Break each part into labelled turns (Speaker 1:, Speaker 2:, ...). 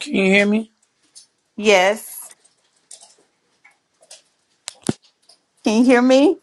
Speaker 1: Can you hear me?
Speaker 2: Yes. Can you hear me?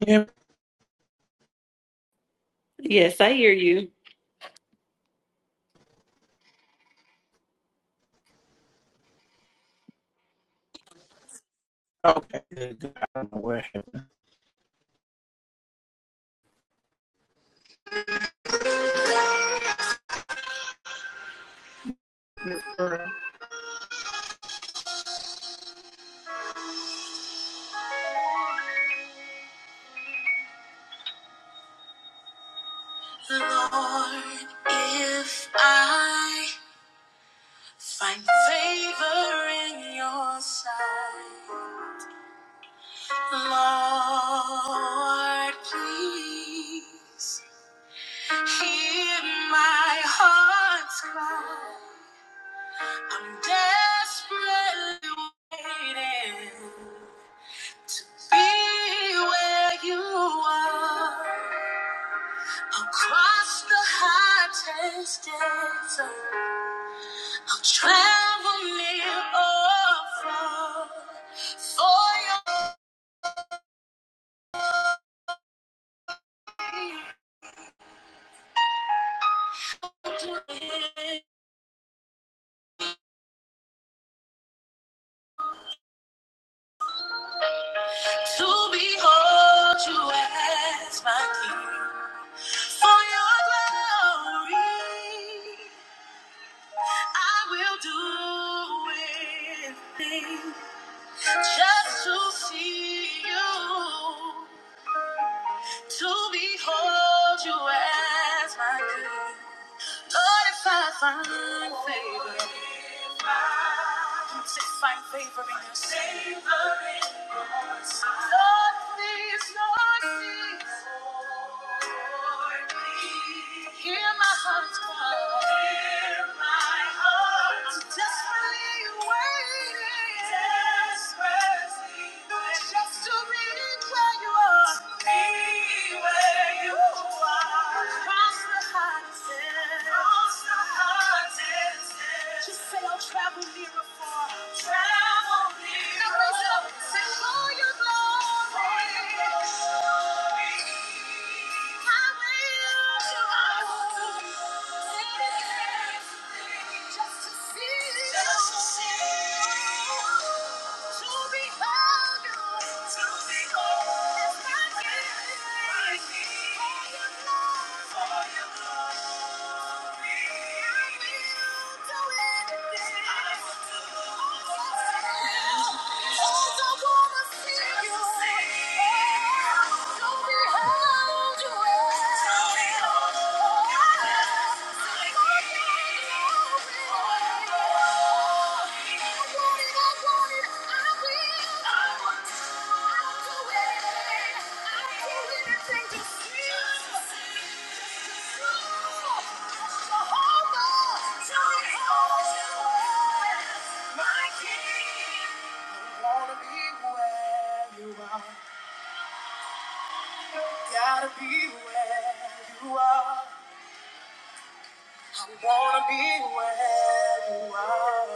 Speaker 1: Can you hear me?
Speaker 2: Yes, I hear you.
Speaker 1: Okay, good, good. I don't know where. happened. Lord, if I find favor in your sight, Lord, please hear my heart's cry. I'm desperately waiting. Be where you are. Across the hottest desert, I'll travel near or far for you to behold you as my king. For your glory, I will do anything just to see you, to behold you as my king. Lord, if I find favor. Say, find favor in your Favor in your sight. Lord, please, Lord, please. Lord, please. Hear my heart's cry. Hear my heart's I'm desperately waiting. Desperately waiting. Just to be where you are. Be where you are. Across the hottest. Across the just say I'll travel near or far. Travel near or far. it up and say, for your glory. I will. I will. do Anything. Just to see you. Just to see you. Don't be held you. My king, wanna be where you are. Gotta be where you are. Wanna be where you are.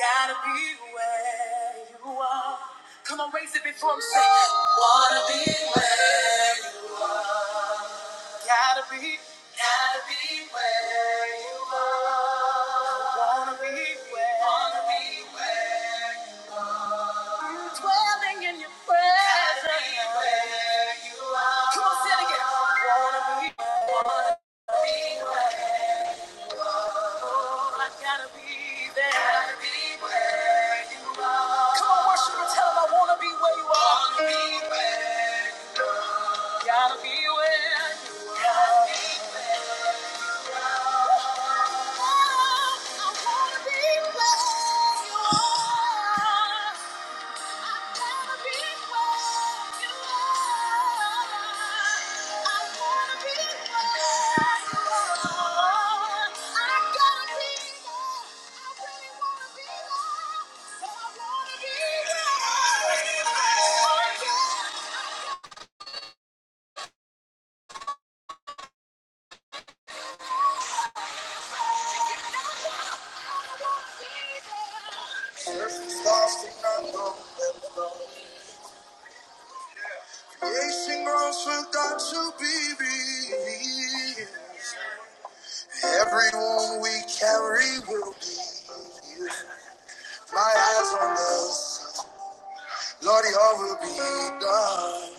Speaker 1: Gotta be where you are. Come on, raise it before I'm sick. Wanna be where you are. Gotta be. Gotta be where you are. Wanna be where. Wanna be where you are. I'm dwelling in your presence. Gotta be where you are. Come on, say it again. Wanna be. Wanna be where. I gotta be there. Gotta be where you are. Come on, worship and tell him I wanna be where you are. Wanna be where you are. Gotta be where you are. Gotta be where you are. I wanna be where you are. Facing grounds for God to be revealed. Everyone we carry will be. My eyes on this, Lord, your will be done.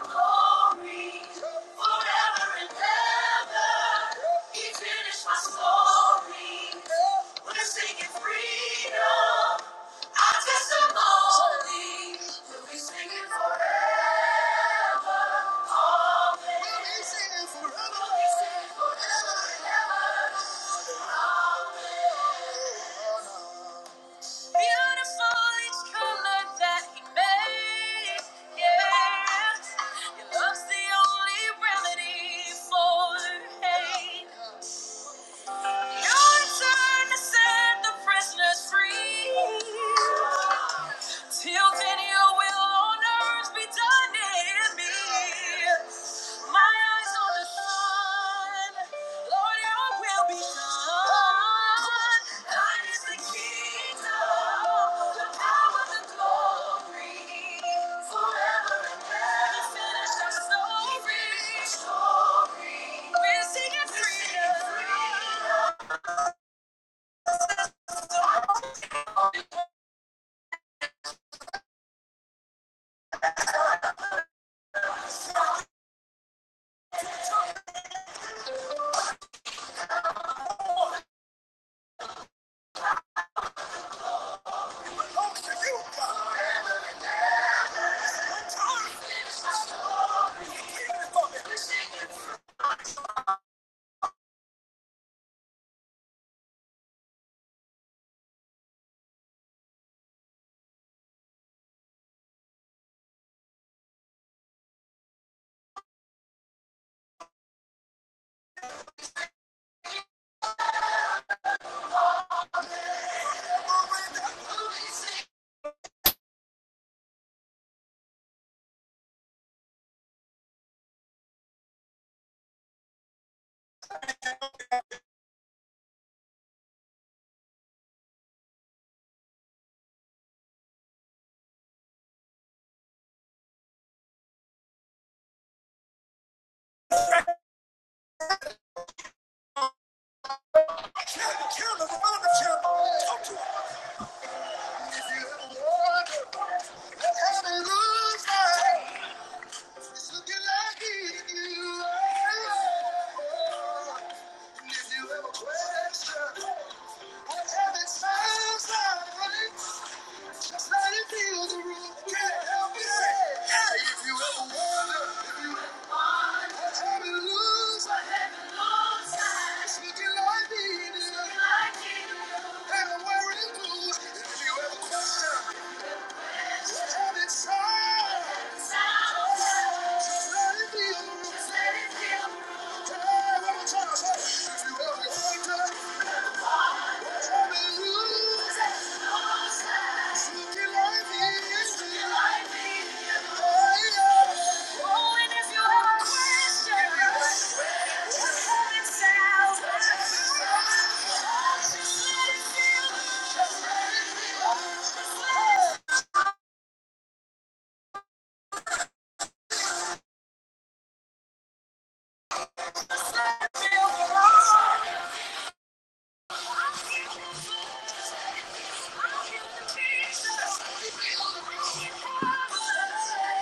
Speaker 1: Glory forever and ever. He finished my story. We're singing freedom. Our testimony will be singing forever. Always. We'll be singing forever. We'll be singing forever and ever. Beautiful each color that he made. Yeah. Your love's the only remedy for hate. Your turn to set the prisoners free. Till then, your will on earth be done in me. My eyes on the sun, Lord, Your will be done. Thine is the kingdom, the power, the glory, forever and ever. finished our story. We're singing freedom. The count of the moment, count. Lord, hallelujah. It's looking like you. If you have question, whatever it sounds like, just let it be the room. Can't help it. Hey, if you ever wonder, if you ever wonder, what heaven looks like, it's looking like it is. And I'm wearing blue. If you ever question, what heaven sounds like, just let it be with the room. Hey, one more time, say, if you ever wonder, Thank you.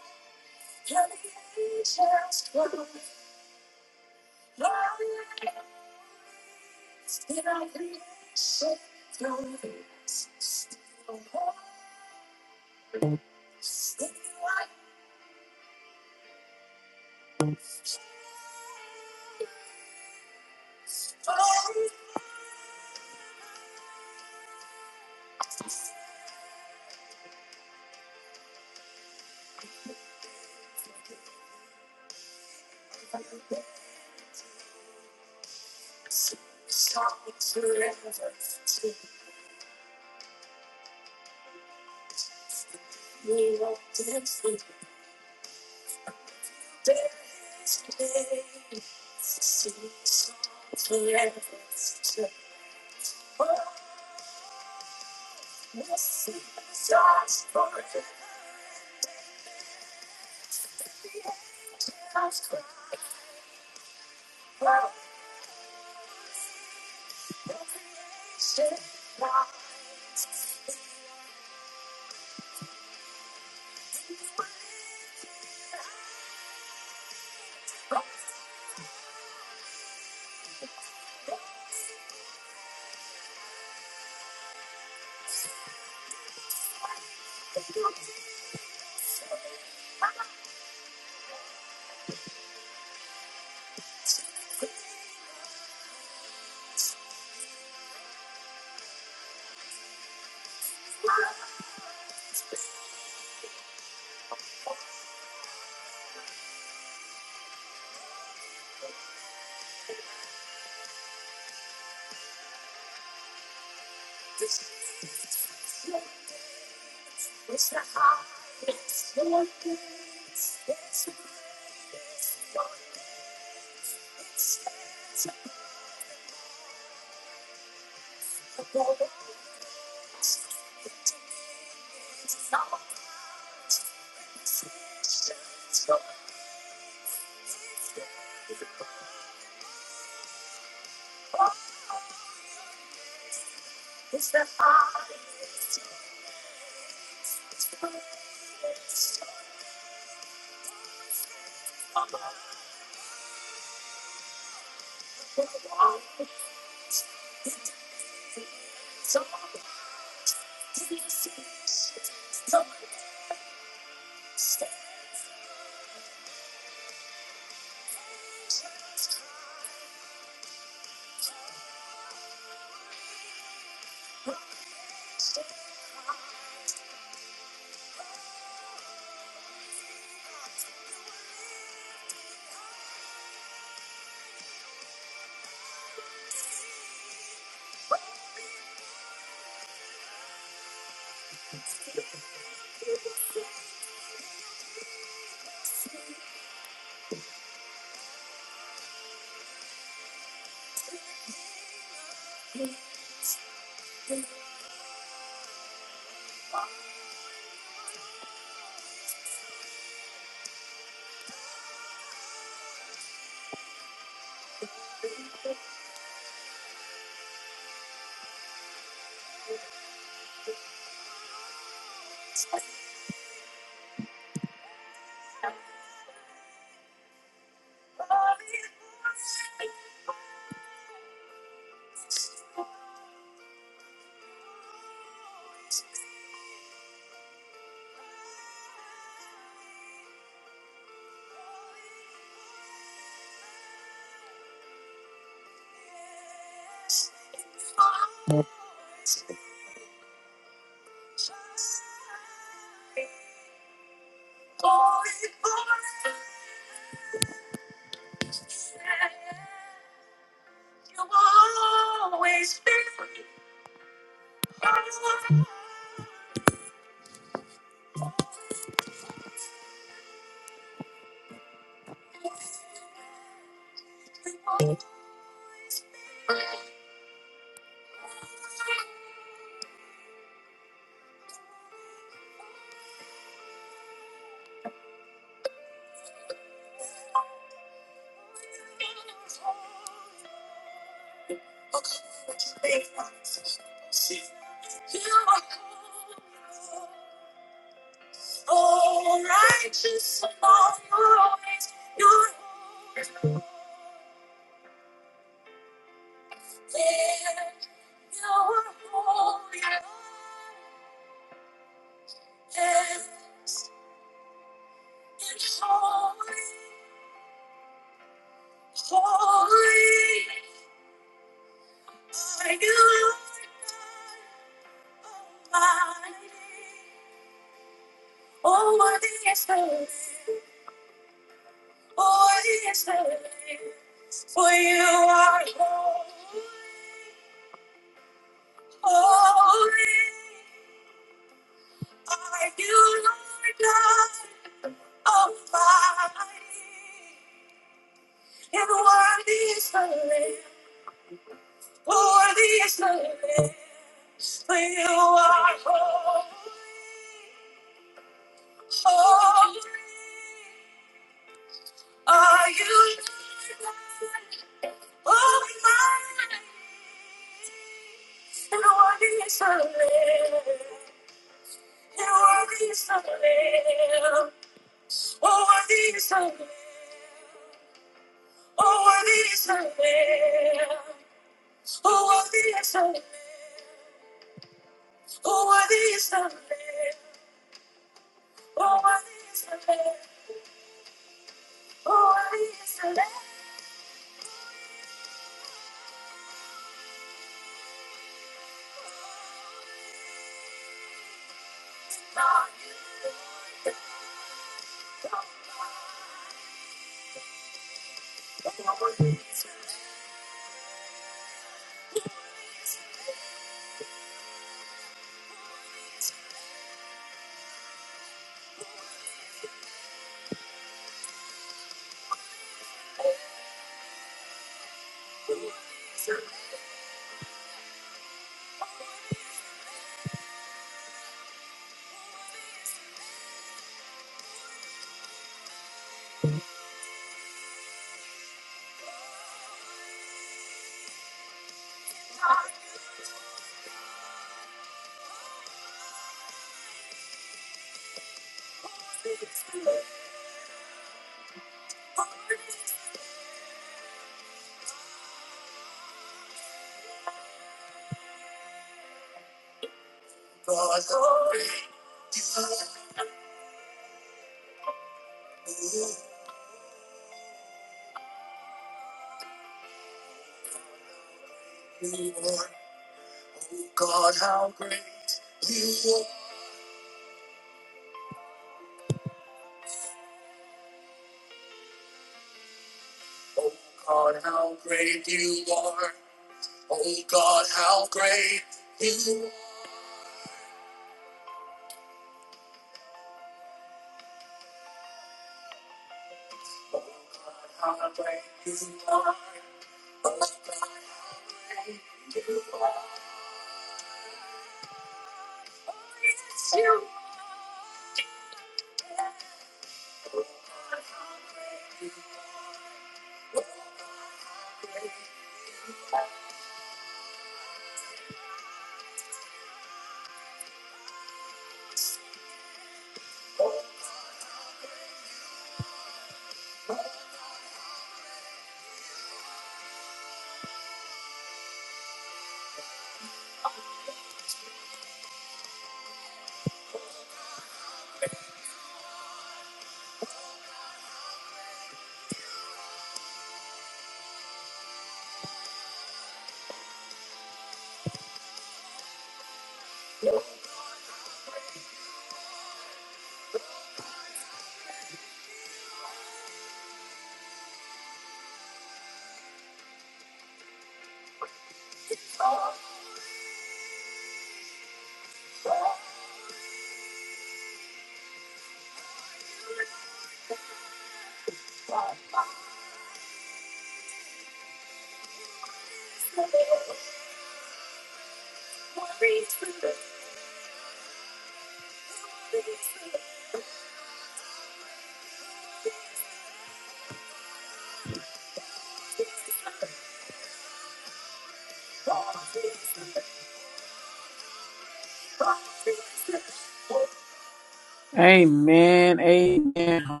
Speaker 1: Amen. Amen.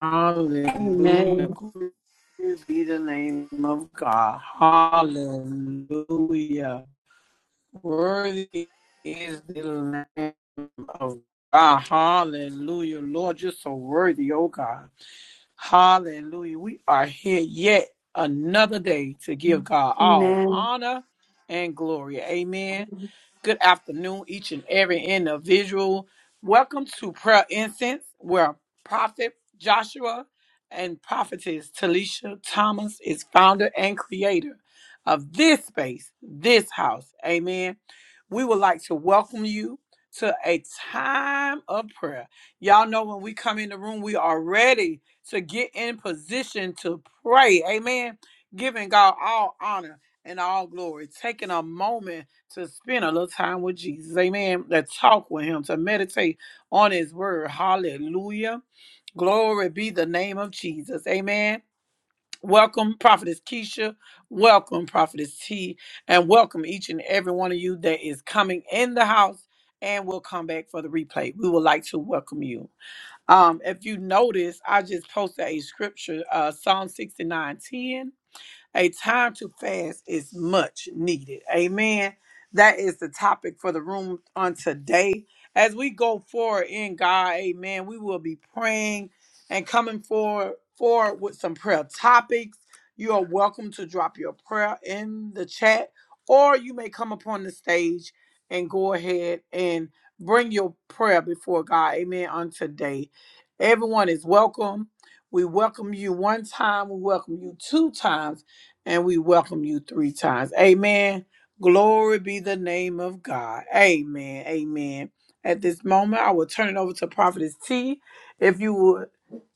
Speaker 1: Hallelujah. Glory be the name of God. Hallelujah. Worthy is the name of God. Hallelujah. Lord, you're so worthy, oh God. Hallelujah. We are here yet another day to give God all honor and glory. Amen. Good afternoon, each and every individual. Welcome to Prayer Incense, where Prophet Joshua and Prophetess Talisha Thomas is founder and creator of this space, this house. Amen. We would like to welcome you to a time of prayer. Y'all know when we come in the room, we are ready to get in position to pray. Amen. Giving God all honor and all glory. Taking a moment to spend a little time with Jesus. Amen. To talk with him, to meditate on his word. Hallelujah. Glory be the name of Jesus. Amen. Welcome, Prophetess Keisha. Welcome, Prophetess T. And welcome each and every one of you that is coming in the house and will come back for the replay. We would like to welcome you. Um, if you notice, I just posted a scripture, uh, Psalm 69:10. A time to fast is much needed. Amen. That is the topic for the room on today. As we go forward in God, amen, we will be praying and coming forward, forward with some prayer topics. You are welcome to drop your prayer in the chat, or you may come upon the stage and go ahead and bring your prayer before God, amen, on today. Everyone is welcome. We welcome you one time, we welcome you two times and we welcome you three times. Amen. Glory be the name of God. Amen. Amen. At this moment, I will turn it over to Prophetess T. If you would,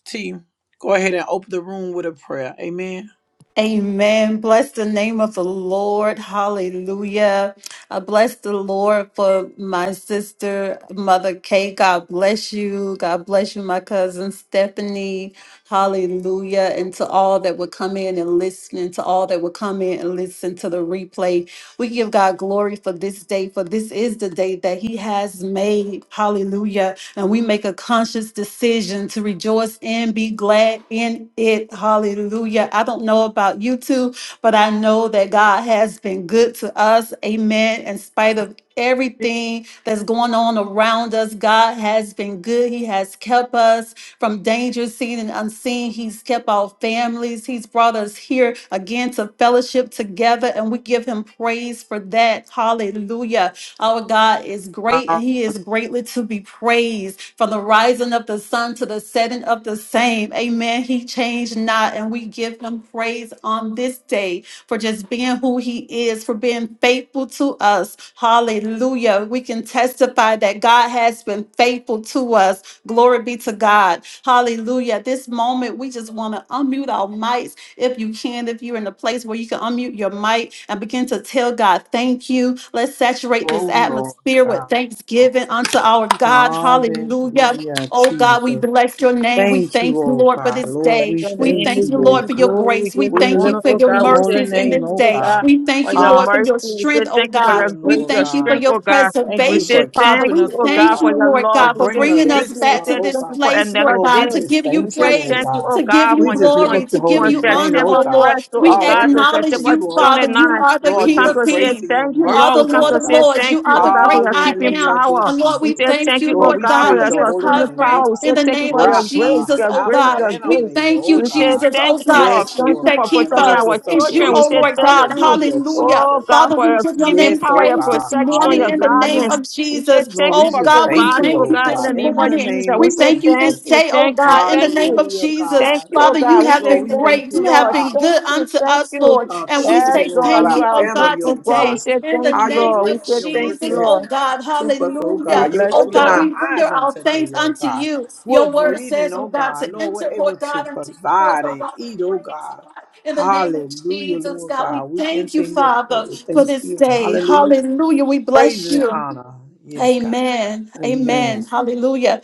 Speaker 1: T, go ahead and open the room with a prayer. Amen.
Speaker 2: Amen. Bless the name of the Lord. Hallelujah. I bless the Lord for my sister, Mother Kay. God bless you. God bless you, my cousin Stephanie. Hallelujah. And to all that would come in and listen, and to all that would come in and listen to the replay. We give God glory for this day, for this is the day that He has made. Hallelujah. And we make a conscious decision to rejoice and be glad in it. Hallelujah. I don't know about you two, but I know that God has been good to us. Amen. In spite of everything that's going on around us, God has been good. He has kept us from danger seen and unseen. He's kept our families. He's brought us here again to fellowship together, and we give him praise for that. Hallelujah. Our God is great and
Speaker 1: Oh,
Speaker 2: he is greatly to be praised from the rising of the sun to the setting of the same. Amen. He changed not and we give him praise on this day for just being who he is, for being faithful to us. Hallelujah. We can testify that God has been faithful to us. Glory be to God. Hallelujah. At This moment, we just want to unmute our mics if you can, if you're in a place where you can unmute your mic and begin to tell God, thank you. Let's saturate this
Speaker 1: Lord
Speaker 2: atmosphere with
Speaker 1: God.
Speaker 2: thanksgiving unto our God. Hallelujah.
Speaker 1: Hallelujah,
Speaker 2: Oh God, we
Speaker 1: Jesus.
Speaker 2: bless your name. We
Speaker 1: Thank you,
Speaker 2: thank you,
Speaker 1: oh
Speaker 2: Lord, for
Speaker 1: God.
Speaker 2: this
Speaker 1: Lord,
Speaker 3: Bless
Speaker 2: day.
Speaker 1: we
Speaker 3: your
Speaker 2: We
Speaker 3: name.
Speaker 1: thank
Speaker 2: thank
Speaker 3: We
Speaker 2: you,
Speaker 1: you,
Speaker 3: give
Speaker 1: oh
Speaker 2: Lord,
Speaker 3: you
Speaker 2: for your
Speaker 1: God.
Speaker 3: glory. We
Speaker 2: grace. We
Speaker 3: give
Speaker 1: We
Speaker 3: you
Speaker 2: thank you
Speaker 3: honor,
Speaker 1: lift
Speaker 2: for
Speaker 3: oh
Speaker 1: up
Speaker 2: your
Speaker 1: your
Speaker 3: God. We say
Speaker 1: holy
Speaker 2: mercies in
Speaker 3: thank
Speaker 1: name,
Speaker 2: this
Speaker 3: you,
Speaker 1: oh
Speaker 3: oh
Speaker 2: day.
Speaker 3: God,
Speaker 1: God.
Speaker 2: We thank
Speaker 3: for
Speaker 2: you,
Speaker 3: your
Speaker 2: Lord, for
Speaker 1: Hallelujah,
Speaker 3: mercy.
Speaker 2: your
Speaker 3: We
Speaker 2: strength,
Speaker 3: say
Speaker 2: oh
Speaker 3: thank you for
Speaker 2: God.
Speaker 3: your
Speaker 2: We
Speaker 3: grace,
Speaker 1: Lord
Speaker 3: your
Speaker 2: thank you for
Speaker 1: God.
Speaker 3: strength,
Speaker 2: your
Speaker 3: oh God.
Speaker 1: Thank
Speaker 3: We
Speaker 1: you
Speaker 3: say
Speaker 1: for
Speaker 2: preservation, Father.
Speaker 1: keeping
Speaker 3: thank
Speaker 2: We
Speaker 1: us,
Speaker 3: you, oh
Speaker 1: oh
Speaker 2: thank
Speaker 3: God, for
Speaker 2: you,
Speaker 1: God,
Speaker 3: your
Speaker 2: Lord
Speaker 3: love.
Speaker 1: for
Speaker 2: God,
Speaker 3: We
Speaker 2: for
Speaker 3: say
Speaker 1: bringing
Speaker 2: bringing
Speaker 1: us
Speaker 3: thank
Speaker 2: us
Speaker 1: this
Speaker 3: you. We
Speaker 2: back
Speaker 1: far,
Speaker 2: to
Speaker 3: say
Speaker 1: oh
Speaker 2: this
Speaker 3: thank you
Speaker 1: God.
Speaker 3: for
Speaker 2: place, Lord
Speaker 3: another
Speaker 1: Lord, we
Speaker 2: God, to
Speaker 3: day.
Speaker 1: just
Speaker 2: give you
Speaker 3: We
Speaker 1: thank
Speaker 3: say
Speaker 1: you, oh
Speaker 3: thank
Speaker 2: praise.
Speaker 3: you,
Speaker 1: God.
Speaker 3: oh
Speaker 2: To give
Speaker 3: God,
Speaker 2: you
Speaker 1: We
Speaker 3: for,
Speaker 1: just lift
Speaker 3: for,
Speaker 2: glory,
Speaker 1: up
Speaker 2: to
Speaker 1: your
Speaker 2: give
Speaker 3: for
Speaker 1: holy
Speaker 2: you
Speaker 1: name,
Speaker 2: honor,
Speaker 1: oh
Speaker 3: September
Speaker 2: oh
Speaker 1: God.
Speaker 2: Lord.
Speaker 3: 1st, to,
Speaker 2: We
Speaker 3: oh
Speaker 1: All
Speaker 3: God, to
Speaker 1: reverence unto
Speaker 2: acknowledge
Speaker 3: September
Speaker 2: you,
Speaker 1: you, oh
Speaker 2: Father.
Speaker 3: 29.
Speaker 1: God.
Speaker 2: You are the
Speaker 3: We
Speaker 1: Lord,
Speaker 2: King
Speaker 3: come
Speaker 1: your
Speaker 2: of
Speaker 3: to say
Speaker 1: grace
Speaker 2: Kings.
Speaker 1: and your
Speaker 3: thank
Speaker 2: You
Speaker 3: you,
Speaker 2: are
Speaker 3: Lord.
Speaker 2: the
Speaker 3: We
Speaker 1: mercy,
Speaker 3: come
Speaker 2: Lord
Speaker 3: to
Speaker 1: Lord
Speaker 2: of
Speaker 3: say
Speaker 1: God.
Speaker 2: Lords.
Speaker 3: thank
Speaker 2: You
Speaker 3: you,
Speaker 2: are
Speaker 3: oh
Speaker 2: the
Speaker 3: God, for
Speaker 2: great
Speaker 3: your
Speaker 2: I
Speaker 3: keeping
Speaker 2: am.
Speaker 1: Hallelujah, dear
Speaker 3: power.
Speaker 2: And Lord,
Speaker 1: Jesus.
Speaker 3: We
Speaker 2: we
Speaker 3: say
Speaker 2: thank
Speaker 3: thank
Speaker 2: you,
Speaker 3: you, oh
Speaker 1: Lord,
Speaker 2: Lord
Speaker 1: we
Speaker 3: God,
Speaker 2: God,
Speaker 3: for
Speaker 1: praise
Speaker 3: your
Speaker 2: for
Speaker 1: your
Speaker 2: your
Speaker 1: holy
Speaker 3: sustaining
Speaker 1: name, oh
Speaker 2: covering
Speaker 3: power. We say
Speaker 2: in
Speaker 1: God.
Speaker 2: the
Speaker 3: thank you
Speaker 2: name
Speaker 3: for
Speaker 2: of
Speaker 3: your grace,
Speaker 1: Rapha,
Speaker 2: Jesus,
Speaker 3: your
Speaker 2: oh
Speaker 1: Alpha
Speaker 3: grace,
Speaker 2: God.
Speaker 3: your
Speaker 1: and
Speaker 2: We
Speaker 3: grace.
Speaker 1: Omega,
Speaker 2: thank
Speaker 1: oh
Speaker 2: you,
Speaker 3: We say
Speaker 1: God.
Speaker 2: Jesus,
Speaker 3: thank
Speaker 2: oh
Speaker 3: you,
Speaker 2: God.
Speaker 3: Lord.
Speaker 1: Yes,
Speaker 2: It's
Speaker 3: Thank
Speaker 2: you
Speaker 3: you
Speaker 1: Lord
Speaker 2: that
Speaker 3: for
Speaker 1: God.
Speaker 2: keep
Speaker 3: protecting
Speaker 1: Lord,
Speaker 3: our
Speaker 1: you're
Speaker 2: us.
Speaker 1: so
Speaker 2: It's you,
Speaker 3: children. We
Speaker 2: oh
Speaker 3: say
Speaker 1: gracious.
Speaker 2: Lord
Speaker 3: thank
Speaker 2: God.
Speaker 3: you,
Speaker 1: Hallelujah,
Speaker 2: Hallelujah.
Speaker 3: oh
Speaker 1: Jesus.
Speaker 3: God,
Speaker 2: Father,
Speaker 3: for
Speaker 2: we
Speaker 3: your
Speaker 2: give your
Speaker 3: keeping
Speaker 1: Yes,
Speaker 2: name
Speaker 3: power,
Speaker 1: oh
Speaker 3: your
Speaker 2: praise this
Speaker 1: God.
Speaker 3: protection,
Speaker 2: morning
Speaker 3: your
Speaker 2: in the name
Speaker 1: Hallelujah.
Speaker 3: guidance.
Speaker 2: of
Speaker 3: We say
Speaker 2: Jesus.
Speaker 1: Lord,
Speaker 3: thank you
Speaker 1: we
Speaker 2: Oh
Speaker 3: for
Speaker 1: just
Speaker 2: God, we
Speaker 1: thank
Speaker 3: providing,
Speaker 1: you,
Speaker 3: oh
Speaker 2: thank
Speaker 1: oh
Speaker 2: you
Speaker 3: God, in
Speaker 2: this
Speaker 3: the
Speaker 1: God,
Speaker 3: name
Speaker 1: in
Speaker 3: of
Speaker 1: the
Speaker 2: morning.
Speaker 3: Jesus.
Speaker 1: name
Speaker 3: We
Speaker 1: of
Speaker 2: We
Speaker 3: say
Speaker 2: thank you
Speaker 3: thank
Speaker 2: this
Speaker 1: Jesus.
Speaker 3: you,
Speaker 2: day, oh
Speaker 3: thank you,
Speaker 2: God, in the
Speaker 3: thank
Speaker 2: name
Speaker 3: you,
Speaker 2: of
Speaker 1: Hallelujah,
Speaker 2: Jesus.
Speaker 3: thank
Speaker 1: God.
Speaker 3: you, oh
Speaker 2: Father, you
Speaker 3: God. We
Speaker 2: have
Speaker 3: say
Speaker 1: Lord,
Speaker 2: been
Speaker 1: we thank
Speaker 3: thank
Speaker 2: great.
Speaker 3: you,
Speaker 1: you
Speaker 2: You
Speaker 1: for
Speaker 2: have
Speaker 3: Lord.
Speaker 1: our
Speaker 2: been
Speaker 3: Thank
Speaker 2: good
Speaker 3: you,
Speaker 2: unto
Speaker 3: thank
Speaker 2: us,
Speaker 3: you.
Speaker 2: Lord.
Speaker 1: uh,
Speaker 2: And we
Speaker 3: Yes,
Speaker 1: children,
Speaker 2: say
Speaker 1: oh
Speaker 3: Lord,
Speaker 1: God,
Speaker 2: thank
Speaker 3: you
Speaker 1: our
Speaker 2: you,
Speaker 3: are a
Speaker 2: oh
Speaker 3: good,
Speaker 2: God,
Speaker 1: family,
Speaker 3: good
Speaker 1: oh
Speaker 3: God. We
Speaker 2: today.
Speaker 1: God.
Speaker 3: say
Speaker 2: In the
Speaker 3: thank
Speaker 1: How
Speaker 3: you,
Speaker 1: your
Speaker 2: name
Speaker 3: Lord. We
Speaker 2: of
Speaker 1: grace and
Speaker 3: say
Speaker 1: your
Speaker 3: thank
Speaker 1: mercy
Speaker 3: you,
Speaker 2: Jesus,
Speaker 1: has
Speaker 2: oh
Speaker 3: Lord.
Speaker 1: God,
Speaker 2: God,
Speaker 1: kept us, oh
Speaker 3: We
Speaker 2: hallelujah.
Speaker 1: God. You
Speaker 3: bless
Speaker 2: Oh
Speaker 3: you,
Speaker 1: open
Speaker 2: God,
Speaker 3: Lord.
Speaker 1: our
Speaker 2: we render
Speaker 1: eyes on
Speaker 2: our
Speaker 1: today,
Speaker 2: thanks
Speaker 1: oh
Speaker 2: unto
Speaker 1: God.
Speaker 2: you.
Speaker 1: We're
Speaker 2: Your word
Speaker 1: breathing,
Speaker 2: says, oh
Speaker 1: oh
Speaker 2: God,
Speaker 1: God.
Speaker 2: to
Speaker 1: Lord, we're
Speaker 2: enter, oh
Speaker 1: able to
Speaker 2: God, unto you. courts,
Speaker 1: provide
Speaker 2: oh
Speaker 1: and
Speaker 2: God,
Speaker 1: eat,
Speaker 2: with
Speaker 1: oh
Speaker 2: praise, oh
Speaker 1: God.
Speaker 2: God. In the name of
Speaker 1: Hallelujah,
Speaker 2: Jesus,
Speaker 1: Lord
Speaker 2: God,
Speaker 1: God.
Speaker 2: we
Speaker 1: We
Speaker 2: thank you,
Speaker 1: enter in your court
Speaker 2: Father,
Speaker 1: with
Speaker 2: for this
Speaker 1: thanksgiving.
Speaker 2: day.
Speaker 1: Hallelujah.
Speaker 2: Hallelujah. We
Speaker 1: Praise
Speaker 2: bless
Speaker 1: and
Speaker 2: you.
Speaker 1: honor. Yes, God.
Speaker 2: Amen. Amen.
Speaker 1: Amen.
Speaker 2: Hallelujah.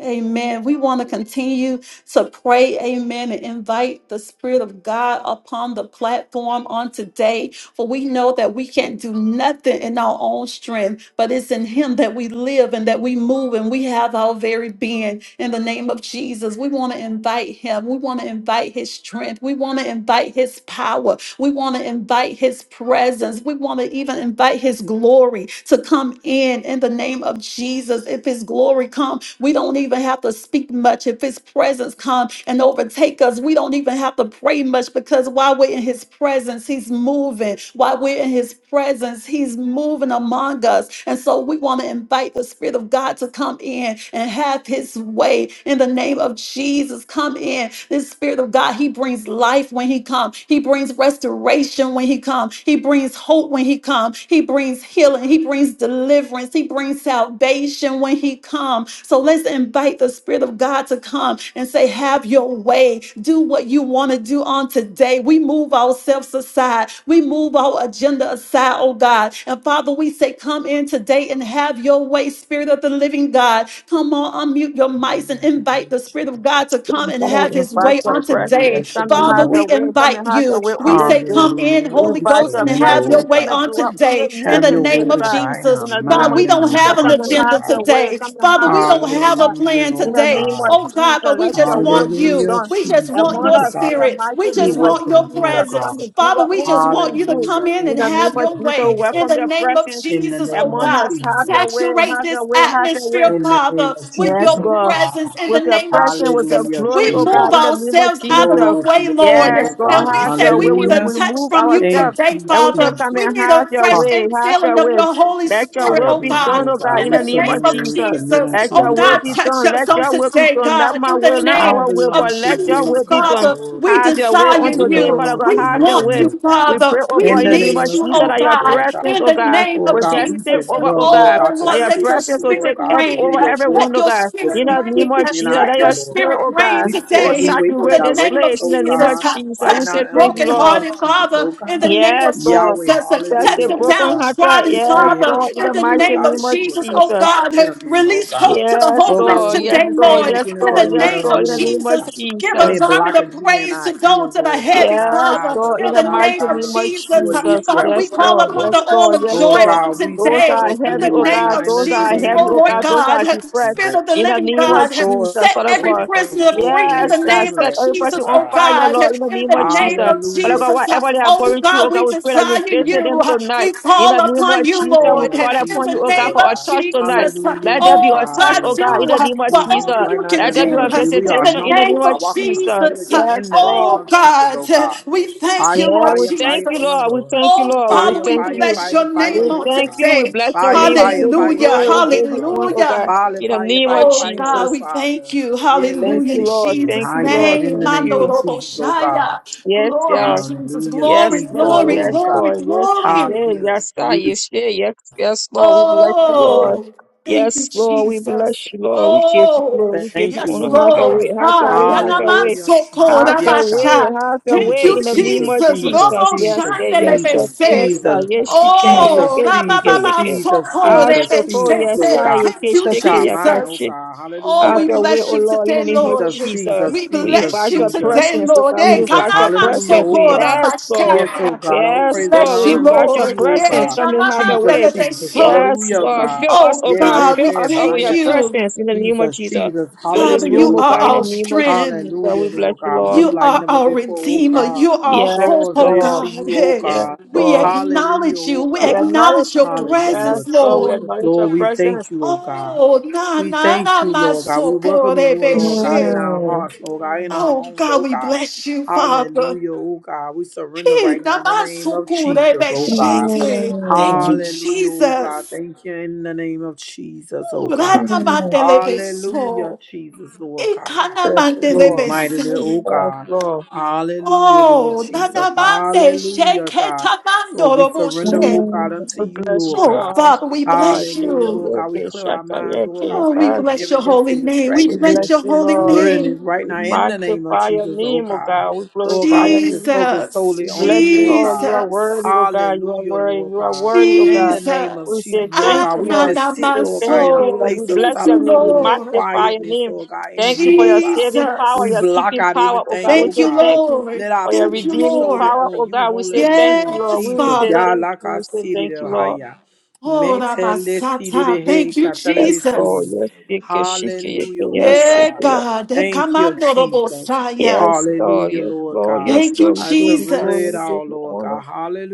Speaker 2: Amen. We want to continue to pray. Amen. And invite the Spirit of God upon the platform on today. For we know that we can't do nothing in our own strength, but it's in Him that we live and that we move and we have our very being. In the name of Jesus, we want to invite Him. We want to invite His strength. We want to invite His power. We want to invite His presence. We want to even invite His glory to come in. In the name of Jesus, if His glory come, we don't even have to speak much. If His presence come and overtake us, we don't even have to pray much because while we're in His presence, He's moving. While we're in his presence, he's moving among us. And so we want to invite the Spirit of God to come in and have his way in the name of Jesus. Come in. This Spirit of God, he brings life when he comes. He brings restoration when he comes. He brings hope when he comes. He brings healing. He brings deliverance. He brings salvation when he comes. So let's invite the Spirit of God to come and say, Have your way. Do what you want to do on today. We move ourselves aside. We move move our agenda aside, oh God. And Father, we say, come in today and have your way, Spirit of the living God. Come on, unmute your mics
Speaker 1: Hallelujah,
Speaker 2: and invite the Spirit of
Speaker 1: Jesus.
Speaker 2: God to come and
Speaker 3: Father,
Speaker 2: have
Speaker 3: we
Speaker 2: his
Speaker 3: invite
Speaker 1: We
Speaker 2: way
Speaker 3: your
Speaker 2: on
Speaker 1: welcome you
Speaker 2: today.
Speaker 3: presence.
Speaker 1: unto the
Speaker 3: Come and
Speaker 2: Father,
Speaker 3: have
Speaker 1: Lord.
Speaker 2: we
Speaker 3: your way. Come
Speaker 2: invite
Speaker 3: and have
Speaker 2: you.
Speaker 3: your way on
Speaker 2: We
Speaker 3: this
Speaker 2: say,
Speaker 3: day.
Speaker 2: come
Speaker 1: Hallelujah,
Speaker 2: in,
Speaker 3: We
Speaker 1: Lord.
Speaker 2: Holy
Speaker 1: We
Speaker 3: invite
Speaker 2: Ghost, and
Speaker 3: your
Speaker 1: surrender,
Speaker 2: have your
Speaker 3: presence.
Speaker 1: oh
Speaker 2: way
Speaker 3: Come and
Speaker 2: on
Speaker 1: God.
Speaker 3: do what only
Speaker 2: today.
Speaker 3: you
Speaker 2: In
Speaker 1: Have
Speaker 2: the
Speaker 1: your
Speaker 3: can
Speaker 1: way,
Speaker 2: name
Speaker 3: do,
Speaker 2: of
Speaker 1: oh
Speaker 3: God.
Speaker 1: God, in our
Speaker 3: In
Speaker 2: Jesus.
Speaker 3: the name
Speaker 2: God,
Speaker 1: minds
Speaker 2: we
Speaker 3: of
Speaker 1: and
Speaker 2: don't
Speaker 1: our
Speaker 2: have
Speaker 3: Jesus,
Speaker 2: an
Speaker 3: come
Speaker 1: hearts,
Speaker 3: and
Speaker 1: oh
Speaker 2: agenda
Speaker 3: have your
Speaker 1: God.
Speaker 3: way.
Speaker 2: today.
Speaker 3: Come and
Speaker 2: Father,
Speaker 3: have
Speaker 2: we
Speaker 3: your
Speaker 2: don't
Speaker 3: way, oh
Speaker 2: have a
Speaker 3: God.
Speaker 1: Hallelujah,
Speaker 2: plan
Speaker 3: In
Speaker 1: oh
Speaker 3: the
Speaker 2: today.
Speaker 3: name of
Speaker 2: Oh
Speaker 1: God.
Speaker 3: Jesus,
Speaker 2: God, but we
Speaker 3: let
Speaker 2: just
Speaker 3: your will
Speaker 2: want
Speaker 3: be
Speaker 2: you.
Speaker 1: Hallelujah,
Speaker 3: done.
Speaker 2: We just
Speaker 1: Jesus,
Speaker 2: want
Speaker 3: Among
Speaker 2: your
Speaker 1: oh
Speaker 3: us, in
Speaker 1: God.
Speaker 3: the
Speaker 2: spirit. We
Speaker 3: mighty
Speaker 1: We
Speaker 3: name
Speaker 2: just
Speaker 3: of
Speaker 2: want your
Speaker 1: welcome you, oh
Speaker 3: Jesus, come
Speaker 1: God.
Speaker 2: presence.
Speaker 3: and do
Speaker 2: Father,
Speaker 3: what
Speaker 2: we
Speaker 3: only
Speaker 2: just
Speaker 3: you
Speaker 2: want
Speaker 3: can
Speaker 2: you to to
Speaker 3: do.
Speaker 1: Hallelujah,
Speaker 2: come in
Speaker 1: in
Speaker 3: In
Speaker 2: and
Speaker 1: the
Speaker 3: the name
Speaker 2: have
Speaker 1: name
Speaker 3: of
Speaker 2: your
Speaker 1: of
Speaker 3: Jesus,
Speaker 2: way
Speaker 1: Jesus.
Speaker 2: in
Speaker 3: welcome
Speaker 2: the
Speaker 3: your
Speaker 2: name of
Speaker 3: presence.
Speaker 1: In the
Speaker 2: Jesus, oh
Speaker 1: name of
Speaker 3: Among
Speaker 2: God.
Speaker 3: us, have your
Speaker 1: Jesus.
Speaker 3: way,
Speaker 2: Saturate
Speaker 3: have your
Speaker 2: this
Speaker 3: way, have your way.
Speaker 2: atmosphere,
Speaker 1: In the name
Speaker 2: Father,
Speaker 1: of
Speaker 2: with
Speaker 1: Jesus,
Speaker 3: Yes,
Speaker 2: your
Speaker 1: oh
Speaker 3: Lord
Speaker 1: God.
Speaker 2: presence in the
Speaker 3: with your
Speaker 2: name of
Speaker 3: presence, with your
Speaker 2: Jesus.
Speaker 1: Hallelujah,
Speaker 3: glory,
Speaker 2: We
Speaker 3: oh
Speaker 1: Jesus.
Speaker 2: move
Speaker 3: God, in the name of
Speaker 2: ourselves out of the
Speaker 3: Jesus.
Speaker 1: Glory to
Speaker 2: way,
Speaker 1: your name,
Speaker 2: Lord,
Speaker 3: Yes,
Speaker 1: oh
Speaker 3: Lord,
Speaker 1: God.
Speaker 2: and we
Speaker 3: have
Speaker 2: say
Speaker 3: your
Speaker 2: we
Speaker 3: way. We
Speaker 2: need a
Speaker 3: we
Speaker 1: Hallelujah.
Speaker 2: touch
Speaker 3: remove
Speaker 2: from you
Speaker 1: Thank
Speaker 3: ourselves
Speaker 2: today,
Speaker 1: you,
Speaker 3: and we say,
Speaker 2: Father.
Speaker 3: come
Speaker 1: Jesus.
Speaker 2: We
Speaker 3: and
Speaker 2: need
Speaker 3: have
Speaker 2: a
Speaker 3: your
Speaker 2: fresh
Speaker 1: Ha-
Speaker 3: way, have your
Speaker 2: infilling of
Speaker 3: way.
Speaker 2: your Holy
Speaker 3: Let your
Speaker 2: Spirit,
Speaker 3: will
Speaker 2: oh
Speaker 3: be
Speaker 1: Hallelujah,
Speaker 2: God,
Speaker 3: done,
Speaker 1: oh
Speaker 3: oh God,
Speaker 1: God.
Speaker 2: in
Speaker 3: in
Speaker 1: We
Speaker 3: the
Speaker 2: the
Speaker 3: name of
Speaker 2: name of
Speaker 1: surrender and
Speaker 3: Jesus.
Speaker 1: we submit
Speaker 2: Jesus.
Speaker 3: Let
Speaker 1: unto
Speaker 2: Oh
Speaker 3: your
Speaker 1: you,
Speaker 3: will
Speaker 2: God,
Speaker 3: be
Speaker 1: oh
Speaker 2: touch
Speaker 3: done. Let
Speaker 2: us
Speaker 1: God.
Speaker 2: on
Speaker 3: your will be
Speaker 2: today,
Speaker 3: done. Not
Speaker 2: God,
Speaker 3: my
Speaker 2: in
Speaker 3: will,
Speaker 2: the
Speaker 3: not
Speaker 1: All
Speaker 2: name
Speaker 3: our will,
Speaker 2: of
Speaker 3: but
Speaker 1: belong to
Speaker 3: let your
Speaker 1: you, oh
Speaker 2: Jesus,
Speaker 3: will be done.
Speaker 2: Father.
Speaker 1: God.
Speaker 2: We
Speaker 3: Have your way
Speaker 2: desire
Speaker 3: on
Speaker 2: you.
Speaker 1: God, we
Speaker 3: today,
Speaker 1: hold
Speaker 3: Father
Speaker 1: on
Speaker 3: God.
Speaker 2: We
Speaker 1: to
Speaker 3: Have your
Speaker 1: nothing,
Speaker 2: want
Speaker 3: way.
Speaker 1: no
Speaker 2: you,
Speaker 1: God.
Speaker 3: We
Speaker 2: Father.
Speaker 3: pray, oh
Speaker 2: We
Speaker 1: In
Speaker 2: we
Speaker 3: God, in
Speaker 1: the
Speaker 3: the name
Speaker 1: name
Speaker 2: need
Speaker 3: of
Speaker 1: of
Speaker 2: you,
Speaker 3: Jesus,
Speaker 2: oh
Speaker 3: that
Speaker 1: Jesus,
Speaker 3: your
Speaker 1: Lord
Speaker 2: God,
Speaker 3: presence,
Speaker 1: God.
Speaker 2: in
Speaker 3: oh
Speaker 2: the
Speaker 3: God,
Speaker 2: name
Speaker 1: Lord
Speaker 2: of
Speaker 3: will
Speaker 1: God,
Speaker 3: just
Speaker 1: we
Speaker 3: take
Speaker 2: Jesus.
Speaker 1: just
Speaker 3: over, oh
Speaker 1: love, Lord
Speaker 2: Oh
Speaker 3: God.
Speaker 1: God, to
Speaker 3: That
Speaker 2: Lord,
Speaker 3: your
Speaker 2: let
Speaker 1: sit
Speaker 2: your
Speaker 1: with
Speaker 3: presence will
Speaker 1: you, Lord
Speaker 2: spirit
Speaker 3: take
Speaker 1: God,
Speaker 3: ev-
Speaker 1: to
Speaker 2: reign.
Speaker 1: hear
Speaker 3: over
Speaker 1: your voice,
Speaker 3: everyone,
Speaker 2: Let
Speaker 3: oh
Speaker 2: your
Speaker 3: God.
Speaker 1: to
Speaker 2: spirit
Speaker 3: In
Speaker 1: speak
Speaker 3: the
Speaker 1: with
Speaker 3: name
Speaker 2: reign.
Speaker 1: us
Speaker 3: of
Speaker 1: in
Speaker 3: Jesus,
Speaker 1: our
Speaker 2: Let
Speaker 3: let
Speaker 1: ear,
Speaker 2: your
Speaker 3: your
Speaker 1: Lord
Speaker 3: spirit,
Speaker 2: spirit
Speaker 1: God.
Speaker 3: oh
Speaker 2: reign
Speaker 3: God,
Speaker 1: We sit
Speaker 3: oh,
Speaker 1: and
Speaker 2: today
Speaker 1: we wait
Speaker 2: in
Speaker 1: for
Speaker 2: the
Speaker 3: saturate this
Speaker 2: name
Speaker 1: directions,
Speaker 2: of
Speaker 3: place. In
Speaker 1: oh
Speaker 3: the name
Speaker 2: Jesus.
Speaker 3: of
Speaker 1: God,
Speaker 3: Jesus,
Speaker 1: right
Speaker 3: we
Speaker 2: Touch
Speaker 3: say
Speaker 2: the
Speaker 1: now
Speaker 3: thank
Speaker 1: in the
Speaker 3: you,
Speaker 1: name
Speaker 3: Lord.
Speaker 1: of
Speaker 2: brokenhearted,
Speaker 1: Jesus,
Speaker 2: Father,
Speaker 1: oh
Speaker 2: in the
Speaker 1: God.
Speaker 2: name of
Speaker 3: Yes, Lord.
Speaker 2: Jesus.
Speaker 1: Yahweh,
Speaker 3: Touch
Speaker 2: Touch
Speaker 1: hallelujah,
Speaker 3: the
Speaker 2: the
Speaker 1: oh
Speaker 3: broken
Speaker 1: God.
Speaker 3: hearted.
Speaker 2: downtrodden,
Speaker 1: We
Speaker 3: Yes,
Speaker 1: pray,
Speaker 2: Father,
Speaker 1: Heavenly
Speaker 3: Lord. In
Speaker 2: in
Speaker 3: the
Speaker 1: Father,
Speaker 2: the
Speaker 1: Lord
Speaker 3: mighty
Speaker 2: name
Speaker 1: God,
Speaker 2: of
Speaker 3: name
Speaker 1: that
Speaker 3: of
Speaker 1: you will
Speaker 2: Jesus. Oh
Speaker 1: touch
Speaker 3: Jesus.
Speaker 1: our
Speaker 2: God,
Speaker 1: inner being, oh
Speaker 2: release
Speaker 1: God.
Speaker 2: hope to the
Speaker 3: Yes,
Speaker 1: Lord God,
Speaker 2: homeless
Speaker 3: Lord.
Speaker 1: remove
Speaker 3: Yes,
Speaker 2: today,
Speaker 1: anything
Speaker 3: Lord.
Speaker 1: that
Speaker 2: Lord,
Speaker 1: is
Speaker 3: Yes,
Speaker 1: in us
Speaker 2: in
Speaker 1: that
Speaker 3: Lord.
Speaker 1: is
Speaker 2: the
Speaker 3: Yes,
Speaker 1: not of
Speaker 2: name
Speaker 3: Lord.
Speaker 2: of
Speaker 1: you,
Speaker 3: In the
Speaker 1: Lord
Speaker 3: name
Speaker 1: God.
Speaker 3: of
Speaker 2: Jesus. Give a
Speaker 3: Jesus.
Speaker 1: Any
Speaker 2: garment of
Speaker 1: blockage be in
Speaker 2: praise to
Speaker 1: our
Speaker 2: those
Speaker 1: ears,
Speaker 2: that are
Speaker 1: Lord God,
Speaker 2: heavy,
Speaker 1: in our
Speaker 3: Yes,
Speaker 1: eyes,
Speaker 2: Father,
Speaker 1: Lord
Speaker 3: Lord, in
Speaker 2: in
Speaker 1: God,
Speaker 3: the
Speaker 2: the
Speaker 1: not
Speaker 3: mighty
Speaker 2: name of
Speaker 1: allowing
Speaker 3: name
Speaker 1: us to
Speaker 3: of
Speaker 2: Jesus.
Speaker 1: see what it
Speaker 2: Jesus.
Speaker 1: is
Speaker 3: Jesus.
Speaker 1: you
Speaker 2: Father,
Speaker 1: have us
Speaker 2: we
Speaker 3: Yes,
Speaker 1: to.
Speaker 2: call
Speaker 3: Lord.
Speaker 2: upon the
Speaker 3: Yes,
Speaker 2: oil
Speaker 3: Lord.
Speaker 2: of
Speaker 3: Yes,
Speaker 1: Lord
Speaker 2: joy
Speaker 3: Lord.
Speaker 2: on
Speaker 1: God, we
Speaker 3: Those
Speaker 1: just
Speaker 2: today
Speaker 3: are
Speaker 2: in
Speaker 1: welcome
Speaker 3: heavy,
Speaker 2: the
Speaker 1: you
Speaker 3: oh
Speaker 1: right
Speaker 2: name
Speaker 1: now
Speaker 3: God.
Speaker 2: of
Speaker 1: in
Speaker 3: Those
Speaker 1: the
Speaker 3: are
Speaker 2: Jesus.
Speaker 3: heavy,
Speaker 2: Oh
Speaker 1: name
Speaker 3: oh
Speaker 2: Lord
Speaker 3: God.
Speaker 1: of
Speaker 3: Those are
Speaker 2: God,
Speaker 3: depressed.
Speaker 2: Spirit of the
Speaker 3: In the
Speaker 2: living
Speaker 3: name of
Speaker 2: God,
Speaker 1: restore
Speaker 3: Jesus,
Speaker 2: set
Speaker 3: Father
Speaker 2: every
Speaker 3: God.
Speaker 1: anything
Speaker 2: prisoner
Speaker 1: broken,
Speaker 2: free in
Speaker 3: Yes,
Speaker 2: the
Speaker 3: God.
Speaker 2: name
Speaker 1: anything
Speaker 3: Set
Speaker 2: of
Speaker 1: left,
Speaker 3: every
Speaker 1: oh
Speaker 3: person
Speaker 2: Jesus.
Speaker 3: on
Speaker 2: Oh
Speaker 1: God.
Speaker 3: fire,
Speaker 2: God,
Speaker 3: Lord, in the
Speaker 2: in
Speaker 3: name
Speaker 2: the
Speaker 3: of
Speaker 2: name
Speaker 3: Jesus.
Speaker 2: of
Speaker 3: Father
Speaker 1: Hallelujah.
Speaker 3: God,
Speaker 2: Jesus.
Speaker 3: whatever they are
Speaker 2: Oh
Speaker 3: going through,
Speaker 2: God,
Speaker 3: oh
Speaker 2: we
Speaker 3: God, we pray that you
Speaker 2: desire
Speaker 1: In
Speaker 3: visit them
Speaker 2: you.
Speaker 3: tonight.
Speaker 2: We
Speaker 3: In the
Speaker 2: call
Speaker 3: name
Speaker 2: upon
Speaker 3: of
Speaker 2: you,
Speaker 3: Jesus, we
Speaker 1: name
Speaker 2: Lord,
Speaker 1: of
Speaker 3: call
Speaker 2: in
Speaker 3: upon
Speaker 1: Jesus,
Speaker 3: you,
Speaker 2: the
Speaker 3: oh God,
Speaker 2: name
Speaker 1: Lord
Speaker 3: for a
Speaker 2: of
Speaker 1: God.
Speaker 3: touch tonight.
Speaker 2: Jesus.
Speaker 1: Hallelujah,
Speaker 3: Let there
Speaker 1: oh
Speaker 3: be a
Speaker 2: Oh
Speaker 1: God,
Speaker 3: touch,
Speaker 2: God,
Speaker 3: oh
Speaker 1: Lord
Speaker 3: God,
Speaker 2: do
Speaker 3: in
Speaker 1: God.
Speaker 3: the name of
Speaker 1: We
Speaker 2: what
Speaker 1: do
Speaker 2: only
Speaker 3: Jesus.
Speaker 1: right
Speaker 2: you
Speaker 1: now in
Speaker 2: can
Speaker 3: Let
Speaker 1: the
Speaker 3: there be
Speaker 2: do
Speaker 1: name
Speaker 2: in
Speaker 3: a
Speaker 1: of Jesus. We are
Speaker 3: visitation
Speaker 2: the
Speaker 3: in
Speaker 1: humble,
Speaker 3: the
Speaker 2: name
Speaker 3: name
Speaker 1: Lord
Speaker 3: of
Speaker 2: of
Speaker 1: God, walking in
Speaker 3: Jesus.
Speaker 2: Jesus.
Speaker 1: humility
Speaker 3: Yes,
Speaker 1: in the name
Speaker 3: Lord.
Speaker 2: Oh
Speaker 1: of Jesus,
Speaker 2: God,
Speaker 1: oh God.
Speaker 2: we thank
Speaker 1: Fire,
Speaker 2: you,
Speaker 3: Yeah,
Speaker 2: Lord
Speaker 3: we
Speaker 1: fire,
Speaker 3: thank
Speaker 1: fire
Speaker 3: you,
Speaker 1: from
Speaker 2: Jesus.
Speaker 3: Lord. We
Speaker 1: above.
Speaker 3: thank you,
Speaker 2: Oh,
Speaker 3: Lord. We
Speaker 2: Father,
Speaker 1: Fire,
Speaker 2: we
Speaker 3: thank
Speaker 1: fire,
Speaker 3: you.
Speaker 2: bless
Speaker 1: fire,
Speaker 2: your
Speaker 1: fire,
Speaker 2: name
Speaker 3: We
Speaker 1: oh
Speaker 2: on
Speaker 3: thank you.
Speaker 1: God.
Speaker 3: We
Speaker 2: today.
Speaker 3: bless your
Speaker 1: Fire,
Speaker 3: name. We
Speaker 1: fire,
Speaker 3: give you
Speaker 1: fire,
Speaker 2: Hallelujah.
Speaker 3: glory.
Speaker 1: fire,
Speaker 3: We
Speaker 1: oh
Speaker 3: give you honor,
Speaker 1: God.
Speaker 3: oh God.
Speaker 2: Hallelujah.
Speaker 1: Fire,
Speaker 3: In the
Speaker 1: fire,
Speaker 3: name of
Speaker 1: fire,
Speaker 2: Oh,
Speaker 1: fire, oh
Speaker 2: God,
Speaker 3: Jesus.
Speaker 2: we thank
Speaker 1: Father.
Speaker 2: you.
Speaker 1: Yeah,
Speaker 3: Thank
Speaker 1: let's
Speaker 2: Hallelujah.
Speaker 3: you,
Speaker 2: In
Speaker 1: seek
Speaker 3: Lord.
Speaker 1: you
Speaker 3: Thank
Speaker 2: Jesus'
Speaker 3: you,
Speaker 1: higher
Speaker 3: Lord.
Speaker 1: in
Speaker 2: name.
Speaker 1: the
Speaker 3: Thank
Speaker 1: name
Speaker 2: Mando
Speaker 1: of
Speaker 3: you.
Speaker 2: robo
Speaker 1: Jesus, oh
Speaker 2: shaya.
Speaker 1: God.
Speaker 3: Yes,
Speaker 2: Glory,
Speaker 3: Lord.
Speaker 2: Jesus.
Speaker 1: Hallelujah,
Speaker 2: Glory,
Speaker 3: Yes,
Speaker 1: Jesus,
Speaker 3: Lord.
Speaker 2: glory,
Speaker 3: Yes,
Speaker 1: oh God.
Speaker 2: glory,
Speaker 3: Lord. Yes, she
Speaker 2: glory.
Speaker 3: did.
Speaker 1: Hallelujah,
Speaker 3: Yes, God. Yes,
Speaker 1: Jesus.
Speaker 3: she did. Yes, yes, Lord. We bless you, Lord.
Speaker 2: Oh, thank you,
Speaker 3: Yes, Lord. We
Speaker 2: Jesus.
Speaker 3: bless you, Lord. We give you
Speaker 2: Oh,
Speaker 3: glory. We give
Speaker 1: Thank
Speaker 3: you
Speaker 1: you,
Speaker 2: yes,
Speaker 3: honor.
Speaker 1: oh
Speaker 3: Have your
Speaker 2: Lord.
Speaker 1: God.
Speaker 3: way. Have your
Speaker 2: Ah,
Speaker 3: way. Have your way.
Speaker 1: Hallelujah,
Speaker 2: yanamasoko
Speaker 1: Jesus.
Speaker 3: Have
Speaker 1: Yes,
Speaker 3: your way.
Speaker 1: God.
Speaker 2: rabasha.
Speaker 3: Have your
Speaker 2: Thank
Speaker 3: way
Speaker 2: you,
Speaker 3: in
Speaker 1: Jesus,
Speaker 3: the name
Speaker 1: Jesus,
Speaker 3: of
Speaker 2: Jesus.
Speaker 1: Jesus,
Speaker 2: Robo
Speaker 3: Jesus. Yes,
Speaker 1: Jesus,
Speaker 3: yeah.
Speaker 2: shandele
Speaker 3: Yes, sir.
Speaker 1: Jesus,
Speaker 3: Yes,
Speaker 2: shandelebese.
Speaker 3: sir.
Speaker 1: Jesus,
Speaker 3: Yes, she can.
Speaker 1: Jesus,
Speaker 2: Oh,
Speaker 3: Yes, You can. She can.
Speaker 1: Jesus,
Speaker 3: You can.
Speaker 1: Jesus,
Speaker 2: rabababasoko
Speaker 3: Ah,
Speaker 1: Jesus,
Speaker 3: Shoko.
Speaker 1: Jesus,
Speaker 3: Yes,
Speaker 1: Lord
Speaker 3: sir.
Speaker 2: rebeshete.
Speaker 1: God.
Speaker 3: You
Speaker 2: thank
Speaker 3: can.
Speaker 2: you,
Speaker 3: She
Speaker 1: Touch
Speaker 3: can.
Speaker 1: our
Speaker 3: You
Speaker 1: mind, oh
Speaker 2: Jesus.
Speaker 3: can.
Speaker 1: God.
Speaker 2: Oh,
Speaker 3: Have
Speaker 1: Hallelujah,
Speaker 2: we
Speaker 3: your way,
Speaker 2: bless
Speaker 3: oh
Speaker 1: Jesus.
Speaker 2: you
Speaker 3: Lord, in the
Speaker 2: today,
Speaker 3: name of
Speaker 2: Lord.
Speaker 1: Jesus,
Speaker 3: Jesus.
Speaker 1: Jesus,
Speaker 2: We
Speaker 3: We
Speaker 1: Jesus,
Speaker 2: bless
Speaker 3: invite
Speaker 2: you
Speaker 3: your
Speaker 1: Jesus.
Speaker 2: today,
Speaker 3: presence, oh
Speaker 2: Lord.
Speaker 3: God. We
Speaker 2: Eh,
Speaker 1: Jesus,
Speaker 3: invite your
Speaker 1: hallelujah,
Speaker 3: presence.
Speaker 1: oh
Speaker 3: We
Speaker 2: kanamasoko
Speaker 1: God.
Speaker 3: Yes, Lord.
Speaker 1: Yes, oh
Speaker 2: rabasha.
Speaker 1: God, all
Speaker 2: We
Speaker 3: Yes,
Speaker 1: praise and
Speaker 3: Lord.
Speaker 2: bless
Speaker 3: We
Speaker 1: honor
Speaker 2: you,
Speaker 1: and
Speaker 3: invite
Speaker 1: unto
Speaker 3: your
Speaker 2: Lord.
Speaker 1: you, oh
Speaker 2: Eh,
Speaker 3: presence.
Speaker 1: God.
Speaker 2: na,
Speaker 3: Come and
Speaker 2: na,
Speaker 3: have
Speaker 2: na,
Speaker 3: your
Speaker 2: na, na,
Speaker 3: way.
Speaker 1: Jesus,
Speaker 2: na,
Speaker 1: Jesus,
Speaker 2: So,
Speaker 3: Yes,
Speaker 1: hallelujah, oh
Speaker 3: Lord.
Speaker 1: God.
Speaker 3: Fill us,
Speaker 2: oh
Speaker 3: oh
Speaker 1: Yeah,
Speaker 3: God.
Speaker 2: God,
Speaker 1: let's
Speaker 3: Fill
Speaker 2: we
Speaker 3: us
Speaker 1: have
Speaker 3: up with
Speaker 1: my
Speaker 2: thank
Speaker 3: your
Speaker 1: uh, God.
Speaker 2: you.
Speaker 3: presence in the name of
Speaker 1: Jesus,
Speaker 3: Jesus.
Speaker 1: Jesus,
Speaker 3: Fill
Speaker 2: Father,
Speaker 3: this
Speaker 1: hallelujah,
Speaker 3: room,
Speaker 2: you
Speaker 1: oh
Speaker 3: oh
Speaker 2: are
Speaker 3: God, in the
Speaker 2: our
Speaker 1: God.
Speaker 3: name of
Speaker 2: strength.
Speaker 3: Jesus.
Speaker 1: Hallelujah,
Speaker 3: We bless
Speaker 1: Lord
Speaker 3: you,
Speaker 1: God. Move
Speaker 3: Lord.
Speaker 2: You
Speaker 1: like
Speaker 2: are
Speaker 1: never
Speaker 2: our
Speaker 1: before, oh
Speaker 2: redeemer.
Speaker 1: God.
Speaker 2: You are our
Speaker 3: Yes,
Speaker 2: hope,
Speaker 1: Draw us
Speaker 2: oh
Speaker 1: near
Speaker 3: Lord.
Speaker 1: to
Speaker 2: God.
Speaker 1: you, oh
Speaker 2: Eh,
Speaker 3: Yes,
Speaker 1: God.
Speaker 2: We
Speaker 3: Lord.
Speaker 1: Hallelujah,
Speaker 2: acknowledge you.
Speaker 1: oh
Speaker 2: We
Speaker 3: We
Speaker 1: God.
Speaker 3: acknowledge
Speaker 2: acknowledge your
Speaker 3: you. Yes,
Speaker 1: Hallelujah,
Speaker 2: presence,
Speaker 3: Lord.
Speaker 1: Jesus.
Speaker 3: We
Speaker 2: Lord.
Speaker 3: acknowledge your
Speaker 1: Lord, we
Speaker 3: presence.
Speaker 1: thank you, oh God.
Speaker 2: Oh, na
Speaker 1: We
Speaker 2: na
Speaker 1: thank
Speaker 2: na
Speaker 1: you,
Speaker 2: ma
Speaker 1: Lord God. We welcome you, oh Lord God, in
Speaker 2: sokorebeshe.
Speaker 1: our
Speaker 3: Mm,
Speaker 1: hearts, Lord God, in our
Speaker 2: Oh
Speaker 1: homes,
Speaker 2: God,
Speaker 1: oh
Speaker 2: we
Speaker 1: God.
Speaker 2: bless you, Father.
Speaker 1: Hallelujah, oh God. We surrender
Speaker 2: He,
Speaker 1: right
Speaker 2: na,
Speaker 1: now in the
Speaker 2: ma,
Speaker 1: name of Jesus, oh God.
Speaker 2: sokorebeshete. Thank
Speaker 3: mm,
Speaker 2: you,
Speaker 1: Hallelujah, oh God.
Speaker 2: Jesus.
Speaker 1: Thank you in the name of Jesus, oh God.
Speaker 3: mm.
Speaker 1: Hallelujah,
Speaker 2: Ranamandelebeso.
Speaker 1: Jesus, Lord God.
Speaker 3: Bless you,
Speaker 1: Move
Speaker 3: Lord.
Speaker 1: mightily, oh
Speaker 2: Ikanamandelebese.
Speaker 3: Bless
Speaker 1: God.
Speaker 3: you, Lord.
Speaker 1: Hallelujah, Lord
Speaker 2: Oh,
Speaker 1: Jesus.
Speaker 2: nanamande
Speaker 1: Hallelujah, God. Lord, we surrender, oh
Speaker 2: sheketamandoroboshe.
Speaker 1: God,
Speaker 3: Mm,
Speaker 1: unto
Speaker 3: we
Speaker 1: you,
Speaker 3: bless you,
Speaker 1: Lord
Speaker 2: Oh,
Speaker 1: God.
Speaker 3: Lord.
Speaker 2: Father, we bless
Speaker 1: Hallelujah,
Speaker 3: Shikabashika,
Speaker 2: you.
Speaker 1: Lord God. We
Speaker 3: yeke,
Speaker 1: clear our
Speaker 3: shaka,
Speaker 1: minds,
Speaker 3: yeke,
Speaker 1: Lord God,
Speaker 2: Oh,
Speaker 1: for
Speaker 2: we
Speaker 1: any
Speaker 2: bless your
Speaker 3: yakashika.
Speaker 1: heaviness
Speaker 2: holy
Speaker 1: and
Speaker 2: name. We
Speaker 3: We
Speaker 1: distractions
Speaker 2: bless
Speaker 3: bless
Speaker 1: and
Speaker 2: your
Speaker 3: you,
Speaker 2: holy
Speaker 3: Lord.
Speaker 1: burden is
Speaker 2: name.
Speaker 1: right
Speaker 3: We
Speaker 1: now in the name of
Speaker 3: magnify your
Speaker 1: Jesus, oh
Speaker 3: name, O
Speaker 1: God.
Speaker 3: God. We
Speaker 1: Lord
Speaker 3: glorify
Speaker 1: God,
Speaker 3: your
Speaker 1: we just
Speaker 3: name.
Speaker 1: focus
Speaker 2: Jesus,
Speaker 3: We
Speaker 1: solely on
Speaker 3: bless
Speaker 1: you,
Speaker 3: you,
Speaker 1: oh
Speaker 3: oh. You
Speaker 1: God.
Speaker 3: are worthy,
Speaker 2: Jesus,
Speaker 3: oh God. You are
Speaker 1: Hallelujah,
Speaker 3: worthy.
Speaker 1: Lord
Speaker 3: You are
Speaker 1: God.
Speaker 3: worthy, oh
Speaker 1: In
Speaker 3: God.
Speaker 1: the name of
Speaker 3: We
Speaker 2: Jesus.
Speaker 1: Jesus,
Speaker 3: say
Speaker 1: Lord
Speaker 3: thank
Speaker 1: God,
Speaker 3: you,
Speaker 1: we
Speaker 3: Lord.
Speaker 1: just
Speaker 3: We
Speaker 1: sit,
Speaker 3: say
Speaker 1: Lord God,
Speaker 3: thank
Speaker 1: in a
Speaker 3: you.
Speaker 2: Ananamaso.
Speaker 3: Lord. We
Speaker 1: place of
Speaker 3: bless
Speaker 2: Thank
Speaker 3: your
Speaker 2: you,
Speaker 3: name. We
Speaker 1: solitude and
Speaker 3: mark
Speaker 2: Lord.
Speaker 3: the fire
Speaker 1: quietness,
Speaker 3: name.
Speaker 1: Lord God, in
Speaker 3: Thank you
Speaker 1: you,
Speaker 3: for
Speaker 1: oh
Speaker 3: your
Speaker 1: God.
Speaker 3: saving power.
Speaker 1: We
Speaker 3: Your
Speaker 2: Jesus.
Speaker 1: block
Speaker 3: keeping
Speaker 1: out
Speaker 3: power, oh
Speaker 1: everything,
Speaker 3: God. We
Speaker 1: oh
Speaker 2: Thank
Speaker 3: say
Speaker 2: you,
Speaker 1: God.
Speaker 3: thank you
Speaker 2: Lord.
Speaker 1: Let our
Speaker 3: for your
Speaker 2: Thank
Speaker 1: focus
Speaker 2: you,
Speaker 1: be
Speaker 3: redeeming
Speaker 1: solely
Speaker 2: Lord.
Speaker 3: power,
Speaker 1: on
Speaker 3: oh
Speaker 1: you,
Speaker 3: God. We say
Speaker 1: holy
Speaker 3: thank you,
Speaker 1: name,
Speaker 3: Lord.
Speaker 2: Yes,
Speaker 3: We
Speaker 1: Jesus.
Speaker 3: say
Speaker 2: Father.
Speaker 1: Yah,
Speaker 3: thank
Speaker 1: like
Speaker 3: you.
Speaker 1: our
Speaker 3: We say
Speaker 1: city,
Speaker 3: thank
Speaker 1: the
Speaker 3: you, Lord.
Speaker 1: higher.
Speaker 2: Oh,
Speaker 1: Metele city, the
Speaker 2: Rabasata.
Speaker 1: hey,
Speaker 2: Thank you,
Speaker 1: Katala,
Speaker 3: Yes,
Speaker 1: the city.
Speaker 3: Lord.
Speaker 2: Jesus.
Speaker 3: Yes, Shiki Shiki.
Speaker 1: Hallelujah, oh
Speaker 3: Yes,
Speaker 2: Yeah,
Speaker 3: Shiki.
Speaker 1: God.
Speaker 2: God. They come
Speaker 1: Thank you,
Speaker 2: under the
Speaker 1: Jesus.
Speaker 2: Messiah.
Speaker 3: Yes, Lord.
Speaker 1: Hallelujah,
Speaker 3: Yes,
Speaker 1: Lord
Speaker 3: Lord.
Speaker 1: God.
Speaker 3: Yes,
Speaker 2: Thank you,
Speaker 3: Lord. We
Speaker 1: I
Speaker 3: give you
Speaker 1: surrender
Speaker 3: glory.
Speaker 1: it
Speaker 2: Jesus.
Speaker 3: We give
Speaker 1: all,
Speaker 3: you
Speaker 1: Lord
Speaker 3: honor.
Speaker 1: God.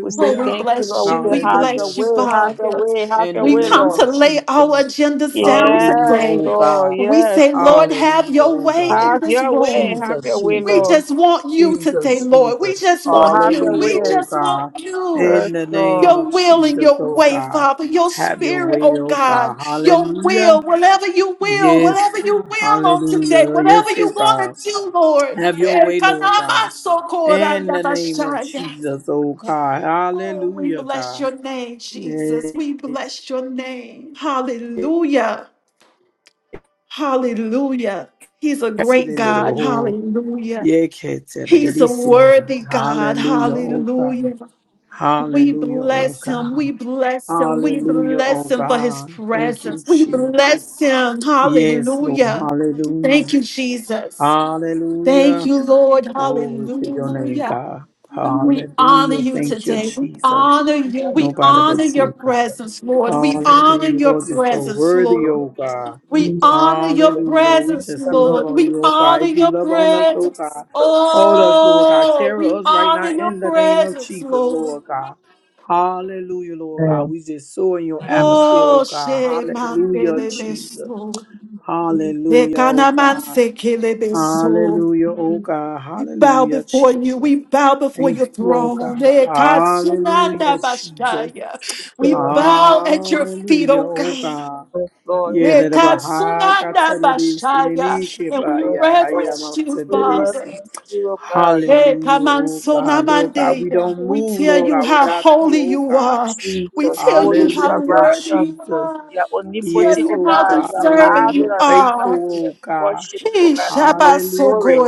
Speaker 3: We
Speaker 2: Oh,
Speaker 3: say
Speaker 2: we
Speaker 3: thank you,
Speaker 2: bless
Speaker 3: Lord.
Speaker 2: you.
Speaker 3: We say,
Speaker 2: We
Speaker 3: have your
Speaker 1: Hallelujah,
Speaker 2: bless you,
Speaker 3: way, have
Speaker 1: Jesus.
Speaker 3: your
Speaker 2: Father.
Speaker 3: way, have
Speaker 1: In
Speaker 3: your
Speaker 1: the
Speaker 2: We
Speaker 3: way,
Speaker 2: come
Speaker 1: name
Speaker 3: Lord.
Speaker 2: to
Speaker 1: of
Speaker 2: lay
Speaker 1: Jesus.
Speaker 2: our agendas down
Speaker 1: Hallelujah,
Speaker 3: Yes,
Speaker 1: oh
Speaker 2: today.
Speaker 3: Lord.
Speaker 1: God.
Speaker 2: We
Speaker 3: Yes,
Speaker 2: say, Lord,
Speaker 3: Lord.
Speaker 2: have
Speaker 1: Hallelujah,
Speaker 2: your
Speaker 1: oh
Speaker 2: way in
Speaker 3: Have
Speaker 1: God.
Speaker 2: this
Speaker 3: your way, have
Speaker 2: room.
Speaker 3: your
Speaker 1: Jesus,
Speaker 3: way,
Speaker 2: We
Speaker 3: Lord.
Speaker 1: Jesus.
Speaker 2: just want you today,
Speaker 1: Jesus,
Speaker 2: Lord. We
Speaker 1: Jesus.
Speaker 2: just
Speaker 3: So
Speaker 2: want
Speaker 3: have
Speaker 2: you.
Speaker 3: your
Speaker 1: Hallelujah,
Speaker 2: We
Speaker 3: way.
Speaker 1: oh
Speaker 2: just
Speaker 1: God.
Speaker 2: want you.
Speaker 3: Yes,
Speaker 1: In the name
Speaker 3: Lord.
Speaker 2: your
Speaker 1: of
Speaker 2: will and
Speaker 1: Jesus,
Speaker 2: your
Speaker 1: oh
Speaker 2: way,
Speaker 1: God.
Speaker 2: Father, your
Speaker 1: Have your
Speaker 2: spirit,
Speaker 1: way,
Speaker 2: oh
Speaker 1: oh God.
Speaker 2: God, your
Speaker 1: Hallelujah.
Speaker 2: will, whatever you will,
Speaker 1: Yes,
Speaker 2: whatever you
Speaker 1: God.
Speaker 2: will on today,
Speaker 1: Hallelujah.
Speaker 2: whatever
Speaker 1: Yes, oh
Speaker 2: you
Speaker 1: God.
Speaker 2: want to do, Lord.
Speaker 1: Have your way, Lord God. In the name of Jesus, oh God.
Speaker 2: Oh, we
Speaker 1: Hallelujah,
Speaker 2: bless
Speaker 1: God.
Speaker 2: your name, Jesus.
Speaker 1: Yeah,
Speaker 2: We bless your name. Hallelujah. Hallelujah. He's a
Speaker 1: kasi
Speaker 2: great
Speaker 1: de le de
Speaker 2: God. Hallelujah.
Speaker 1: Yeah, kete de de
Speaker 2: He's
Speaker 1: di
Speaker 2: a worthy God.
Speaker 1: Hallelujah, oh God.
Speaker 2: Hallelujah. We
Speaker 1: Hallelujah, oh
Speaker 2: bless him.
Speaker 1: God.
Speaker 2: We bless him. We
Speaker 1: Hallelujah, oh
Speaker 2: bless him for his
Speaker 1: God. Thank you,
Speaker 2: presence. We
Speaker 1: Jesus.
Speaker 2: bless him.
Speaker 1: Yes, Lord.
Speaker 2: Hallelujah. Thank
Speaker 1: Hallelujah.
Speaker 2: you, Jesus. Thank
Speaker 1: Hallelujah.
Speaker 2: you, Lord.
Speaker 1: Glory to your name,
Speaker 2: Hallelujah.
Speaker 1: God.
Speaker 2: We honor
Speaker 1: Hallelujah.
Speaker 2: you
Speaker 1: Thank you,
Speaker 2: today. We
Speaker 1: Jesus.
Speaker 2: honor
Speaker 3: Yes,
Speaker 2: you. We
Speaker 3: thank
Speaker 1: Nobody but
Speaker 2: honor
Speaker 3: you.
Speaker 2: your
Speaker 1: you, God.
Speaker 3: Thank
Speaker 2: presence,
Speaker 3: you,
Speaker 2: Lord.
Speaker 3: Jesus.
Speaker 2: We
Speaker 3: In
Speaker 2: honor
Speaker 1: Hallelujah,
Speaker 2: your
Speaker 1: Lord. You're so
Speaker 2: presence,
Speaker 1: worthy, oh
Speaker 2: Lord.
Speaker 1: God.
Speaker 3: the
Speaker 2: We
Speaker 3: name of
Speaker 2: honor
Speaker 3: Jesus.
Speaker 2: your
Speaker 3: Thank
Speaker 1: Hallelujah, Lord. We
Speaker 2: presence,
Speaker 1: just
Speaker 3: you,
Speaker 1: love
Speaker 3: praise
Speaker 2: Lord.
Speaker 1: on
Speaker 2: We
Speaker 1: you, oh
Speaker 3: you, in
Speaker 1: God.
Speaker 2: honor
Speaker 3: the
Speaker 1: If you
Speaker 2: your
Speaker 1: love
Speaker 3: mighty
Speaker 1: on us,
Speaker 3: name of
Speaker 1: oh
Speaker 2: presence.
Speaker 1: God,
Speaker 3: Jesus.
Speaker 1: hold us, Lord God.
Speaker 2: Oh,
Speaker 1: Carry
Speaker 2: we
Speaker 1: us right
Speaker 2: honor
Speaker 1: now
Speaker 2: your
Speaker 1: in the name of
Speaker 2: presence,
Speaker 1: Jesus,
Speaker 2: Lord.
Speaker 1: Lord God. Hallelujah, Lord God.
Speaker 3: Amen.
Speaker 1: We just soar in your atmosphere, oh
Speaker 2: Oh,
Speaker 1: God.
Speaker 2: she
Speaker 1: Hallelujah,
Speaker 2: mandele
Speaker 1: Jesus.
Speaker 2: beso. Le
Speaker 1: Hallelujah, oh
Speaker 2: kanaman
Speaker 1: God.
Speaker 2: Ekanamanse kele beso.
Speaker 1: Hallelujah, oh God.
Speaker 2: We bow
Speaker 1: Hallelujah,
Speaker 2: before
Speaker 1: Jesus.
Speaker 2: you. We bow before your
Speaker 1: Thank you, oh God.
Speaker 2: throne.
Speaker 1: Hallelujah,
Speaker 2: Ekasunanda
Speaker 1: Jesus.
Speaker 2: bashaya. We
Speaker 3: So,
Speaker 2: bow at your feet,
Speaker 1: Hallelujah,
Speaker 2: oh
Speaker 1: oh
Speaker 2: God.
Speaker 1: God.
Speaker 3: yes, Lord, in the
Speaker 1: Yere de
Speaker 3: name of
Speaker 1: baha
Speaker 3: Jesus.
Speaker 2: Ekasunanda
Speaker 1: katsalerisi
Speaker 2: bashaya.
Speaker 1: ninike
Speaker 2: And
Speaker 1: ba
Speaker 2: we
Speaker 3: Yes,
Speaker 1: ya haya
Speaker 3: Lord.
Speaker 2: reverence you,
Speaker 3: We
Speaker 2: Father.
Speaker 1: mamasaderisi.
Speaker 3: reference you, O God, in the
Speaker 2: Hey,
Speaker 1: Hallelujah,
Speaker 3: name
Speaker 2: come
Speaker 3: of
Speaker 2: on,
Speaker 1: oh God.
Speaker 3: Jesus.
Speaker 1: Lord God, we
Speaker 2: Sonamandeya.
Speaker 1: don't
Speaker 2: We
Speaker 1: move,
Speaker 2: tell
Speaker 1: Lord
Speaker 3: O
Speaker 2: you
Speaker 1: God,
Speaker 2: how
Speaker 3: God,
Speaker 1: without
Speaker 3: in
Speaker 1: you,
Speaker 2: holy
Speaker 3: the
Speaker 1: oh
Speaker 2: you
Speaker 3: name of
Speaker 1: God.
Speaker 2: are. We
Speaker 3: Jesus.
Speaker 2: tell
Speaker 3: Holy,
Speaker 2: you
Speaker 3: you
Speaker 2: how
Speaker 3: are
Speaker 1: Hallelujah,
Speaker 2: worthy
Speaker 3: righteous.
Speaker 2: you
Speaker 1: Jesus.
Speaker 2: are.
Speaker 3: You are
Speaker 2: We tell
Speaker 3: omnipotent,
Speaker 1: Yes,
Speaker 2: you
Speaker 3: O
Speaker 1: oh
Speaker 2: how
Speaker 3: God.
Speaker 1: God,
Speaker 3: You are
Speaker 2: deserving
Speaker 1: Lord, you're
Speaker 2: you
Speaker 3: marvelous, O
Speaker 2: are.
Speaker 3: God. We
Speaker 1: faithful,
Speaker 3: have
Speaker 1: oh God.
Speaker 3: worship you, O
Speaker 2: Hey,
Speaker 3: God, King of glory.
Speaker 1: Hallelujah,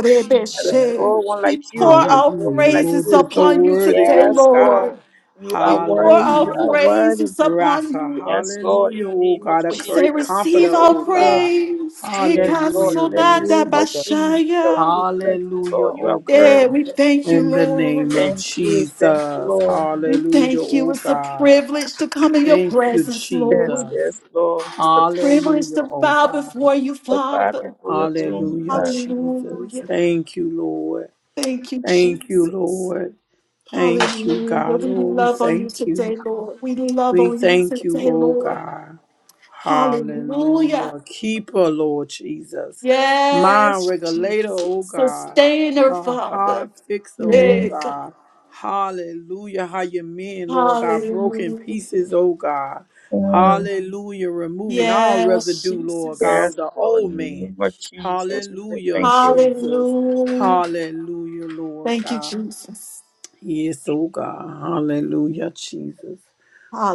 Speaker 3: There is
Speaker 1: Jesus.
Speaker 3: no one
Speaker 2: We
Speaker 3: like
Speaker 2: pour
Speaker 3: you. There is
Speaker 2: our
Speaker 3: no
Speaker 1: Hallelujah,
Speaker 3: one like
Speaker 1: Lord,
Speaker 2: praises
Speaker 3: you.
Speaker 1: you're so
Speaker 2: upon you
Speaker 1: worthy,
Speaker 2: today,
Speaker 1: oh
Speaker 3: Yes, Lord.
Speaker 1: God.
Speaker 2: Lord.
Speaker 3: You are
Speaker 2: We pour
Speaker 3: worthy. You
Speaker 2: our
Speaker 3: are
Speaker 1: Hallelujah.
Speaker 3: worthy.
Speaker 2: praises upon
Speaker 1: Rapha,
Speaker 2: you.
Speaker 3: Yes, Lord. In
Speaker 1: hallelujah,
Speaker 3: the
Speaker 1: oh
Speaker 3: name of
Speaker 1: God, a
Speaker 2: We
Speaker 3: Jesus.
Speaker 2: say,
Speaker 1: great
Speaker 3: We say
Speaker 1: comforter,
Speaker 2: receive our
Speaker 3: thank
Speaker 1: oh
Speaker 3: you, Lord.
Speaker 1: God.
Speaker 2: praise. Hey,
Speaker 3: Yes,
Speaker 2: God,
Speaker 3: Lord,
Speaker 1: Hallelujah,
Speaker 3: in the
Speaker 1: Lord
Speaker 2: Sonanda
Speaker 3: name of
Speaker 1: Jesus.
Speaker 2: Bashaya.
Speaker 3: Jesus,
Speaker 2: Yeah,
Speaker 3: we bless you,
Speaker 1: Hallelujah,
Speaker 3: Lord. You are
Speaker 1: oh
Speaker 2: Yeah,
Speaker 3: worthy.
Speaker 1: God.
Speaker 2: we
Speaker 3: Lord.
Speaker 2: thank you,
Speaker 1: In the name
Speaker 2: Lord.
Speaker 1: of
Speaker 3: Thank you, thank you,
Speaker 1: Jesus.
Speaker 3: Lord.
Speaker 2: We
Speaker 1: Hallelujah,
Speaker 2: thank you.
Speaker 1: oh
Speaker 2: It's a
Speaker 1: God.
Speaker 2: privilege to come in your
Speaker 1: Thank you,
Speaker 2: presence,
Speaker 3: Yes,
Speaker 2: Lord.
Speaker 1: Jesus.
Speaker 3: yes, Lord.
Speaker 2: It's a privilege
Speaker 1: Hallelujah,
Speaker 2: to
Speaker 1: oh
Speaker 2: bow
Speaker 1: God.
Speaker 2: before you,
Speaker 3: I cry
Speaker 2: Father.
Speaker 3: before your throne,
Speaker 1: Hallelujah,
Speaker 3: God.
Speaker 1: Jesus.
Speaker 2: Hallelujah.
Speaker 1: Thank you, Lord.
Speaker 2: Thank you,
Speaker 1: Thank you,
Speaker 2: Jesus.
Speaker 1: Lord. Thank you,
Speaker 2: Hallelujah.
Speaker 1: God.
Speaker 2: We
Speaker 1: Lord, we
Speaker 2: love on you
Speaker 1: thank you.
Speaker 2: today, Lord. We love
Speaker 1: We
Speaker 2: on you
Speaker 1: thank you,
Speaker 2: today,
Speaker 1: oh
Speaker 2: Lord.
Speaker 1: God.
Speaker 2: Hallelujah.
Speaker 1: Hallelujah. Keeper, Lord Jesus. Mind
Speaker 2: Yes,
Speaker 1: regulator,
Speaker 2: Jesus.
Speaker 1: oh God.
Speaker 2: Sustainer,
Speaker 1: A
Speaker 2: Father.
Speaker 1: heart fixer, oh
Speaker 2: Yeah,
Speaker 3: mm
Speaker 2: God.
Speaker 1: God. Hallelujah. How your men, Lord God, broken
Speaker 2: Hallelujah.
Speaker 1: pieces, oh God.
Speaker 3: mm.
Speaker 1: Hallelujah. Removing all
Speaker 2: Yes,
Speaker 1: residue, Lord God,
Speaker 2: Jesus.
Speaker 3: Yes,
Speaker 1: of the
Speaker 3: Lord,
Speaker 1: old
Speaker 3: in the
Speaker 1: man.
Speaker 3: name of Jesus, we say
Speaker 1: Hallelujah,
Speaker 3: thank you.
Speaker 1: Jesus.
Speaker 2: Hallelujah.
Speaker 1: Hallelujah, Lord
Speaker 2: Thank you,
Speaker 1: God.
Speaker 2: Jesus.
Speaker 1: Yes, oh God. Hallelujah, Jesus.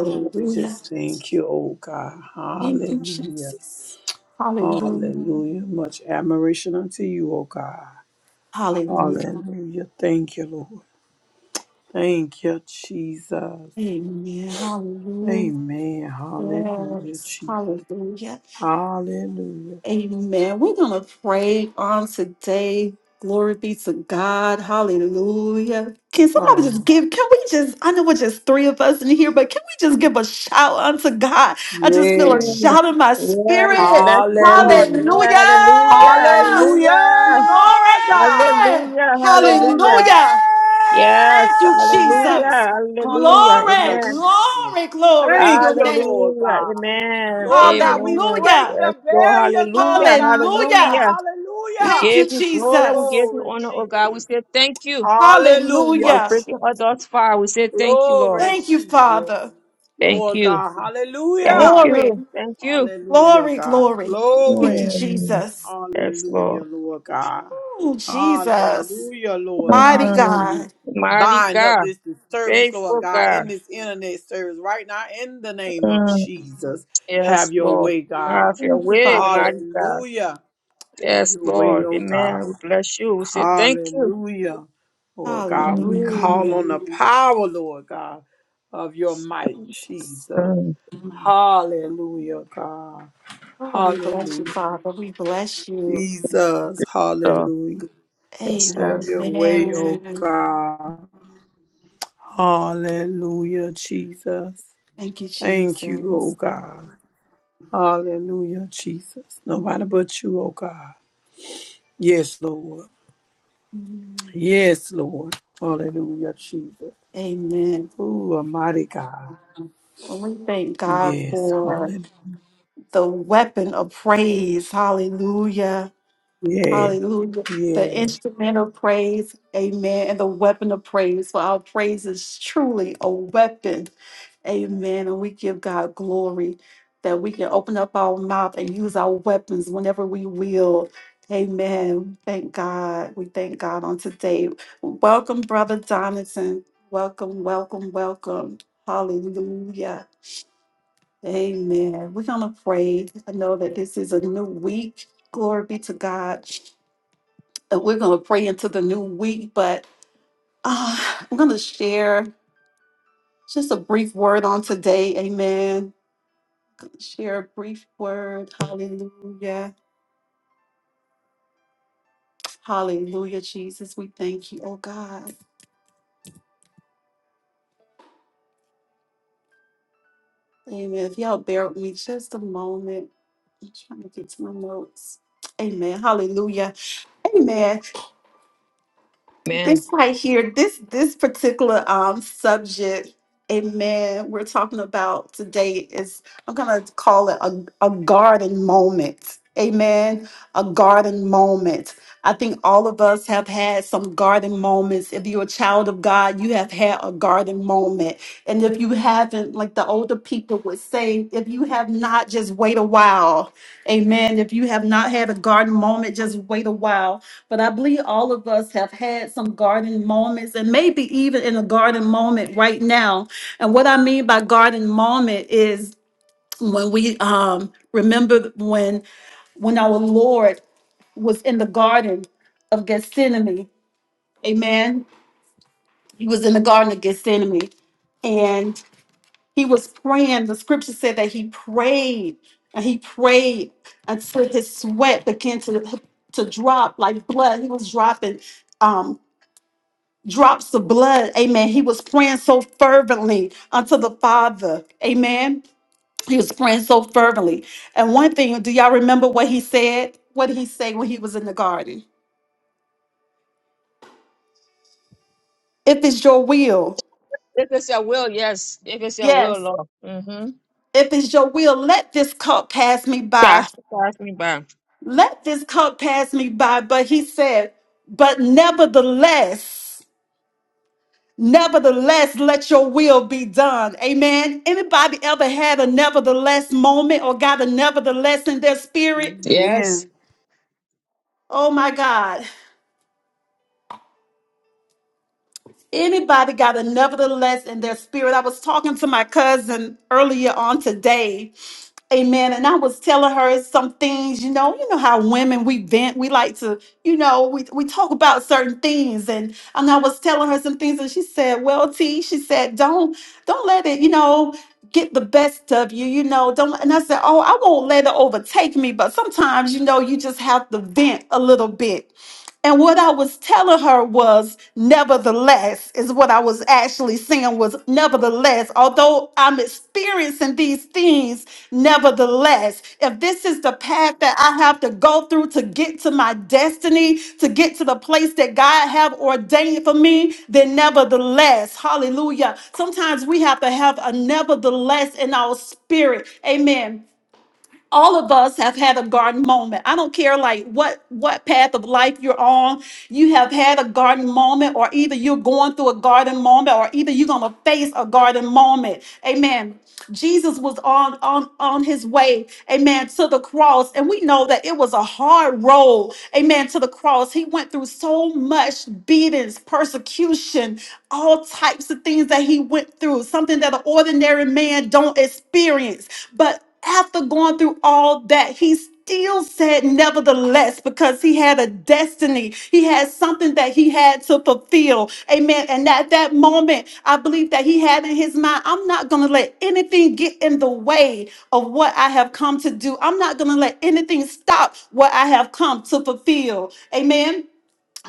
Speaker 1: Lord, we just
Speaker 2: Jesus.
Speaker 1: thank you, oh God.
Speaker 2: Thank you,
Speaker 1: Hallelujah.
Speaker 2: Jesus. Hallelujah.
Speaker 1: Hallelujah. Much admiration unto you, O God.
Speaker 2: Hallelujah.
Speaker 1: Hallelujah. Thank you, Lord. Thank you, Jesus.
Speaker 2: Amen. Hallelujah.
Speaker 1: Amen. Hallelujah,
Speaker 2: Yes.
Speaker 1: Jesus.
Speaker 2: Hallelujah.
Speaker 1: Hallelujah.
Speaker 2: Amen. We're going to pray on today. Glory be to God. Hallelujah. Can somebody just
Speaker 1: Oh,
Speaker 2: give? Can we just? I know we're just three of us in here, but can we just give a shout unto God? I just feel a
Speaker 1: yeah!
Speaker 3: Mm.
Speaker 2: shout in my
Speaker 3: Yeah, we
Speaker 2: spirit.
Speaker 3: bless you, Lord.
Speaker 1: Hallelujah.
Speaker 3: Yeah, hallelujah,
Speaker 2: Hallelujah.
Speaker 1: Hallelujah,
Speaker 3: hallelujah,
Speaker 1: God.
Speaker 2: Glory!
Speaker 3: hallelujah,
Speaker 1: Glory!
Speaker 3: hallelujah.
Speaker 2: Hallelujah!
Speaker 3: Yes,
Speaker 2: Thank you, Jesus.
Speaker 3: hallelujah, hallelujah.
Speaker 2: Glory,
Speaker 1: Hallelujah,
Speaker 3: Amen.
Speaker 1: Jesus.
Speaker 2: glory, glory to
Speaker 1: Thank
Speaker 2: your
Speaker 1: you,
Speaker 2: name.
Speaker 1: Lord
Speaker 3: Hallelujah.
Speaker 1: God.
Speaker 3: Amen.
Speaker 1: Lord God, we
Speaker 3: Amen.
Speaker 1: break
Speaker 2: Hallelujah!
Speaker 1: the
Speaker 3: Yes, Lord.
Speaker 1: barriers, Lord
Speaker 3: Hallelujah.
Speaker 1: God, the for
Speaker 2: Hallelujah!
Speaker 3: Hallelujah. We
Speaker 2: Thank
Speaker 1: hallelujah.
Speaker 2: you,
Speaker 3: give you glory. We give
Speaker 2: Jesus.
Speaker 3: you
Speaker 1: Glory,
Speaker 3: honor, oh God. We
Speaker 1: Jesus.
Speaker 3: say thank you for
Speaker 1: Hallelujah.
Speaker 2: Hallelujah!
Speaker 1: Je-
Speaker 3: bringing us thus far. We say thank you, Lord.
Speaker 1: Glory,
Speaker 2: Thank you, Father.
Speaker 1: Jesus.
Speaker 3: Thank
Speaker 1: Lord
Speaker 3: you.
Speaker 1: God,
Speaker 3: Thank
Speaker 1: hallelujah.
Speaker 3: you.
Speaker 2: Glory,
Speaker 3: Thank you.
Speaker 1: Hallelujah,
Speaker 2: glory,
Speaker 1: God.
Speaker 2: glory. Thank you,
Speaker 1: Glory.
Speaker 3: Mm.
Speaker 2: Jesus.
Speaker 3: Yes, Lord.
Speaker 1: Hallelujah, Lord God.
Speaker 2: Oh, Jesus.
Speaker 1: Hallelujah, Lord
Speaker 2: Mighty
Speaker 1: God. Lord,
Speaker 3: Mm.
Speaker 1: we
Speaker 2: God.
Speaker 3: Mighty
Speaker 1: bind up
Speaker 3: God.
Speaker 1: this disturbance, Lord
Speaker 3: Faithful
Speaker 1: God, in
Speaker 3: God.
Speaker 1: this internet service right now in the name of
Speaker 3: Mm.
Speaker 1: Jesus.
Speaker 3: Yes,
Speaker 1: Have your
Speaker 3: Lord.
Speaker 1: way,
Speaker 3: Have
Speaker 1: God.
Speaker 3: your
Speaker 2: Thank you,
Speaker 3: way,
Speaker 2: Father.
Speaker 3: mighty God.
Speaker 1: Hallelujah. Have
Speaker 3: Yes,
Speaker 1: your way,
Speaker 3: Lord.
Speaker 1: oh God.
Speaker 3: Amen. We bless you. We say thank you.
Speaker 1: Hallelujah. Lord God, we
Speaker 3: Mm.
Speaker 1: call
Speaker 2: Hallelujah.
Speaker 1: on the power, Lord God, of your might,
Speaker 2: Jesus.
Speaker 1: Jesus.
Speaker 3: Mm.
Speaker 1: Hallelujah, God.
Speaker 2: Oh, we bless you,
Speaker 1: Hallelujah.
Speaker 2: Father. We bless you.
Speaker 1: Jesus.
Speaker 3: God.
Speaker 1: Hallelujah.
Speaker 3: Yes,
Speaker 1: Have
Speaker 3: Lord.
Speaker 1: your way,
Speaker 3: Yes.
Speaker 1: oh
Speaker 2: Amen.
Speaker 1: God. Hallelujah, Jesus.
Speaker 2: Thank you,
Speaker 1: Thank you, oh
Speaker 2: Jesus.
Speaker 1: God. Hallelujah, Jesus. Nobody but you, oh God. Yes, Lord. Yes, Lord. Hallelujah, Jesus.
Speaker 2: Amen.
Speaker 1: Ooh, a mighty God.
Speaker 2: Well, we thank God
Speaker 1: Yes,
Speaker 2: for
Speaker 1: hallelujah.
Speaker 2: the weapon of praise. Hallelujah.
Speaker 1: Yeah,
Speaker 2: Hallelujah. The
Speaker 1: yeah.
Speaker 2: instrument of praise. Amen. And the weapon of praise. For our praise is truly a weapon. Amen. And we give God glory that we can open up our mouth and use our weapons whenever we will. Amen. Thank God. We thank God on today. Welcome, Brother Jonathan. Welcome, welcome, welcome. Hallelujah. Amen. We're going to pray. I know that this is a new week. Glory be to God. And we're going to pray into the new week, but uh, I'm going to share just a brief word on today. Amen. Share a brief word. Hallelujah. Hallelujah, Jesus. We thank you, oh God. Amen. If y'all bear with me just a moment, I'm trying to get to my notes. Amen. Hallelujah. Amen.
Speaker 3: Amen.
Speaker 2: this right here, this this particular um subject, amen, we're talking about today is I'm gonna call it a, a garden moment. Amen. A garden moment. I think all of us have had some garden moments. If you're a child of God, you have had a garden moment. And if you haven't, like the older people would say, if you have not, just wait a while. Amen. If you have not had a garden moment, just wait a while but I believe all of us have had some garden moments and maybe even in a garden moment right now. And what I mean by garden moment is when we um remember when when our Lord was in the garden of Gethsemane. Amen. He was in the garden of Gethsemane and he was praying. The scripture said that he prayed and he prayed until his sweat began to to drop like blood. He was dropping um, drops of blood. Amen. He was praying so fervently unto the Father. Amen. He was praying so fervently. And one thing, do y'all remember what he said? What did he say when he was in the garden? If it's your will,
Speaker 3: If it's your will, yes. If it's your will,
Speaker 2: yes,
Speaker 3: Lord. Mm-hmm.
Speaker 2: if it's your will, let this cup pass me by.
Speaker 3: Pass, pass me by.
Speaker 2: Let this cup pass me by. But he said, but nevertheless, Nevertheless, let your will be done. Amen. Anybody ever had a nevertheless moment or got a nevertheless in their spirit?
Speaker 3: Yes.
Speaker 1: Amen.
Speaker 2: Oh my God. Anybody got a nevertheless in their spirit? I was talking to my cousin earlier on today Amen. And I was telling her some things, you know, you know how women we vent, we like to, you know, we, we talk about certain things. And and I was telling her some things and she said, Well, T, she said, Don't don't let it, you know, get the best of you, you know. Don't and I said, Oh, I won't let it overtake me, but sometimes, you know, you just have to vent a little bit. And what I was telling her was, nevertheless, is what I was actually saying was, nevertheless, although I'm experiencing these things, nevertheless, if this is the path that I have to go through to get to my destiny, to get to the place that God have ordained for me, then nevertheless, hallelujah. Sometimes we have to have a nevertheless in our spirit. Amen all of us have had a garden moment i don't care like what what path of life you're on you have had a garden moment or either you're going through a garden moment or either you're going to face a garden moment amen Jesus was on on on his way, amen, to the cross, and we know that it was a hard road, amen, to the cross. He went through so much beatings, persecution, all types of things that he went through, something that an ordinary man don't experience. But after going through all that, he still said nevertheless because he had a destiny. He had something that he had to fulfill. Amen. And at that moment, I believe that he had in his mind, I'm not going to let anything get in the way of what I have come to do. I'm not going to let anything stop what I have come to fulfill. Amen.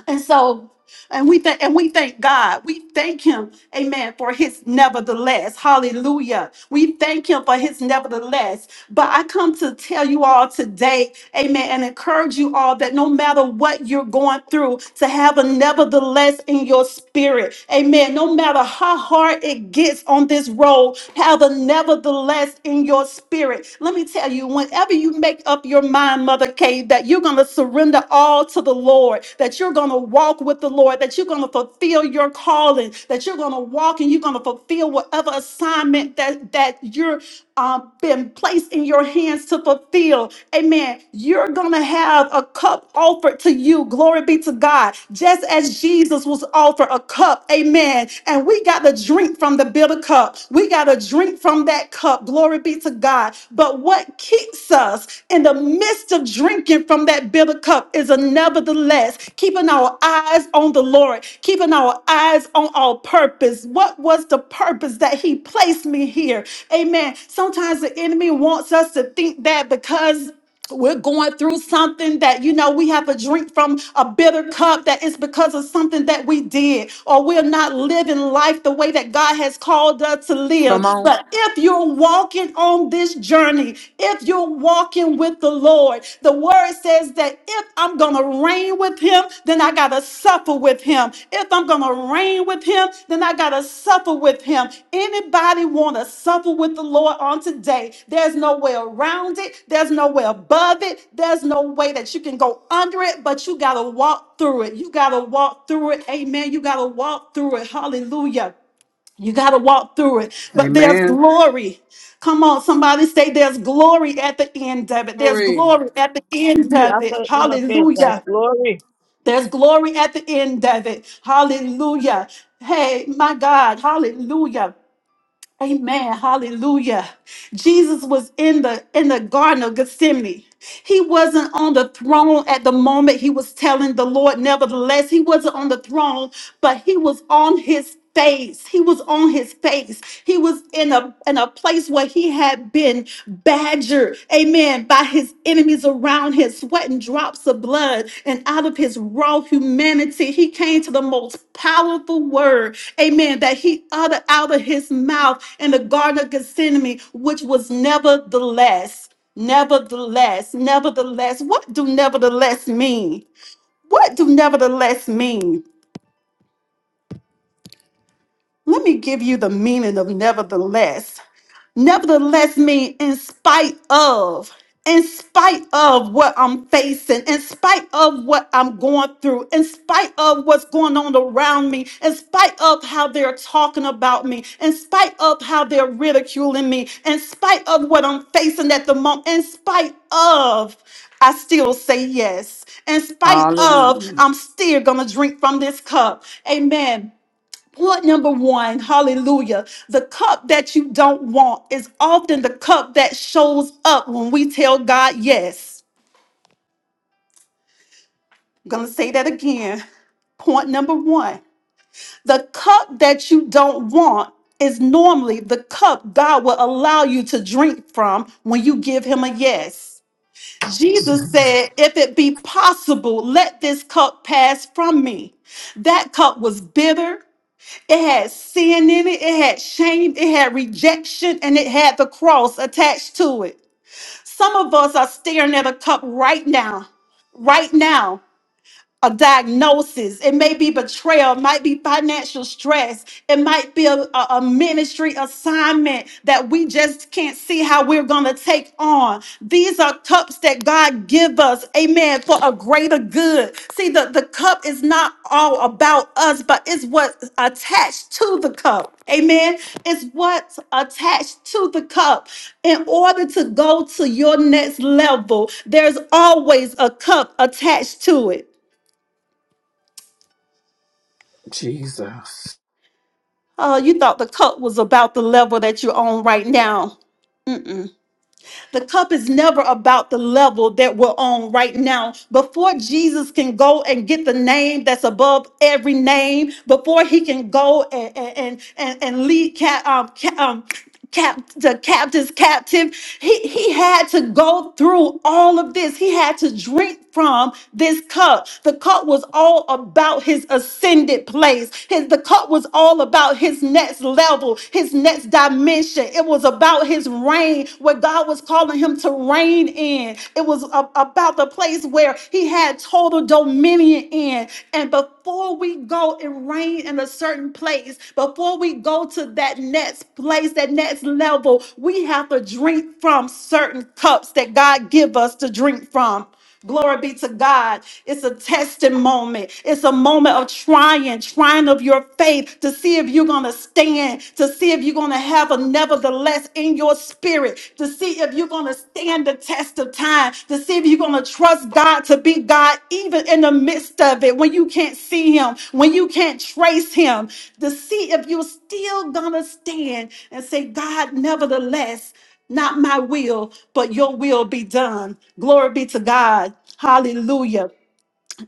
Speaker 2: And so, and we thank and we thank God. We thank him, amen, for his nevertheless. Hallelujah. We thank him for his nevertheless. But I come to tell you all today, amen, and encourage you all that no matter what you're going through, to have a nevertheless in your spirit. Amen. No matter how hard hard it gets on this road, have a nevertheless in your spirit. Let me tell you, whenever you make up your mind, Mother Kay, that you're going to surrender all to the Lord, that you're going to walk with the Lord, that you're going to fulfill your calling, that you're going to walk and you're going to fulfill whatever assignment that, that you're uh, been placed in your hands to fulfill. Amen. You're going to have a cup offered to you. Glory be to God. Just as Jesus was offered a cup. Amen. And we got to drink from the bitter cup. We got to drink from that cup. Glory be to God. But what keeps us? In the midst of drinking from that bitter cup is a nevertheless keeping our eyes on the Lord, keeping our eyes on our purpose. What was the purpose that He placed me here? Amen. Sometimes the enemy wants us to think that because we're going through something that you know we have a drink from a bitter cup that is because of something that we did or we're not living life the way that god has called us to
Speaker 1: Come
Speaker 2: live
Speaker 1: on.
Speaker 2: but if you're walking on this journey if you're walking with the lord the word says that if i'm gonna reign with him then I got to suffer with him. If I'm going to reign with him, then I got to suffer with him. Anybody want to suffer with the Lord on today? There's no way around it. There's no way above it. There's no way that you can go under it, but you got to walk through it. You got to walk through it. Amen. You got to walk through it. Hallelujah. You got to walk through it, but there's
Speaker 1: Amen.
Speaker 2: glory. Come on, somebody say there's glory at the end of it. There's
Speaker 1: Glory.
Speaker 2: glory at the end
Speaker 3: Mm,
Speaker 2: of it.
Speaker 3: After in your face,
Speaker 2: Hallelujah.
Speaker 3: that's glory.
Speaker 2: There's glory at the end of it. Hallelujah. Hey, my God. Hallelujah. Amen. Hallelujah. Jesus was in the in the garden of Gethsemane. He wasn't on the throne at the moment he was telling the Lord. Nevertheless, he wasn't on the throne, but he was on his face. He was on his face. He was in a, in a place where he had been badgered, amen, by his enemies around him, sweating drops of blood. And out of his raw humanity, he came to the most powerful word, amen, that he uttered out of his mouth in the Garden of Gethsemane, which was nevertheless, nevertheless, nevertheless. What do nevertheless mean? What do nevertheless mean? Let me give you the meaning of nevertheless. Nevertheless, me, in spite of, in spite of what I'm facing, in spite of what I'm going through, in spite of what's going on around me, in spite of how they're talking about me, in spite of how they're ridiculing me, in spite of what I'm facing at the moment, in spite of, I still say yes. In spite of,
Speaker 1: Hallelujah.
Speaker 2: I'm still gonna drink from this cup. Amen. Point number one, hallelujah. The cup that you don't want is often the cup that shows up when we tell God yes. I'm going to say that again. Point number one, the cup that you don't want is normally the cup God will allow you to drink from when you give Him a yes. Jesus said, If it be possible, let this cup pass from me. That cup was bitter. It had sin in it, it had shame, it had rejection, and it had the cross attached to it. Some of us are staring at a cup right now, right now a diagnosis. It may be betrayal, it might be financial stress, it might be a, a- a ministry assignment that we just can't see how we're gonna take on. These are cups that God give us, amen, for a greater good. See, the, the cup is not all about us, but it's what's attached to the cup. Amen. It's what's attached to the cup. In order to go to your next level, there's always a cup attached to it.
Speaker 1: Jesus.
Speaker 2: Oh, you thought the cup was about the level that you're on right now. Mm-mm. The cup is never about the level that we're on right now. Before Jesus can go and get the name that's above every name, before he can go and and and, and lead cat um, ca- um cap the captives captive, he he had to go through all of this. He had to drink from this cup. The cup was all about his ascended place. His, the cup was all about his next level, his next dimension. It was about his reign, where God was calling him to reign in. It was a- about the place where he had total dominion in. And before we go and reign in a certain place, before we go to that next place, that next level, we have to drink from certain cups that God give us to drink from. Glory be to God. It's a testing moment. It's a moment of trying, trying of your faith to see if you're going to stand, to see if you're going to have a nevertheless in your spirit, to see if you're going to stand the test of time, to see if you're going to trust God to be God even in the midst of it when you can't see Him, when you can't trace Him, to see if you're still going to stand and say, God, nevertheless. Not my will, but your will be done. Glory be to God. Hallelujah.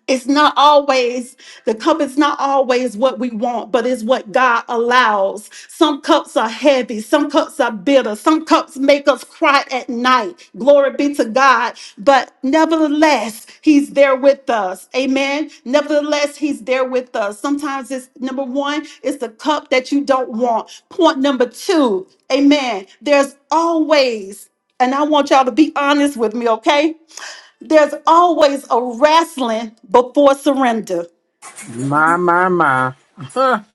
Speaker 2: It's not always, the cup is not always what we want, but it's what God allows. Some cups are heavy, some cups are bitter, some cups make us cry at night. Glory be to God. But nevertheless, He's there with us. Amen. Nevertheless, He's there with us. Sometimes it's number one, it's the cup that you don't want. Point number two, Amen. There's always, and I want y'all to be honest with me, okay? There's always a wrestling before surrender.
Speaker 1: My, my, my.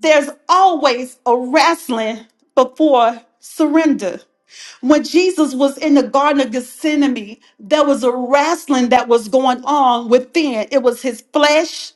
Speaker 2: There's always a wrestling before surrender. When Jesus was in the Garden of Gethsemane, there was a wrestling that was going on within. It was his flesh,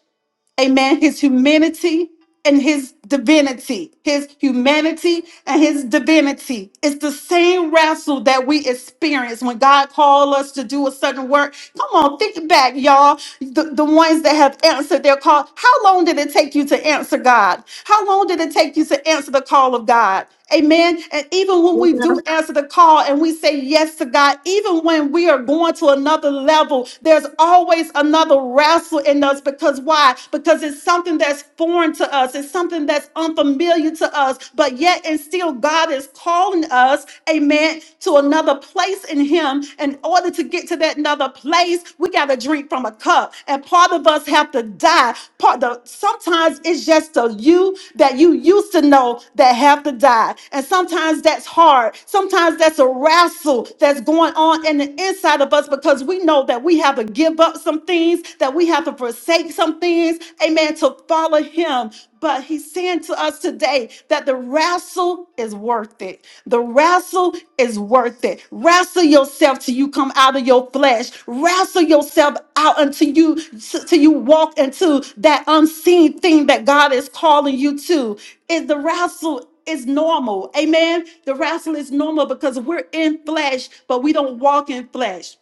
Speaker 2: amen, his humanity. and his divinity, his humanity and his divinity. It's the same wrestle that we experience when God called us to do a certain work. Come on, think back, y'all. The, the ones that have answered their call. How long did it take you to answer God? How long did it take you to answer the call of God? Amen. And even when we
Speaker 3: Yeah.
Speaker 2: do answer the call and we say yes to God, even when we are going to another level, there's always another wrestle in us because why? Because it's something that's foreign to us us. It's something that's unfamiliar to us, but yet and still God is calling us, amen, to another place in Him. In order to get to that another place, we got to drink from a cup. And part of us have to die. Part the sometimes it's just the you that you used to know that have to die. And sometimes that's hard. Sometimes that's a wrestle that's going on in the inside of us because we know that we have to give up some things, that we have to forsake some things, amen, to follow Him. But he's saying to us today that the wrestle is worth it. The wrestle is worth it. Wrestle yourself till you come out of your flesh. Wrestle yourself out until you till you walk into that unseen thing that God is calling you to. Is the wrestle is normal. Amen. The wrestle is normal because we're in flesh, but we don't walk in flesh.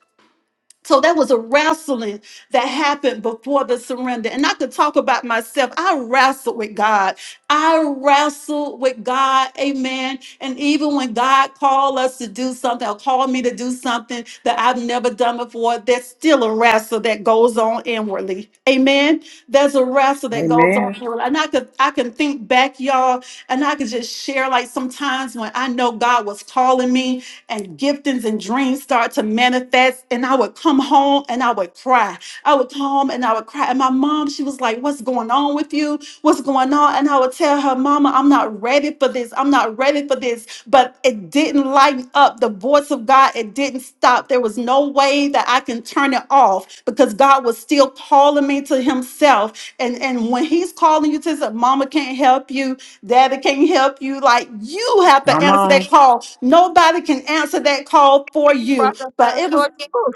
Speaker 2: So that was a wrestling that happened before the surrender. And I could talk about myself. I wrestled with God. I wrestled with God. Amen. And even when God called us to do something or called me to do something that I've never done before, there's still a wrestle that goes on inwardly. Amen. There's a wrestle that goes
Speaker 1: Amen.
Speaker 2: on inwardly. And I could I can think back, y'all, and I could just share like sometimes when I know God was calling me and giftings and dreams start to manifest. And I would come home and I would cry. I would come home and I would cry. And my mom, she was like, What's going on with you? What's going on? And I would tell her, Mama, I'm not ready for this. I'm not ready for this. But it didn't light up the voice of God. It didn't stop. There was no way that I can turn it off because God was still calling me to Himself. And, and when He's calling you to say, Mama can't help you, Daddy can not help you. Like you have to
Speaker 1: Come
Speaker 2: answer
Speaker 1: on.
Speaker 2: that call. Nobody can answer that call for you.
Speaker 3: Prophet,
Speaker 2: But
Speaker 3: that's
Speaker 2: it
Speaker 3: so
Speaker 2: was
Speaker 3: true.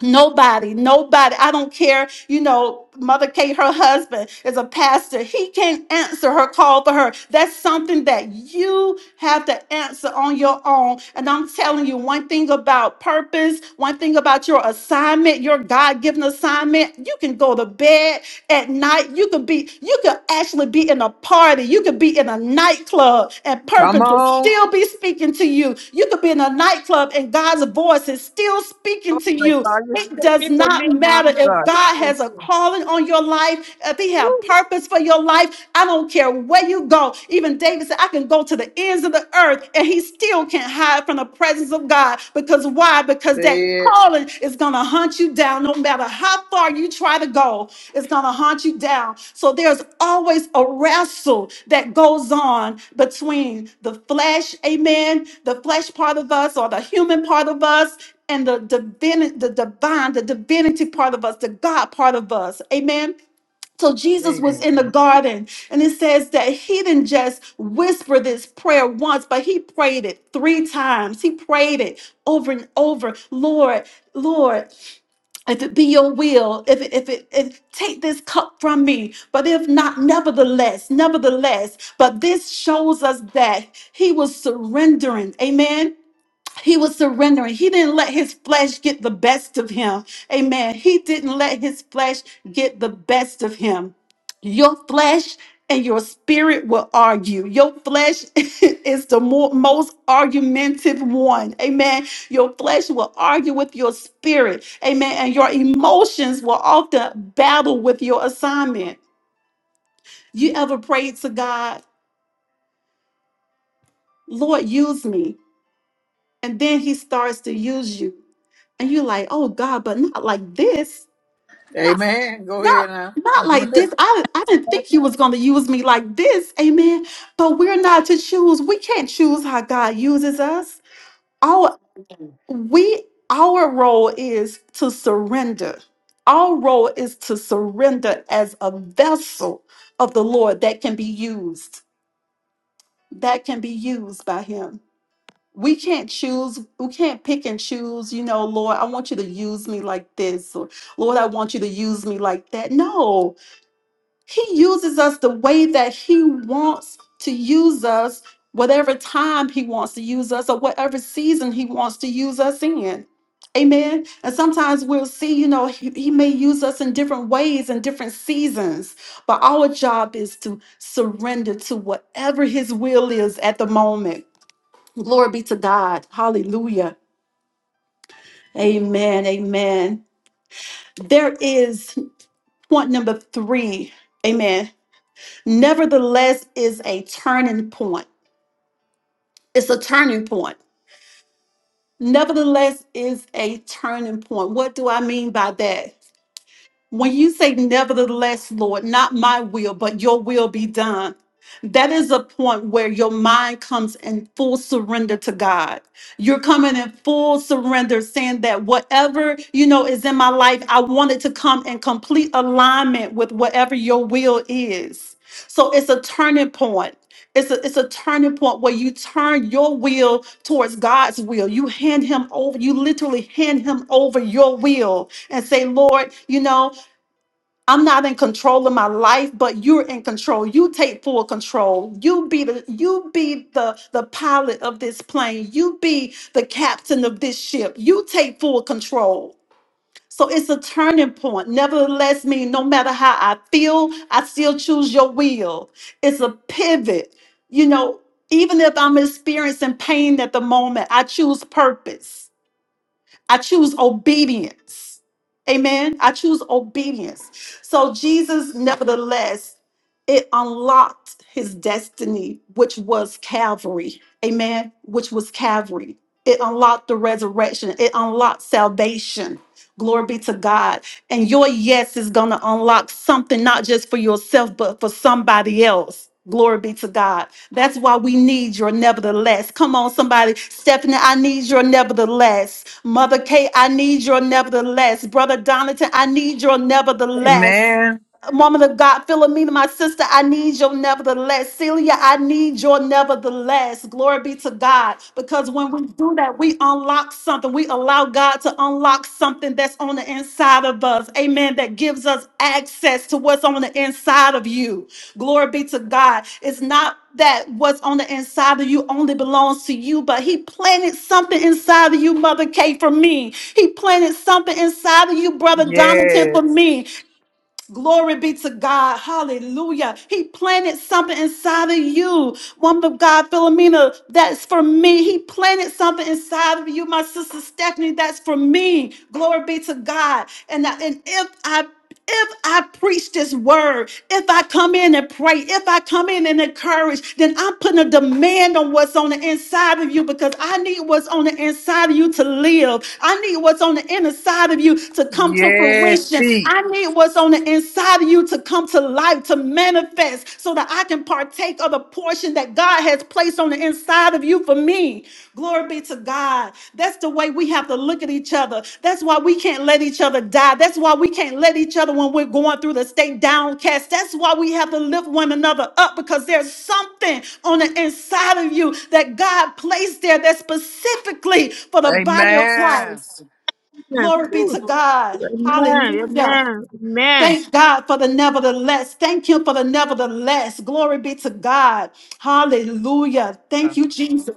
Speaker 2: nobody, nobody. I don't care. You know, Mother Kate, her husband is a pastor. He can't answer her call for her. That's something that you have to answer on your own. And I'm telling you, one thing about purpose, one thing about your assignment, your God given assignment, you can go to bed at night. You could be, you could actually be in a party. You could be in a nightclub and
Speaker 1: Come
Speaker 2: purpose will
Speaker 1: on.
Speaker 2: still be speaking to you. You could be in a nightclub and God's voice is still
Speaker 3: Oh
Speaker 2: speaking to
Speaker 3: my
Speaker 2: you.
Speaker 3: God, you
Speaker 2: It
Speaker 3: took
Speaker 2: does
Speaker 3: it to
Speaker 2: not
Speaker 3: me, my
Speaker 2: matter if
Speaker 3: God.
Speaker 2: God has a
Speaker 3: Food,
Speaker 2: calling on your life, if He have purpose for your life. I don't care where you go. Even David said, I can go to the ends of the earth and He still can't hide hide from the presence of God. Because why? Because that
Speaker 1: Say it.
Speaker 2: calling is going to hunt you down no matter how far you try to go. It's going to hunt you down. So there's always a wrestle that goes on between the flesh, amen, the flesh part of us or the human part of us and the divine, the divine, the divinity part of us, the God part of us. Amen. So Jesus was in the
Speaker 1: Amen.
Speaker 2: garden, and it says that he didn't just whisper this prayer once, but he prayed it three times. He prayed it over and over. Lord, Lord, if it be your will, if it, if it, if take this cup from me, but if not, nevertheless, nevertheless. But this shows us that he was surrendering. Amen. He was surrendering. He didn't let his flesh get the best of him. Amen. He didn't let his flesh get the best of him. Your flesh and your spirit will argue. Your flesh is the mo- most argumentative one. Amen. Your flesh will argue with your spirit. Amen. And your emotions will often battle with your assignment. You ever prayed to God, Lord, use me? And then he starts to use you. and you're like, oh God, but not like this, not
Speaker 1: Amen. Go ahead
Speaker 2: not
Speaker 1: now.
Speaker 2: not like this. I I didn't think you was gonna use me like this, Amen. But we're not to choose. We can't choose how God uses us. Our we our role is to surrender. Our role is to surrender as a vessel of the Lord that can be used, that can be used by Him. we can't choose we can't pick and choose you know lord i want you to use me like this or lord i want you to use me like that no he uses us the way that he wants to use us whatever time he wants to use us or whatever season he wants to use us in amen and sometimes we'll see you know he, he may use us in different ways in different seasons but our job is to surrender to whatever his will is at the moment Glory be to God. Hallelujah. Amen. Amen. There is point number three. Amen. Nevertheless is a turning point. It's a turning point. Nevertheless is a turning point. What do I mean by that? When you say, Nevertheless, Lord, not my will, but your will be done, that is a point where your mind comes in full surrender to God. You're coming in full surrender, saying that whatever you know is in my life, I want it to come in complete alignment with whatever your will is. So it's a turning point. It's a, it's a turning point where you turn your will towards God's will. You hand him over, you literally hand him over your will and say, Lord, you know. I'm not in control of my life, but you're in control. You take full control. You be the you be the the pilot of this plane. You be the captain of this ship. You take full control. So it's a turning point. Nevertheless, me, no matter how I feel, I still choose your will. It's a pivot. You know, even if I'm experiencing pain at the moment, I choose purpose. I choose obedience. Amen. I choose obedience. So Jesus, nevertheless, it unlocked his destiny, which was Calvary. Amen. Which was Calvary. It unlocked the resurrection. It unlocked salvation Glory be to God. And your yes is going to unlock something, not just for yourself, but for somebody else. Glory be to God. That's why we need your nevertheless. Come on, somebody. Stephanie, I need your nevertheless. Mother Kate, I need your nevertheless. Brother Donatan, I need your nevertheless.
Speaker 1: Amen.
Speaker 2: Woman of God, Philomena, my sister, I need your nevertheless. Celia, I need your nevertheless. Glory be to God. Because when we do that, we unlock something. We allow God to unlock something that's on the inside of us. Amen. That gives us access to what's on the inside of you. Glory be to God. It's not that what's on the inside of you only belongs to you, but He planted something inside of you, Mother Kay, for me. He planted something inside of you, Brother Donington, for
Speaker 1: Yes.
Speaker 2: me. Glory be to God. Hallelujah. He planted something inside of you. Woman of God, Philomena, that's for me. He planted something inside of you. My sister Stephanie, that's for me. Glory be to God. And, I- and if I if I preach this word, if I come in and pray, if I come in and encourage, then I'm putting a demand on what's on the inside of you because I need what's on the inside of you to live. I need what's on the inside of you to come to
Speaker 1: Yes.
Speaker 2: fruition.
Speaker 1: Speak.
Speaker 2: I need what's on the inside of you to come to life, to manifest, so that I can partake of the portion that that God has placed on the inside of you for me. Glory be to God. That's the way we have to look at each other. That's why we can't let each other die. That's why we can't let each other when we're going through the state downcast. That's why we have to lift one another up because there's something on the inside of you that God placed there that's specifically for the body of Christ.
Speaker 1: Amen.
Speaker 3: food. Amen,
Speaker 2: Glory be
Speaker 3: Ooh.
Speaker 2: to God.
Speaker 3: amen,
Speaker 2: Hallelujah.
Speaker 3: amen.
Speaker 2: Thank God for the nevertheless. Thank Him for the nevertheless. Glory be to God. Hallelujah. Thank you, Jesus.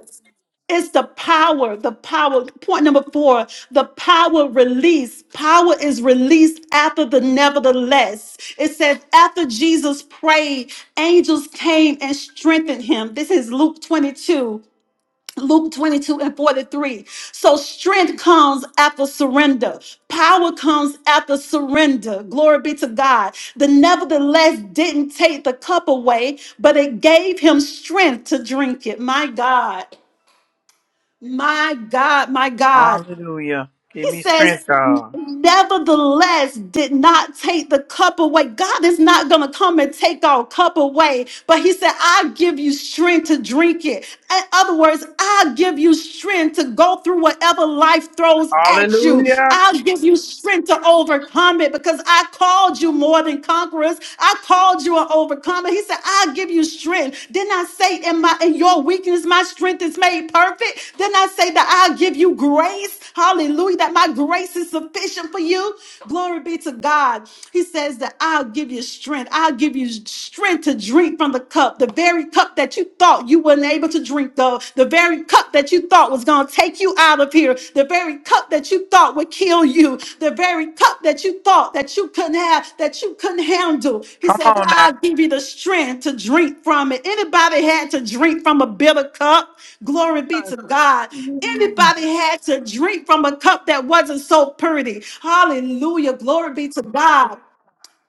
Speaker 2: It's the power, the power. Point number four the power release. Power is released after the nevertheless. It says, after Jesus prayed, angels came and strengthened him. This is Luke 22. Luke 22 and 43. So strength comes after surrender. Power comes after surrender. Glory be to God. The nevertheless didn't take the cup away, but it gave him strength to drink it. My God. My God, my God.
Speaker 1: Hallelujah. Give
Speaker 2: He
Speaker 1: me strength,
Speaker 2: says,
Speaker 1: God.
Speaker 2: nevertheless, did not take the cup away. God is not going to come and take our cup away. But he said, I give you strength to drink it. In other words, I give you strength to go through whatever life throws at you.
Speaker 1: Hallelujah.
Speaker 2: I'll give you strength to overcome it because I called you more than conquerors. I called you an overcomer. He said, he said, I'll give you strength. Didn't I say in my in your weakness, my strength is made perfect? Didn't I say that I'll give you grace? Hallelujah. That my grace is sufficient for you. Glory be to God. He says that I'll give you strength. I'll give you strength to drink from the cup, the very cup that you thought you weren't able to drink of, the very cup that you thought was gonna take you out of here. The very cup that you thought would kill you, the very cup that you thought that you couldn't have, that you couldn't handle. He
Speaker 1: Come
Speaker 2: says,
Speaker 1: on now.
Speaker 2: I'll give you the strength to drink from it. Anybody had to drink from a bitter cup? Glory be to God.
Speaker 3: Amen. Mm,
Speaker 2: Anybody had to drink from a cup that wasn't so pretty. Hallelujah. Glory be to God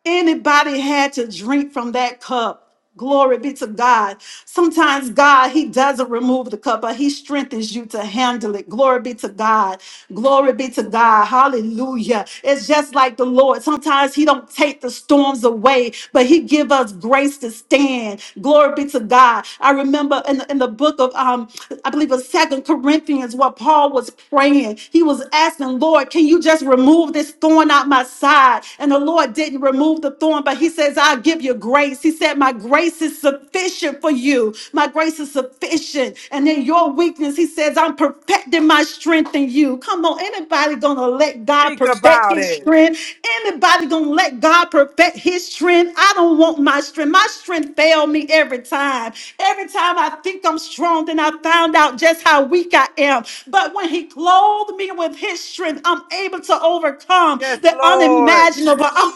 Speaker 2: anybody had to drink from that cup. Glory be to God. Sometimes God, He doesn't remove the cup, but He strengthens you to handle it. Glory be to God. Glory be to God. Hallelujah. It's just like the Lord. Sometimes He don't take the storms away, but He give us grace to stand. Glory be to God. I remember in the, in the book of um, I believe it's Second Corinthians, what Paul was praying. He was asking, Lord, can you just remove this? remove this thorn out my side. And the Lord didn't remove the thorn, but He says, I'll give you grace. He said, My grace is sufficient for you. My grace is sufficient. And in your weakness, He says, I'm perfecting my strength in you. Come on, anybody gonna let God
Speaker 1: Speak
Speaker 2: perfect
Speaker 1: about
Speaker 2: His
Speaker 1: it.
Speaker 2: strength? Anybody gonna let God perfect His strength? I don't want my strength. My strength failed me every time. Every time I think I'm strong, then I found out just how weak I am. But when He clothed clothed me with his strength. I'm able to overcome
Speaker 1: Yes,
Speaker 2: the
Speaker 1: Lord.
Speaker 2: unimaginable. I'm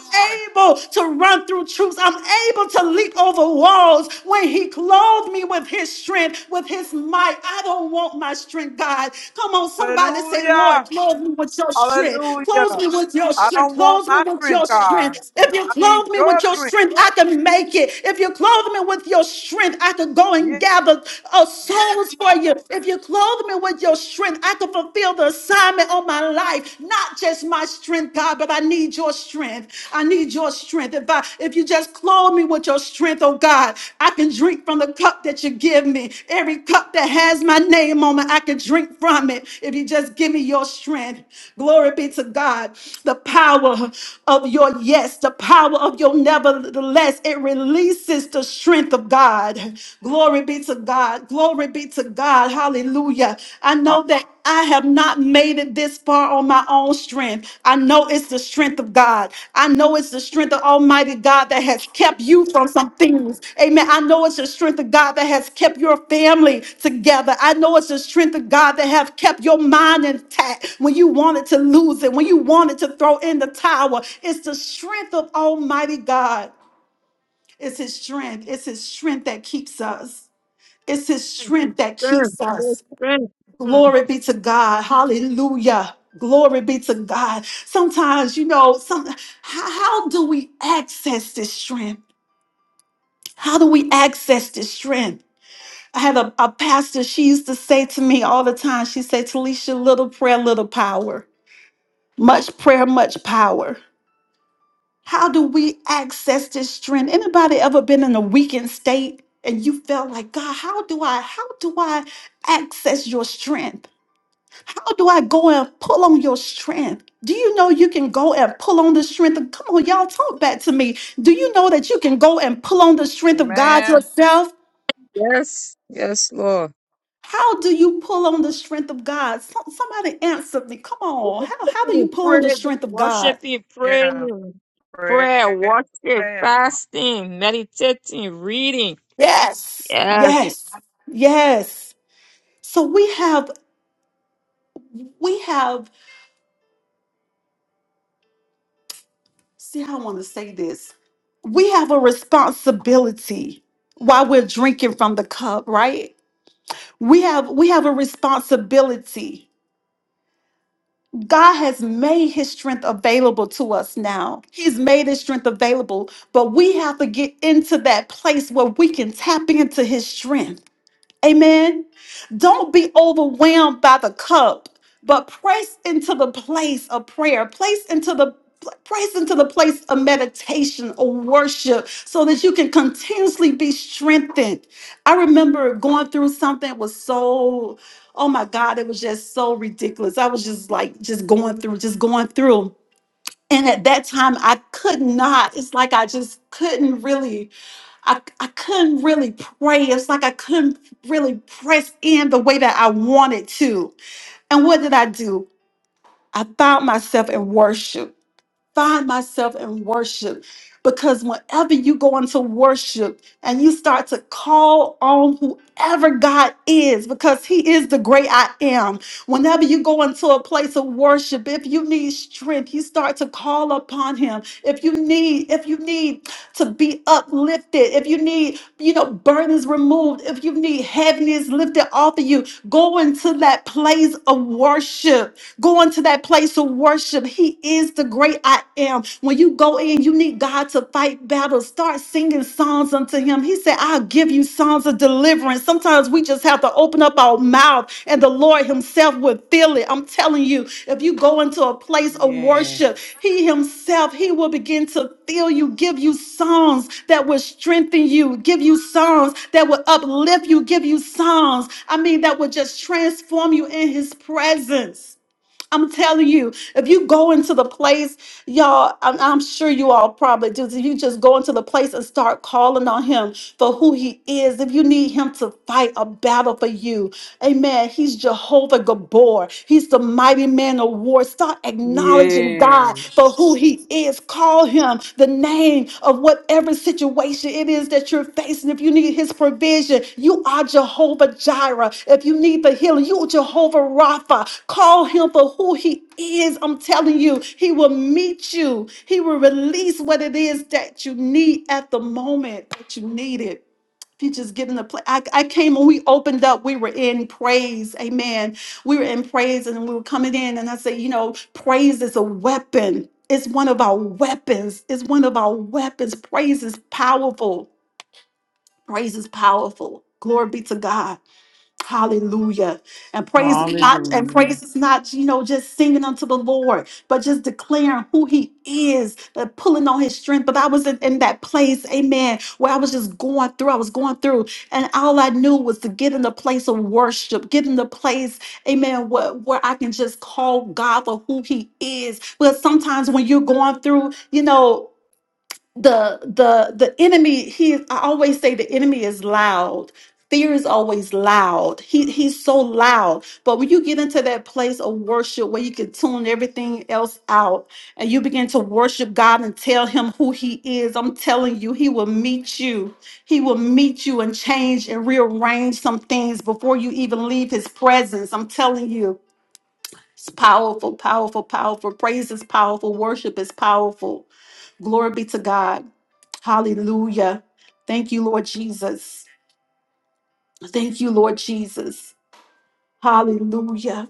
Speaker 2: able to run through troops. I'm able to leap over walls when he clothed me with his strength, with his might. I don't want my strength, God. Come on, somebody say, Lord,
Speaker 1: Hallelujah.
Speaker 2: clothe me with your strength. Clothe
Speaker 1: Hallelujah.
Speaker 2: me with your
Speaker 1: I
Speaker 2: strength.
Speaker 1: don't want
Speaker 2: Clothe me
Speaker 1: my
Speaker 2: with your
Speaker 1: strength, God.
Speaker 2: strength. If you
Speaker 1: I need
Speaker 2: clothe me with
Speaker 1: your
Speaker 2: your
Speaker 1: strength.
Speaker 2: strength, I can make it. If you clothe me with your strength, I can go and
Speaker 1: Yeah.
Speaker 2: gather uh, souls for for you. If you clothe me with your strength, I can fulfill the assignment of my life. Not just my strength, God, but I need your strength. I need your strength. If I if you just clothe me with your strength, oh God, I can drink from the cup that you give me. Every cup that has my name on it, I can drink from it. If you just give me your strength. Glory be to God. The power of your yes, the power of your nevertheless, it releases the strength of God. God. Glory be to God. Glory be to God. Hallelujah. I know that I have not made it this far on my own strength. I know it's the strength of God. I know it's the strength of Almighty God that has kept you from some things. Amen. I know it's the strength of God that has kept your family together. I know it's the strength of God that have kept your mind intact when you wanted to lose it, when you wanted to throw in the towel. It's the strength of Almighty God. It's his strength. It's his strength that keeps us. It's his strength that
Speaker 3: Strength,
Speaker 2: keeps
Speaker 3: Yes,
Speaker 2: us.
Speaker 3: strength. Mm,
Speaker 2: Glory be to God. Hallelujah. Glory be to God. Sometimes, you know, some how, how do we access this strength? How do we access this strength? I had a, a pastor, she used to say to me all the time, she said, Talisha, little prayer, little power. Much prayer, much power. How do we access this strength? Anybody ever been in a weakened state and you felt like, God, how do I, how do I access your strength? How do I go and pull on your strength? Do you know you can go and pull on the strength of, come on, y'all, talk back to me. Do you know that you can go and pull on the strength of God
Speaker 1: Amen.
Speaker 2: yourself?
Speaker 3: Yes, yes, Lord.
Speaker 2: How do you pull on the strength of God? Some- somebody answer me. Come on.
Speaker 3: Worship
Speaker 2: How, how do you
Speaker 3: you,
Speaker 2: pull on the
Speaker 3: Pray,
Speaker 2: strength of God?
Speaker 3: worshiping,
Speaker 1: Yeah.
Speaker 3: praying,
Speaker 1: prayer
Speaker 3: prayer,
Speaker 1: and
Speaker 3: worship,
Speaker 1: fasting.
Speaker 3: fasting, meditating, reading.
Speaker 2: Yes.
Speaker 3: Yes,
Speaker 2: Yes. Yes. So we have We have, see how I want to say this. We have a responsibility while we're drinking from the cup, right? We have we have a responsibility. God has made his strength available to us now. He's made his strength available, but we have to get into that place where we can tap into his strength. Amen. Don't be overwhelmed by the cup, but press into the place of prayer. Place into the press into the place of meditation or worship so that you can continuously be strengthened. I remember going through something that was so oh my god, it was just so ridiculous. I was just like just going through, just going through. And at that time I could not. It's like I just couldn't really I, I couldn't really pray. It's like I couldn't really press in the way that I wanted to. And what did I do? I found myself in worship find myself in worship because whenever you go into worship and you start to call on whoever God is, because He is the great I am, whenever you go into a place of worship, if you need strength, you start to call upon Him. If you need, if you need to be uplifted, if you need, you know, burdens removed, if you need heaviness lifted off of you, go into that place of worship Go into that place of worship. He is the great I am. When you go in, you need God to fight battles. Start singing songs unto Him. He said, I'll give you songs of deliverance. Sometimes we just have to open up our mouth and the Lord Himself will fill it. I'm telling you, if you go into a place of
Speaker 1: Yeah.
Speaker 2: worship, He Himself, He will begin to fill you, give you songs that will strengthen you, give you songs that will uplift you, give you songs, I mean, that will just transform you in His presence. I'm telling you, if you go into the place, y'all, I'm, I'm sure you all probably do. If you just go into the place and start calling on him for who he is, if you need him to fight a battle for you, amen. He's Jehovah Gabor, he's the mighty man of war. Start acknowledging
Speaker 1: Yeah.
Speaker 2: God for who he is. Call him the name of whatever situation it is that you're facing. If you need His provision, you are Jehovah Jireh. If you need the healing, you are Jehovah Rapha. Call Him for who He is. I'm telling you, He will meet you, He will release what it is that you need at the moment that you need it you just get in the place. I, I came when we opened up, we were in praise. Amen. We were in praise and we were coming in. And I said, you know, praise is a weapon. It's one of our weapons. It's one of our weapons. Praise is powerful. Praise is powerful. Glory be to God. Hallelujah. And praise is not and
Speaker 1: Hallelujah.
Speaker 2: praise is not, you know, just singing unto the Lord, but just declaring who he is, but pulling on his strength. But I was in, in that place, amen, where I was just going through. I was going through. And all I knew was to get in the place of worship, get in the place, amen, where, where I can just call God for who he is. But sometimes when you're going through, you know the the the enemy he i always say the enemy is loud fear is always loud he he's so loud but when you get into that place of worship where you can tune everything else out and you begin to worship god and tell him who he is i'm telling you he will meet you he will meet you and change and rearrange some things before you even leave his presence i'm telling you it's powerful powerful powerful praise is powerful worship is powerful glory be to god Hallelujah. Thank you, Lord Jesus. Thank you, Lord Jesus. Hallelujah.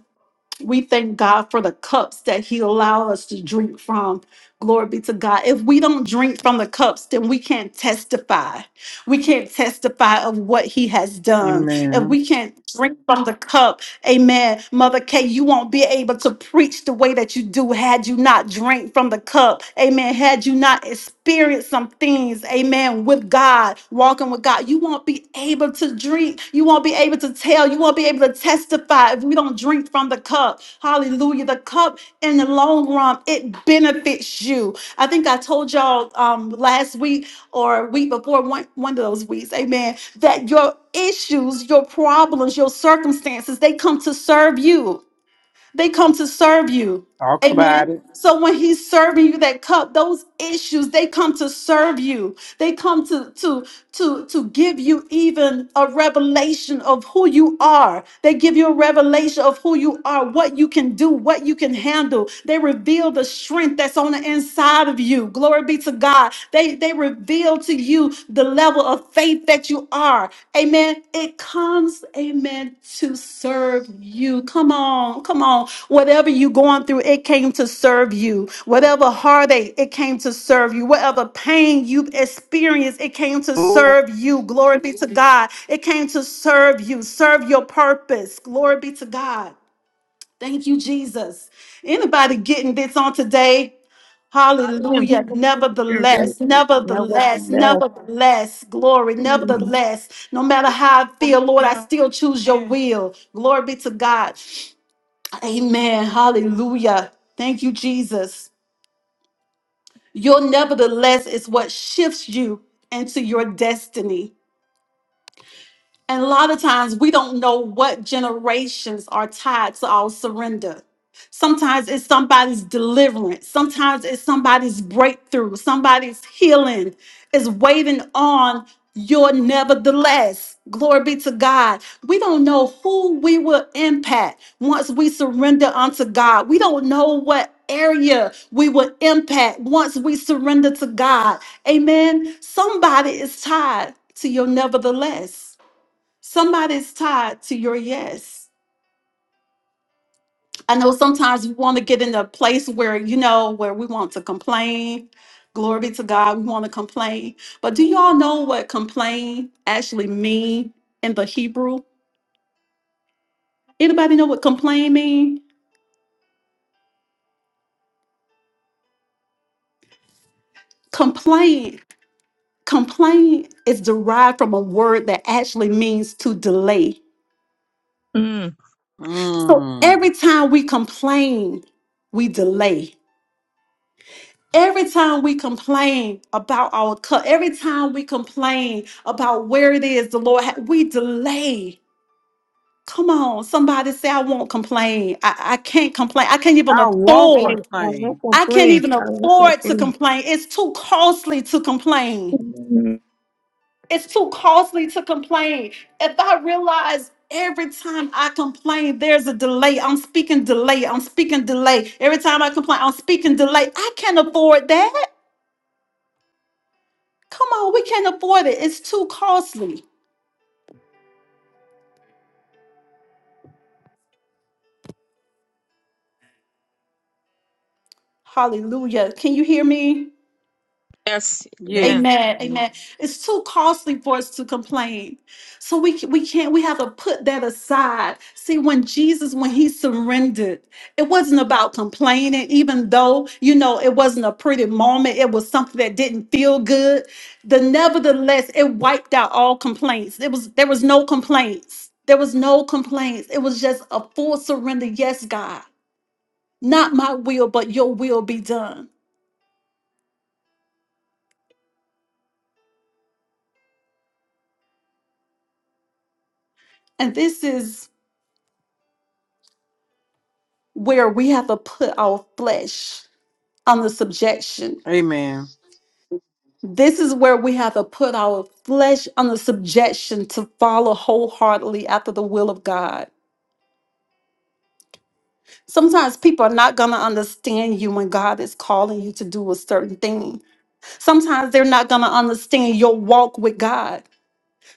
Speaker 2: We thank God for the cups that He allowed us to drink from. Glory be to God. If we don't drink from the cups, then we can't testify. We can't testify of what He has done. If
Speaker 1: Amen.
Speaker 2: we can't drink from the cup, Amen. Mother Kay, you won't be able to preach the way that you do had you not drank from the cup. Amen. Had you not experienced some things, amen, with God, walking with God, you won't be able to drink. You won't be able to tell. You won't be able to testify if we don't drink from the cup. Hallelujah. The cup in the long run, it benefits you. I think I told y'all um, last week or week before one, one of those weeks, amen that your issues, your problems, your circumstances, they come to serve you. They come to serve you.
Speaker 1: Talk about
Speaker 2: Amen.
Speaker 1: it.
Speaker 2: So when he's serving you that cup, those issues, they come to serve you. They come to to to to give you even a revelation of who you are. They give you a revelation of who you are, what you can do, what you can handle. They reveal the strength that's on the inside of you. Glory be to God. They they reveal to you the level of faith that you are. Amen. It comes, amen, to serve you. Come on, come on. Whatever you are going through, it came to serve you. Whatever heartache, it came to serve you. Whatever pain you've experienced, it came to
Speaker 1: Hallelujah.
Speaker 2: serve you. Glory be to God. It came to serve you. Serve your purpose. Glory be to God. Thank you, Jesus. Anybody getting this on today?
Speaker 3: I am
Speaker 2: Hallelujah.
Speaker 3: fucking
Speaker 2: Nevertheless,
Speaker 3: ready. Never be
Speaker 2: nevertheless,
Speaker 3: left.
Speaker 2: nevertheless, glory,
Speaker 3: Mm.
Speaker 2: nevertheless, no matter how I feel, Lord, I still choose your will. Glory be to God. Amen. Hallelujah. Thank you, Jesus. Your nevertheless is what shifts you into your destiny. And a lot of times we don't know what generations are tied to our surrender. Sometimes it's somebody's deliverance, sometimes it's somebody's breakthrough, somebody's healing is waiting on your nevertheless. Glory be to God. We don't know who we will impact once we surrender unto God. We don't know what area we will impact once we surrender to God. Amen. Somebody is tied to your nevertheless somebody's tied to your yes. I know sometimes we want to get in a place where, you know, where we want to complain. Glory be to God, we want to complain. But do y'all know what complain actually mean in the Hebrew? Anybody know what complain mean? Complain, complain is derived from a word that actually means to delay.
Speaker 3: Mm.
Speaker 2: So
Speaker 1: Mm.
Speaker 2: every time we complain, we delay. Every time we complain about our cup, every time we complain about where it is the Lord, ha- we delay. Come on, somebody say, I won't complain. I, I can't complain. I can't even
Speaker 1: I won't
Speaker 3: I
Speaker 2: afford.
Speaker 3: won't
Speaker 1: complain.
Speaker 2: I can't
Speaker 3: complain.
Speaker 2: even
Speaker 3: I won't
Speaker 2: afford to
Speaker 3: complain.
Speaker 2: complain. It's too costly to complain.
Speaker 3: Mm.
Speaker 2: It's too costly to complain. If I realize every time I complain, there's a delay, I'm speaking delay, I'm speaking delay. Every time I complain, I'm speaking delay. I can't afford that. Come on, we can't afford it. It's too costly. Hallelujah. Can you hear me?
Speaker 3: Yes,
Speaker 1: Yes.
Speaker 3: amen.
Speaker 2: Amen. Amen. It's too costly for us to complain. So we ca- we can't we have to put that aside. See when Jesus when he surrendered, it wasn't about complaining even though, you know, it wasn't a pretty moment. It was something that didn't feel good. The nevertheless, it wiped out all complaints. It was there was no complaints. There was no complaints. It was just a full surrender. Yes, God. Not my will, but your will be done. And this is where we have to put our flesh under subjection.
Speaker 1: Amen.
Speaker 2: This is where we have to put our flesh under subjection to follow wholeheartedly after the will of God. Sometimes people are not going to understand you when God is calling you to do a certain thing. Sometimes they're not going to understand your walk with God.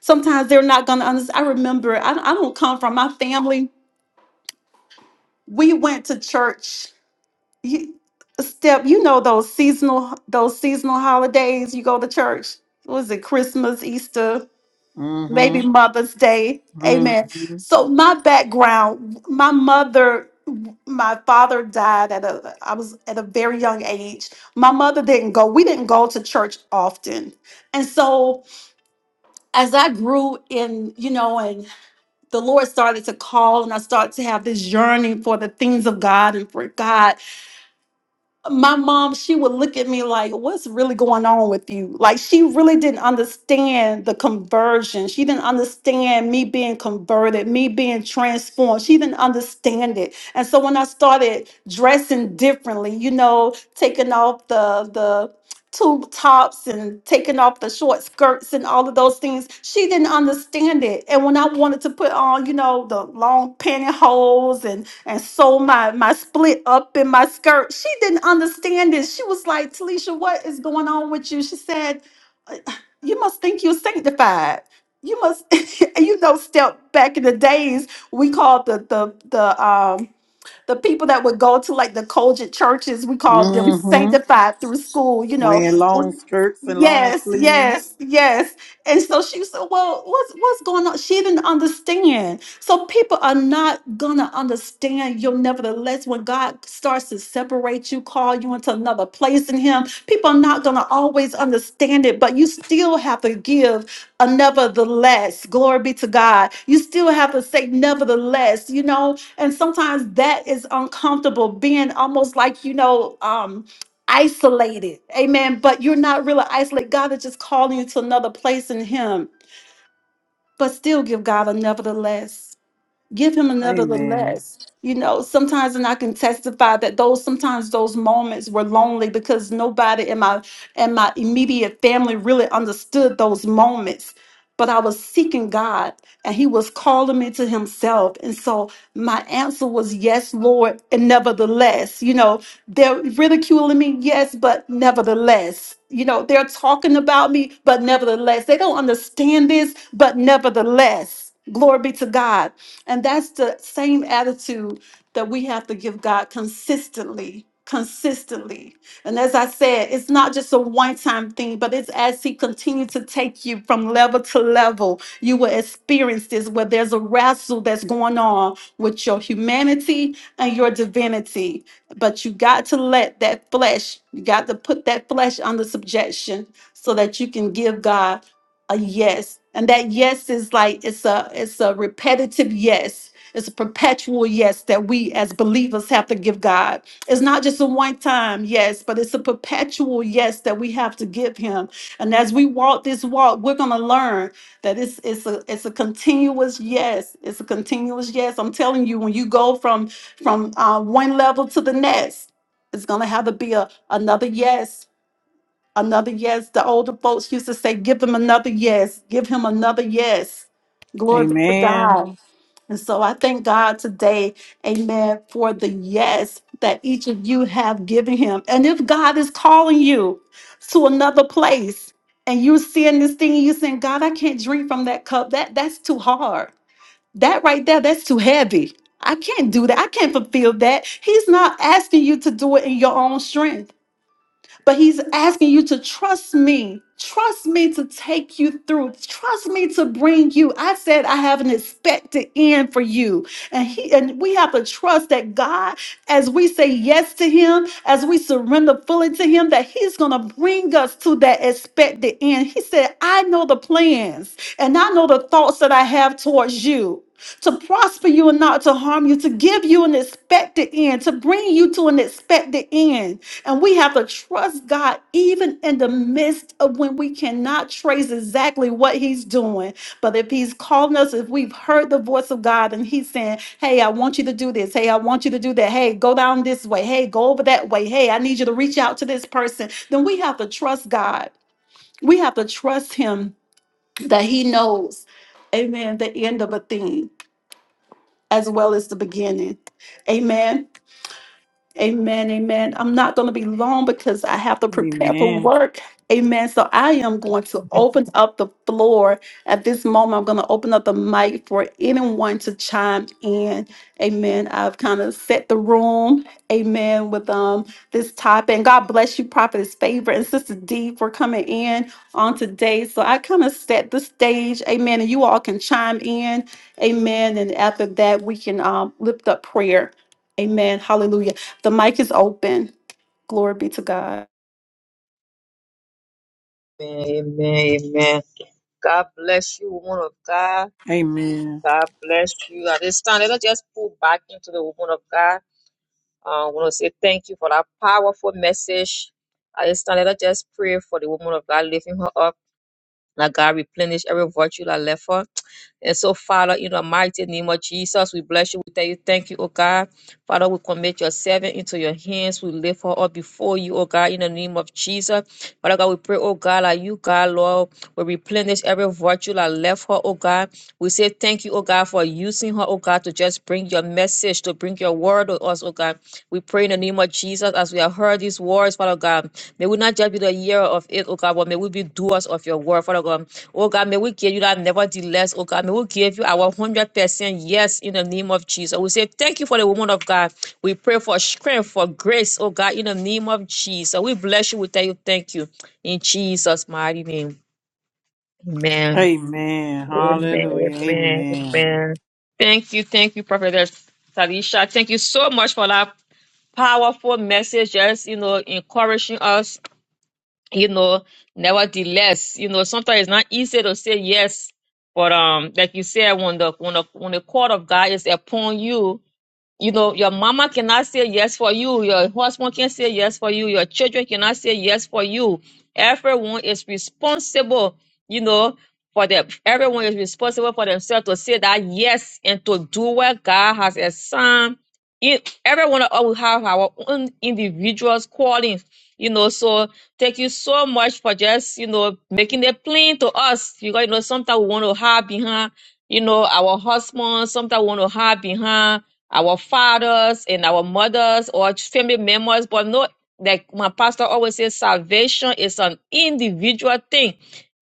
Speaker 2: Sometimes they're not going to understand. I remember, I, I don't come from my family. We went to church You, Step, you know those seasonal those seasonal holidays. You go to church. What is it Christmas, Easter, maybe
Speaker 1: Mm-hmm.
Speaker 2: Mother's Day? Amen.
Speaker 1: Mm-hmm.
Speaker 2: So my background, my mother, my father died at a I was at a very young age. My mother didn't go. We didn't go to church often, and so as I grew in, you know, and the Lord started to call, and I started to have this yearning for the things of God and for God my mom, she would look at me like, What's really going on with you? Like, she really didn't understand the conversion. She didn't understand me being converted, me being transformed. She didn't understand it. And so when I started dressing differently, you know, taking off the, the tube tops and taking off the short skirts and all of those things. She didn't understand it. And when I wanted to put on, you know, the long pantyhose and and sew my my split up in my skirt, she didn't understand it. She was like, "Talisha, what is going on with you?" She said, "Uh, "You must think you're sanctified." You must, and you know, step back in the days we called the the the um the people that would go to like the Colgent churches, we called them
Speaker 1: Mm-hmm.
Speaker 2: sanctified through school, you know,
Speaker 1: Wearing long skirts and long
Speaker 2: Yes,
Speaker 1: sleeves.
Speaker 2: yes, yes. And so she said, Well, what's what's going on? She didn't understand. So people are not gonna understand you nevertheless when God starts to separate you, call you into another place in him. People are not gonna always understand it, but you still have to give a nevertheless. Glory be to God. You still have to say nevertheless, you know, and sometimes that is uncomfortable, being almost like, you know, um isolated. Amen. But you're not really isolated. God is just calling you to another place in Him, but still give God a nevertheless give him another little
Speaker 1: Amen.
Speaker 2: less you know sometimes and i can testify that those sometimes those moments were lonely because nobody in my in my immediate family really understood those moments but i was seeking god and he was calling me to himself and so my answer was yes lord and nevertheless you know they're ridiculing me yes but nevertheless you know they're talking about me but nevertheless they don't understand this but nevertheless glory be to god and that's the same attitude that we have to give God consistently, consistently. And as I said, it's not just a one time thing, but it's as He continues to take you from level to level, you will experience this where there's a wrestle that's going on with your humanity and your divinity. But you got to let that flesh, you got to put that flesh under subjection so that you can give God a yes and that yes is like it's a it's a repetitive yes it's a perpetual yes that we as believers have to give god it's not just a one time yes but it's a perpetual yes that we have to give him and as we walk this walk we're going to learn that it's it's a it's a continuous yes it's a continuous yes i'm telling you when you go from from uh, one level to the next it's going to have to be a another yes Another yes. The older folks used to say, give them another yes. Give him another yes. Glory be to
Speaker 1: Amen.
Speaker 2: God. And so I thank God today, amen, for the yes that each of you have given him. And if God is calling you to another place and you're seeing this thing and you're saying, God, I can't drink from that cup. That that's too hard. That right there, that's too heavy. I can't do that. I can't fulfill that. He's not asking you to do it in your own strength. But he's asking you to trust me. Trust me to take you through. Trust me to bring you. I said I have an expected end for you. And he and we have to trust that God, as we say yes to him, as we surrender fully to him, that he's gonna bring us to that expected end. He said, I know the plans and I know the thoughts that I have towards you to prosper you and not to harm you, to give you an expected end, to bring you to an expected end. And we have to trust God even in the midst of when we cannot trace exactly what He's doing. But if He's calling us, if we've heard the voice of God and He's saying, Hey, I want you to do this. Hey, I want you to do that. Hey, go down this way. Hey, go over that way. Hey, I need you to reach out to this person. Then we have to trust God. We have to trust Him that He knows, amen, the end of a thing as well as the beginning. Amen. Amen, amen. I'm not going to be long because I have to prepare for
Speaker 1: Amen.
Speaker 2: work. Amen. So I am going to
Speaker 3: Amen,
Speaker 2: open up the floor. At this moment, I'm going to open up the mic for anyone to chime in. Amen. I've kind of set the room. Amen. With um this topic. And God bless you, Prophet's favor and Sister D for coming in on today. So I kind of set the stage. Amen. And you all can chime in. Amen. And after that, we can um lift up prayer. Amen. Hallelujah. The mic is open. Glory be to God.
Speaker 3: amen, amen. God bless you, woman of God.
Speaker 1: Amen.
Speaker 3: God bless you. At this time, let us just pull back into the woman of God. I want to say thank you for that powerful message. I just I let us just pray for the woman of God, lifting her up. Now, God, replenish every virtue that left her. And so, Father, in the mighty name of Jesus, we bless you. We thank you. Thank you, oh God. Father, we commit your servant into your hands. We lift her up before you, oh God, in the name of Jesus. Father God, we pray, oh God, that you, God, Lord, will replenish every virtue that left her, oh God. We say thank you, oh God, for using her, oh God, to just bring your message, to bring your word to us, oh God. We pray in the name of Jesus as we are heard these words, Father God. May we not just be the year of it, oh God, but may we be doers of your word, Father God. Oh God, may we give you that nevertheless, oh God. May we give you our 100% yes in the name of Jesus. We say thank you for the woman of God. We pray for strength, for grace, oh God, in the name of Jesus. We bless you. We tell you thank you. In Jesus' mighty name. Amen.
Speaker 1: Amen.
Speaker 3: Amen.
Speaker 1: Hallelujah.
Speaker 3: Amen.
Speaker 1: Amen.
Speaker 3: Amen. Thank you. Thank you, Prophet Talisha. Thank you so much for that powerful message, just you know, encouraging us, you know, nevertheless, you know, sometimes it's not easy to say yes, but um, like you said, when the when the when the court of God is upon you, you know, your mama cannot say yes for you. Your husband can't say yes for you. Your children cannot say yes for you. Everyone is responsible, you know, for them. Everyone is responsible for themselves to say that yes and to do what God has assigned. It, everyone of us will have our own individual calling, you know. So thank you so much for just, you know, making it plain to us. You, know, you know, sometimes we want to hide behind, you know, our husband. Sometimes we want to hide behind our fathers and our mothers or family members, but no, like my pastor always says, salvation is an individual thing.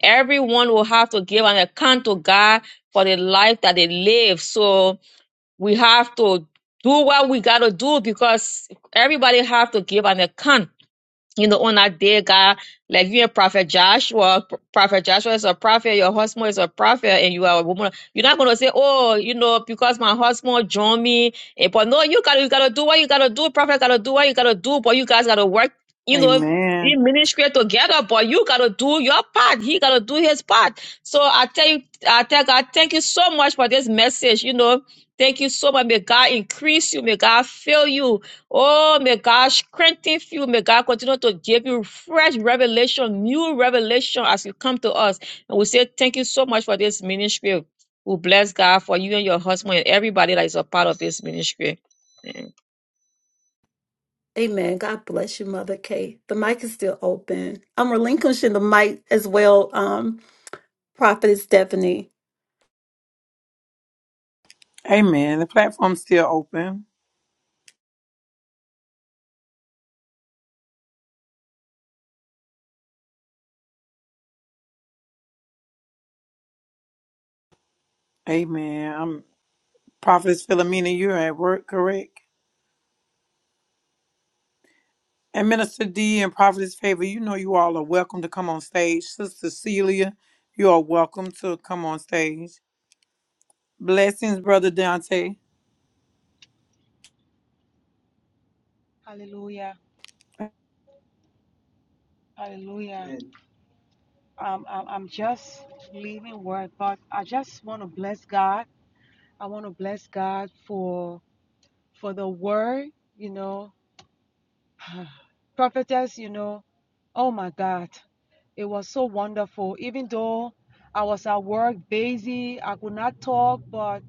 Speaker 3: Everyone will have to give an account to God for the life that they live. So we have to do what we got to do because everybody have to give an account you know, on that day, God, like you a Prophet Joshua, P- Prophet Joshua is a prophet, your husband is a prophet, and you are a woman. You're not gonna say, Oh, you know, because my husband joined me. eh, But no, you gotta you gotta do what you gotta do, prophet gotta do what you gotta do, but you guys gotta work, you know,
Speaker 1: Amen.
Speaker 3: in ministry together, but you gotta do your part. He gotta do his part. So I tell you, I tell God, thank you so much for this message, you know. Thank you so much. May God increase you. May God fill you. Oh, may God strengthen you. May God continue to give you fresh revelation, new revelation as you come to us. And we say thank you so much for this ministry. We bless God for you and your husband and everybody that is a part of this ministry.
Speaker 2: Amen. God bless you, Mother Kay. The mic is still open. I'm relinquishing the mic as well, um, Prophetess Stephanie.
Speaker 1: Amen. The platform's still open. Amen. I'm Prophetess Philomena, you're at work, correct? And Minister D and Prophetess Favor, you know you all are welcome to come on stage. Sister Celia, you are welcome to come on stage. Blessings, Brother Dante.
Speaker 4: Hallelujah. Hallelujah.
Speaker 5: Amen.
Speaker 4: Um, I'm, I'm just leaving work, but I just want to bless God. I want to bless God for for the word, you know. Prophetess, you know, oh my God, it was so wonderful. Even though I was at work busy, I could not talk, but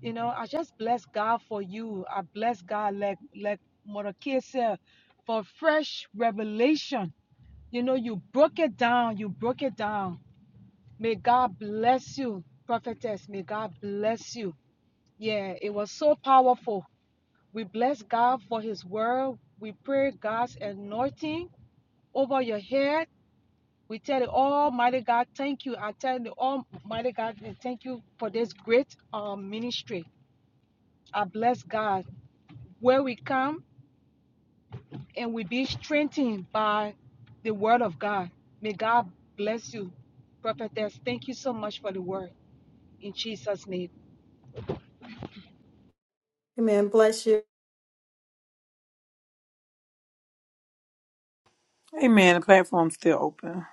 Speaker 4: you know, I just bless God for you. I bless God, like like Mother Kay said, for fresh revelation you know, you broke it down. You broke it down. May God bless you, prophetess. May God bless you. Yeah, it was so powerful. We bless God for His word. We pray God's anointing over your head. We tell the Almighty God, thank you. I tell the Almighty God, thank you for this great um, ministry. I bless God where we come and we be strengthened by the word of God. May God bless you, prophetess. Thank you so much for the word in Jesus' name.
Speaker 2: Amen. Bless you.
Speaker 1: Amen. The platform's still open.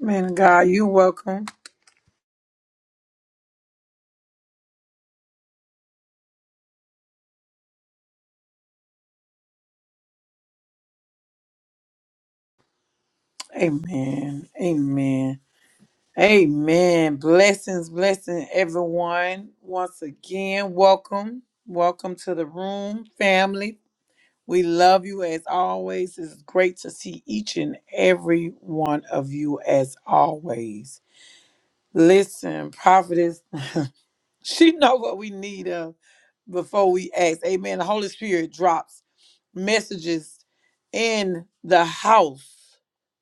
Speaker 1: Man of God, you're welcome. Amen. Amen. Amen. Blessings, blessing everyone. Once again, welcome. Welcome to the room, family. We love you as always. It's great to see each and every one of you as always. Listen, prophetess, she know what we need of before we ask. Amen. The Holy Spirit drops messages in the house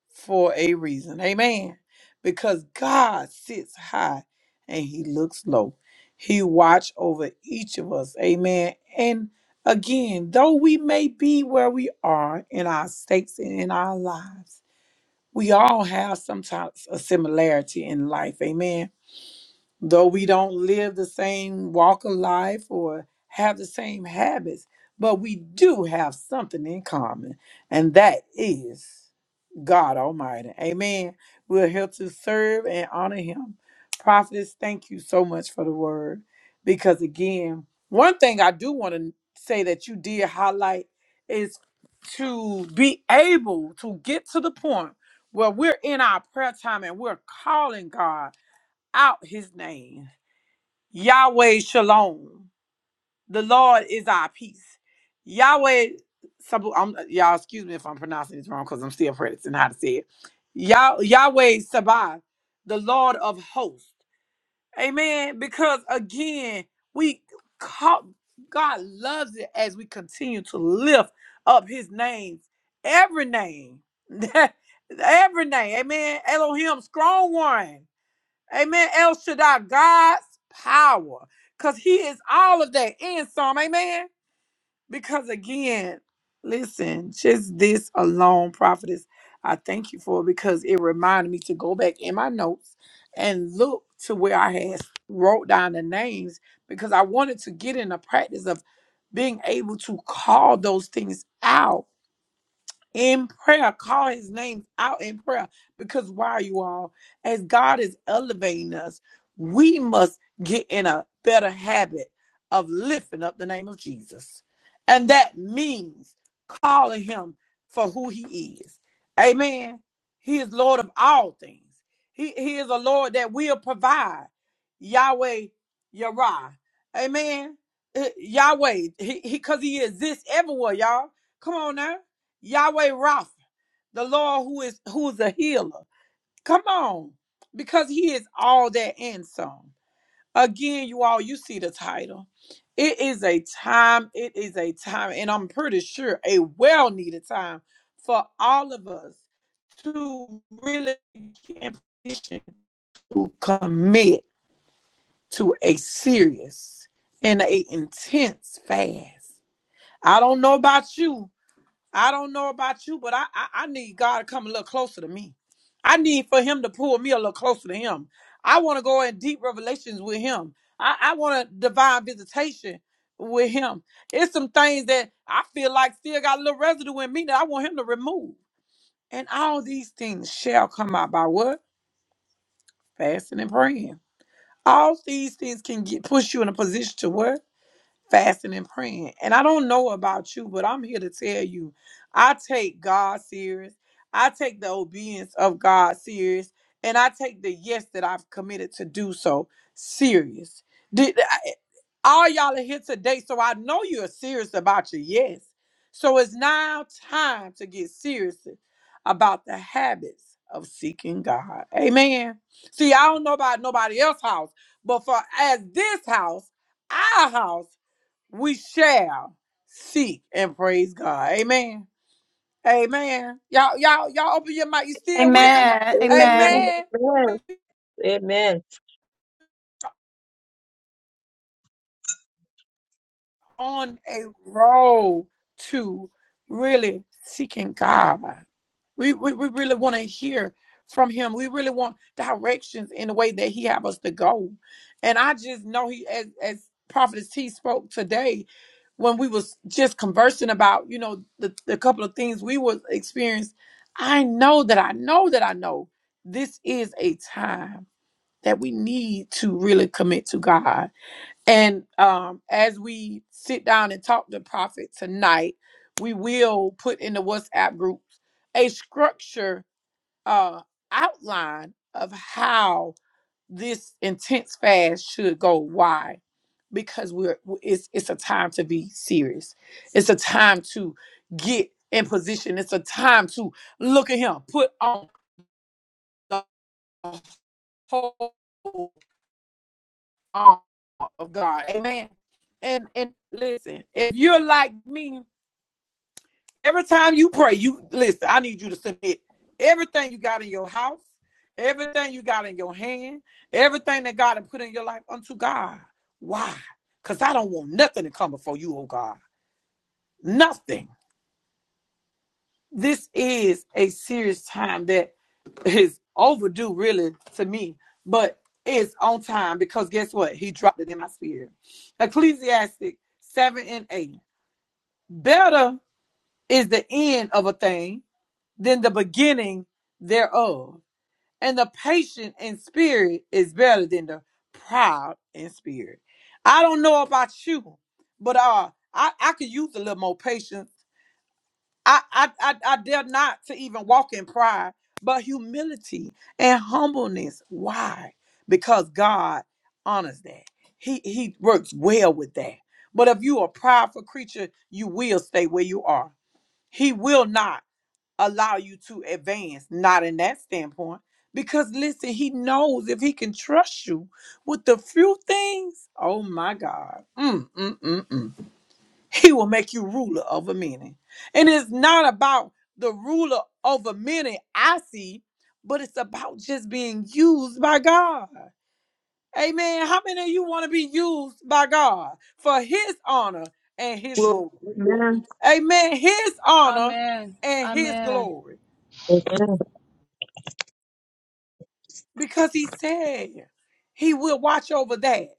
Speaker 1: for a reason. Amen. Because God sits high and he looks low. He watch over each of us. Amen. And again, though we may be where we are in our states and in our lives, we all have sometimes a similarity in life. Amen. Though we don't live the same walk of life or have the same habits, but we do have something in common, and that is God Almighty. Amen. We're here to serve and honor Him. Prophetess, thank you so much for the word. Because again, one thing I do want to say that you did highlight is to be able to get to the point where we're in our prayer time and we're calling God out His name, Yahweh Shalom. The Lord is our peace. Yahweh, Sabu, I'm, y'all, excuse me if I'm pronouncing this wrong because I'm still practicing how to say it. Yah, Yahweh Sabbath, the Lord of hosts. Amen. Because again, we caught, God loves it as we continue to lift up his name, every name, every name. Amen. Elohim, strong one. Amen. El Shaddai, God's power, because He is all of that in some. Amen. Because again, listen, just this alone, prophetess, I thank you for it because it reminded me to go back in my notes and look to where I had wrote down the names because I wanted to get in the practice of being able to call those things out in prayer. Call his name out in prayer. Because why, you all, as God is elevating us, we must get in a better habit of lifting up the name of Jesus. And that means calling him for who he is. Amen. He is Lord of all things. He, he is a Lord that will provide. Yahweh Yarah. Amen. Eh, Yahweh. because He he, 'cause he exists everywhere, y'all. Come on now. Yahweh Rapha, the Lord who is who is a healer. Come on, because He is all that and some. Again, you all, you see the title. It is a time. It is a time, and I'm pretty sure a well needed time for all of us to really get in position to commit to a serious and a intense fast. I don't know about you, I don't know about you, but I, I I need God to come a little closer to me. I need for Him to pull me a little closer to Him. I want to go in deep revelations with Him. I, I want a divine visitation with Him. It's some things that I feel like still got a little residue in me that I want Him to remove. And all these things shall come out by what? Fasting and praying. All these things can get push you in a position to what? fasting and praying. And I don't know about you, but I'm here to tell you, I take God serious. I take the obedience of God serious, and I take the yes that I've committed to do so serious. Did I- all y'all are here today, so I know you're serious about your yes. So it's now time to get serious about the habits of seeking God. Amen. See, I don't know about nobody else's house, but for as this house, our house we shall seek and praise God. Amen. Amen. Y'all, y'all, y'all open your mouth. You still with
Speaker 2: Amen.
Speaker 1: me?
Speaker 3: Amen.
Speaker 2: Amen.
Speaker 1: Amen.
Speaker 3: Amen.
Speaker 1: On a roll to really seeking God. We, we, we really want to hear from him. We really want directions in the way that he have us to go. And I just know he, as, as Prophetess T spoke today, when we was just conversing about, you know, the, the couple of things we was experienced, I know that I know that I know this is a time that we need to really commit to God and um, as we sit down and talk to Prophet tonight, we will put in the WhatsApp group a structure uh, outline of how this intense fast should go. Why? Because we're w- it's it's a time to be serious. It's a time to get in position. It's a time to look at him, put on the whole arm of God. Amen. And and listen, if you're like me, every time you pray, you listen, I need you to submit everything you got in your house, everything you got in your hand, everything that God has put in your life unto God. Why? Because I don't want nothing to come before you, oh God. Nothing. this is a serious time that is overdue, really, to me, but it's on time because guess what? He dropped it in my spirit. Ecclesiastic 7 and 8. Better is the end of a thing than the beginning thereof. And the patient in spirit is better than the proud in spirit. I don't know about you, but uh, I, I could use a little more patience I, I, I, I dare not to even walk in pride, but humility and humbleness. Why? Because God honors that. He He works well with that. But if you are a prideful creature, you will stay where you are. He will not allow you to advance, not in that standpoint. Because listen, he knows if he can trust you with the few things, oh my God. Mm, mm, mm, mm. He will make you ruler over many. And it's not about the ruler over many I see, but it's about just being used by God. Amen. How many of you want to be used by God for his honor and his glory? Amen. His honor
Speaker 4: Amen.
Speaker 1: and his
Speaker 4: Amen.
Speaker 1: glory. Because he said he will watch over that,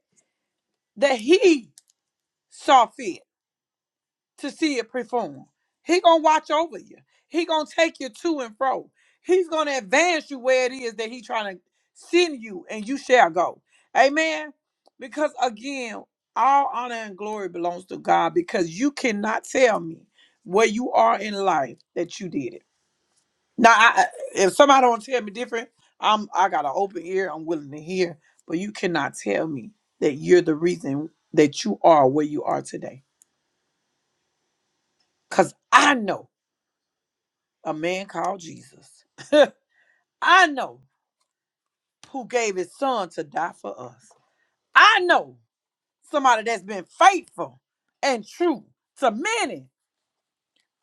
Speaker 1: that he saw fit. to see it perform. He gonna watch over you. He gonna take you to and fro. He's gonna advance you where it is that he trying to send you, and you shall go. Amen. Because again, all honor and glory belongs to God. Because you cannot tell me where you are in life that you did it. Now, I, I- if somebody don't tell me different, I'm I got an open ear. I'm willing to hear. But you cannot tell me that you're the reason that you are where you are today. Cause I know. a man called Jesus. I know who gave his son to die for us. I know somebody that's been faithful and true to many.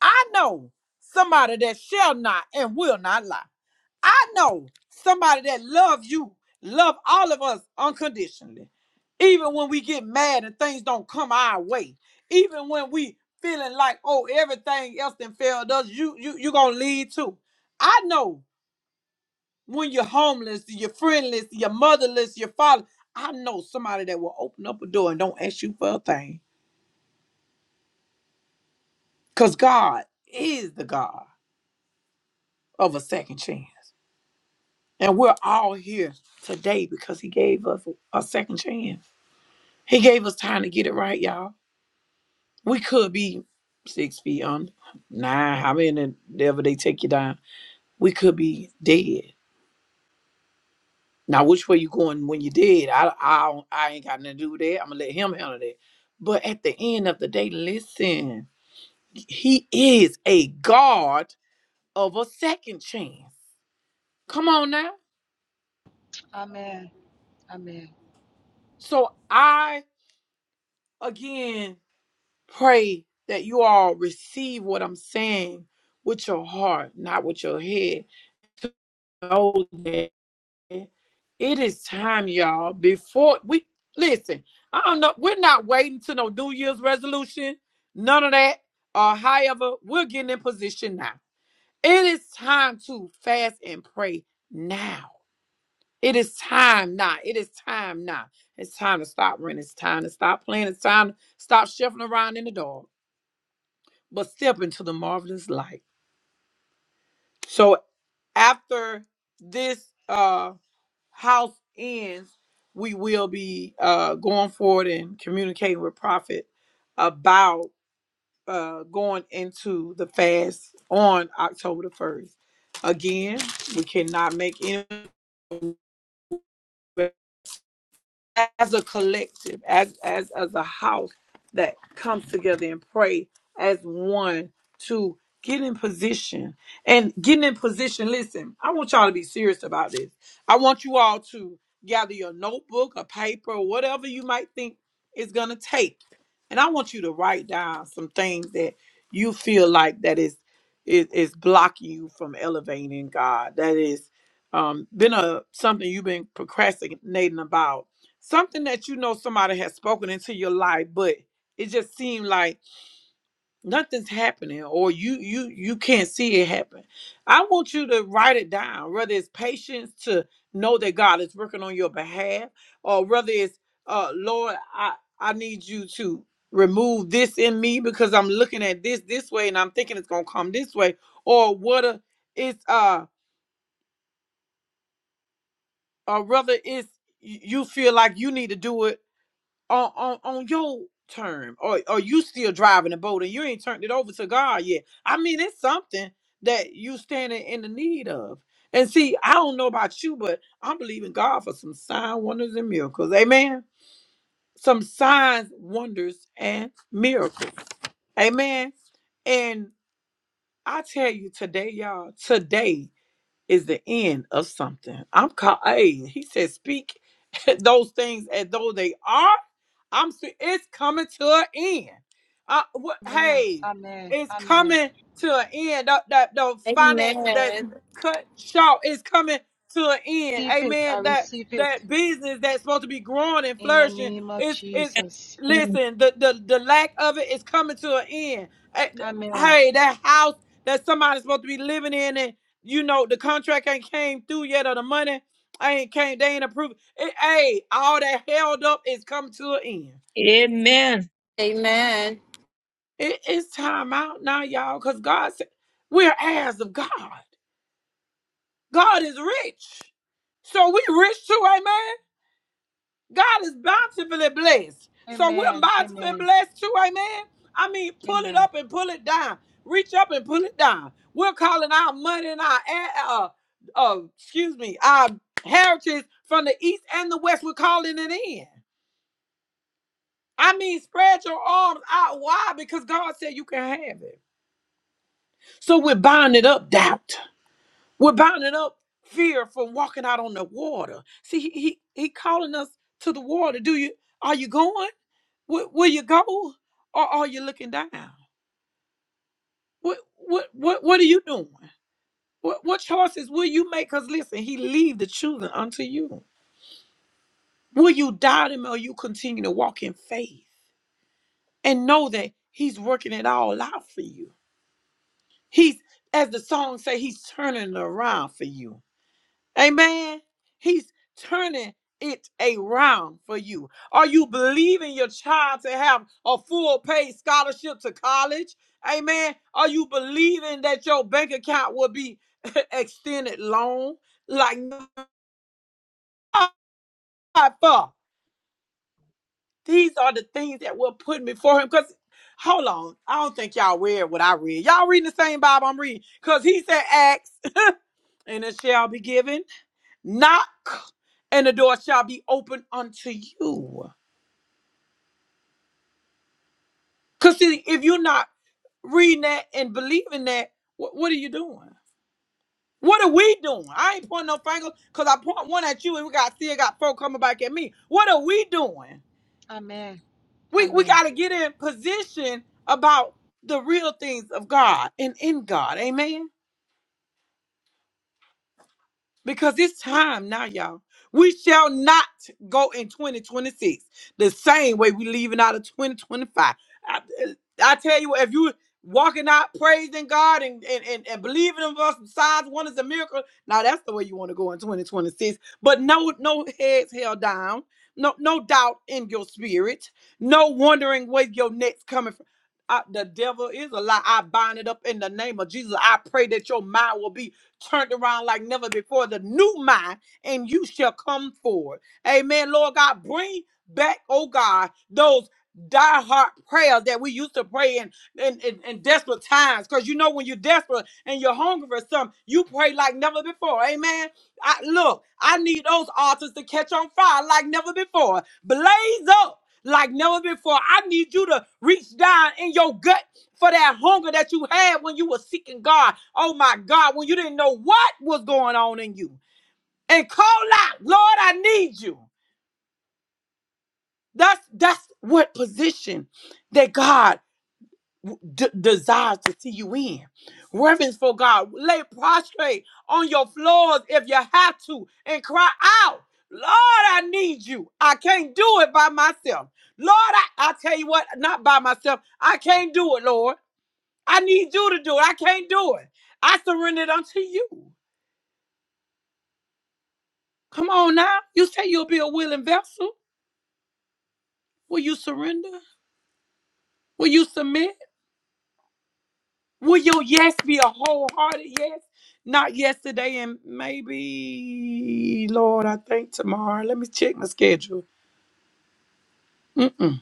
Speaker 1: I know somebody that shall not and will not lie. I know somebody that loves you, love all of us unconditionally. Even when we get mad and things don't come our way, even when we feeling like oh everything else then failed us, you you you gonna lead too. I know When you're homeless, you're friendless, you're motherless, you're father. I know somebody that will open up a door and don't ask you for a thing. Because God is the God of a second chance. And we're all here today because He gave us a second chance. He gave us time to get it right, y'all. We could be six feet under, nine, how many ever they take you down. We could be dead. Now, which way you going when you did? I I don't- I ain't got nothing to do with that. I'm gonna let him handle that. But at the end of the day, listen, he is a God of a second chance. Come on now.
Speaker 4: Amen. Amen.
Speaker 1: So I again pray that you all receive what I'm saying with your heart, not with your head. It is time, y'all. Before we listen, I don't know. We're not waiting to no New Year's resolution, none of that. Or however, we're getting in position now. It is time to fast and pray now. It is time now. It is time now. It's time to stop running. It's time to stop playing. It's time to stop shuffling around in the dark, but step into the marvelous light. So after this, uh. house ends, we will be uh, going forward and communicating with Prophet about uh, going into the fast on October the 1st. Again, we cannot make any. as a collective, as as as a house that comes together and pray as one to get in position and getting in position. Listen, I want y'all to be serious about this. I want you all to gather your notebook, a paper, or whatever you might think it's gonna take, and I want you to write down some things that you feel like that is is, is blocking you from elevating God. That is um, been a something you've been procrastinating about something that you know somebody has spoken into your life but it just seemed like nothing's happening or you you you can't see it happen i want you to write it down whether it's patience to know that god is working on your behalf or whether it's uh lord i i need you to remove this in me because i'm looking at this this way and i'm thinking it's gonna come this way or what a, it's uh or whether it's y- you feel like you need to do it on on, on your term or, or you still driving the boat and you ain't turned it over to god yet i mean it's something that you standing in the need of and see i don't know about you but i'm believing god for some sign wonders and miracles amen some signs wonders and miracles amen and i tell you today y'all today is the end of something. I'm called. Hey, he said, speak those things as though they are. I'm. se- It's coming to an end. Uh, what?
Speaker 4: Amen.
Speaker 1: Hey,
Speaker 4: Amen.
Speaker 1: it's
Speaker 4: Amen.
Speaker 1: coming to an end. The, the, the finances that's cut short is coming to an end.
Speaker 4: receive it. I
Speaker 1: Amen. That
Speaker 4: receive it
Speaker 1: that business that's supposed to be growing and
Speaker 4: in the
Speaker 1: flourishing
Speaker 4: name of
Speaker 1: is is.
Speaker 4: Jesus.
Speaker 3: Amen.
Speaker 1: Listen, the, the the lack of it is coming to an end. Eh, th-
Speaker 4: Amen.
Speaker 1: Hey, that house that somebody's supposed to be living in you know, the contract ain't came through yet or the money I ain't came, they ain't approved. It, hey, all that held up is come to an end.
Speaker 3: Amen.
Speaker 1: It, it's time out now, y'all, because God said we're heirs of God. God is rich. So we rich too, amen. God is bountifully blessed. So we're
Speaker 4: Amen. Amen.
Speaker 1: bountifully blessed too, amen. I mean, pull it
Speaker 4: Amen.
Speaker 1: up and pull it down. Reach up and pull it down. We're calling our money and our uh, uh excuse me, our heritage from the east and the west. We're calling it in. I mean, spread your arms out wide because God said you can have it. So we're binding up doubt. We're binding up fear from walking out on the water. See, he he, he calling us to the water. Do you are you going? Will, will you go, or are you looking down? What what what what are you doing? What what choices will you make? Cause listen, He leave the children unto you. Will you doubt Him, or you continue to walk in faith and know that He's working it all out for you? He's as the song say, He's turning it around for you. Amen. He's turning it around for you. Are you believing your child to have a full paid scholarship to college? Amen. Are you believing that your bank account will be extended loan? Like, God, for these are the things that we're putting before him. Because, hold on, I don't think y'all read what I read. Y'all reading the same Bible I'm reading. Because he said, Acts, and it shall be given. Knock, and the door shall be opened unto you. Because see, if you're not reading that and believing that, wh- what are you doing? What are we doing? I ain't pointing no fingers, because I point one at you and we got still got four coming back at me. What are we doing?
Speaker 4: Amen.
Speaker 1: We we
Speaker 4: Amen.
Speaker 1: gotta get in position about the real things of God and in God. Amen. because it's time now, y'all. We shall not go in 2026 the same way we leaving out of 2025. I, I tell you, what, if you walking out praising God and, and, and, and believing in us, signs, wonders, and miracles, now that's the way you want to go in 2026. But no, no heads held down, no, no doubt in your spirit, no wondering where your next coming from. I, the devil is a lie. I bind it up in the name of Jesus. I pray that your mind will be turned around like never before. The new mind, and you shall come forward. Amen. Lord God, bring back, oh God, those diehard prayers that we used to pray in in, in, in desperate times. Because you know when you're desperate and you're hungry for something, you pray like never before. Amen. I look, I need those altars to catch on fire like never before. Blaze up like never before. I need you to reach down in your gut for that hunger that you had when you were seeking God. Oh my God, when you didn't know what was going on in you. And call out, Lord, I need you. That's that's what position that God d- desires to see you in. Reverence for God. Lay prostrate on your floors if you have to and cry out, Lord, I need you. I can't do it by myself. Lord, I, I tell you what, not by myself. I can't do it, Lord. I need you to do it. I can't do it. I surrender it unto you. Come on now. You say you'll be a willing vessel. Will you surrender? Will you submit? Will your yes be a wholehearted yes? Not yesterday and maybe, Lord, I think tomorrow. Let me check my schedule. Mm-mm.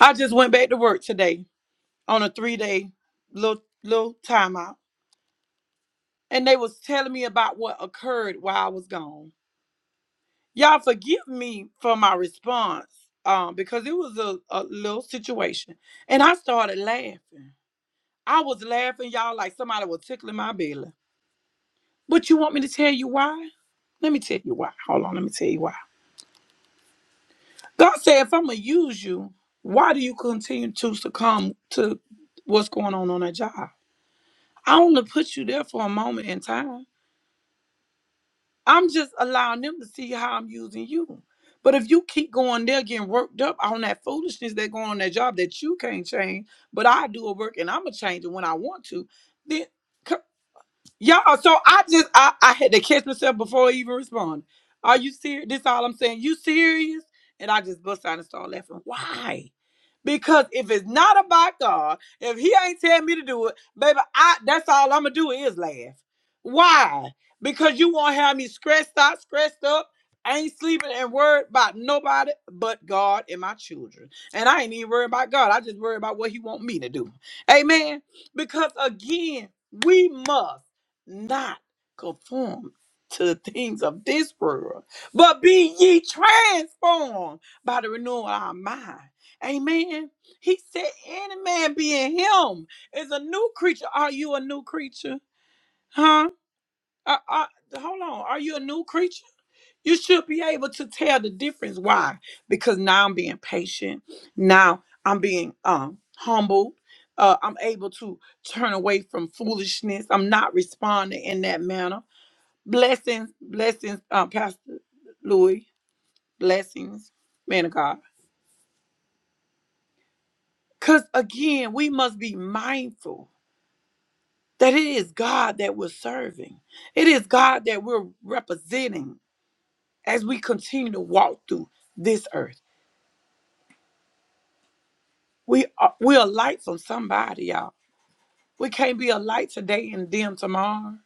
Speaker 1: I just went back to work today on a three day little little timeout. And they was telling me about what occurred while I was gone. Y'all forgive me for my response um, because it was a, a little situation. And I started laughing. I was laughing, y'all, like somebody was tickling my belly. But you want me to tell you why? Let me tell you why. Hold on, let me tell you why. God said, if I'm going to use you, why do you continue to succumb to what's going on on that job? I only put you there for a moment in time. I'm just allowing them to see how I'm using you. But if you keep going there getting worked up on that foolishness that going on that job that you can't change, but I do a work and I'm gonna change it when I want to, then c- Y'all, so I just I, I had to catch myself before I even respond. Are you serious? This all I'm saying. You serious? And I just bust out and start laughing. Why? Because if it's not about God, if He ain't telling me to do it, baby, I that's all I'm gonna do is laugh. Why? Because you won't have me stressed out, stressed up, ain't sleeping and worried about nobody but God and my children. And I ain't even worried about God. I just worry about what He want me to do. Amen. Because again, we must not conformed to the things of this world, but be ye transformed by the renewal of our mind. Amen. He said, Any man being him is a new creature. Are you a new creature? Huh? Uh, uh, hold on. Are you a new creature? You should be able to tell the difference. Why? Because now I'm being patient. Now I'm being um humble. Uh, I'm able to turn away from foolishness. I'm not responding in that manner. Blessings, blessings, um, Pastor Louis. Blessings, man of God. Because again, we must be mindful that it is God that we're serving, it is God that we're representing as we continue to walk through this earth. We are, we're a light from somebody, y'all. We can't be a light today and dim tomorrow.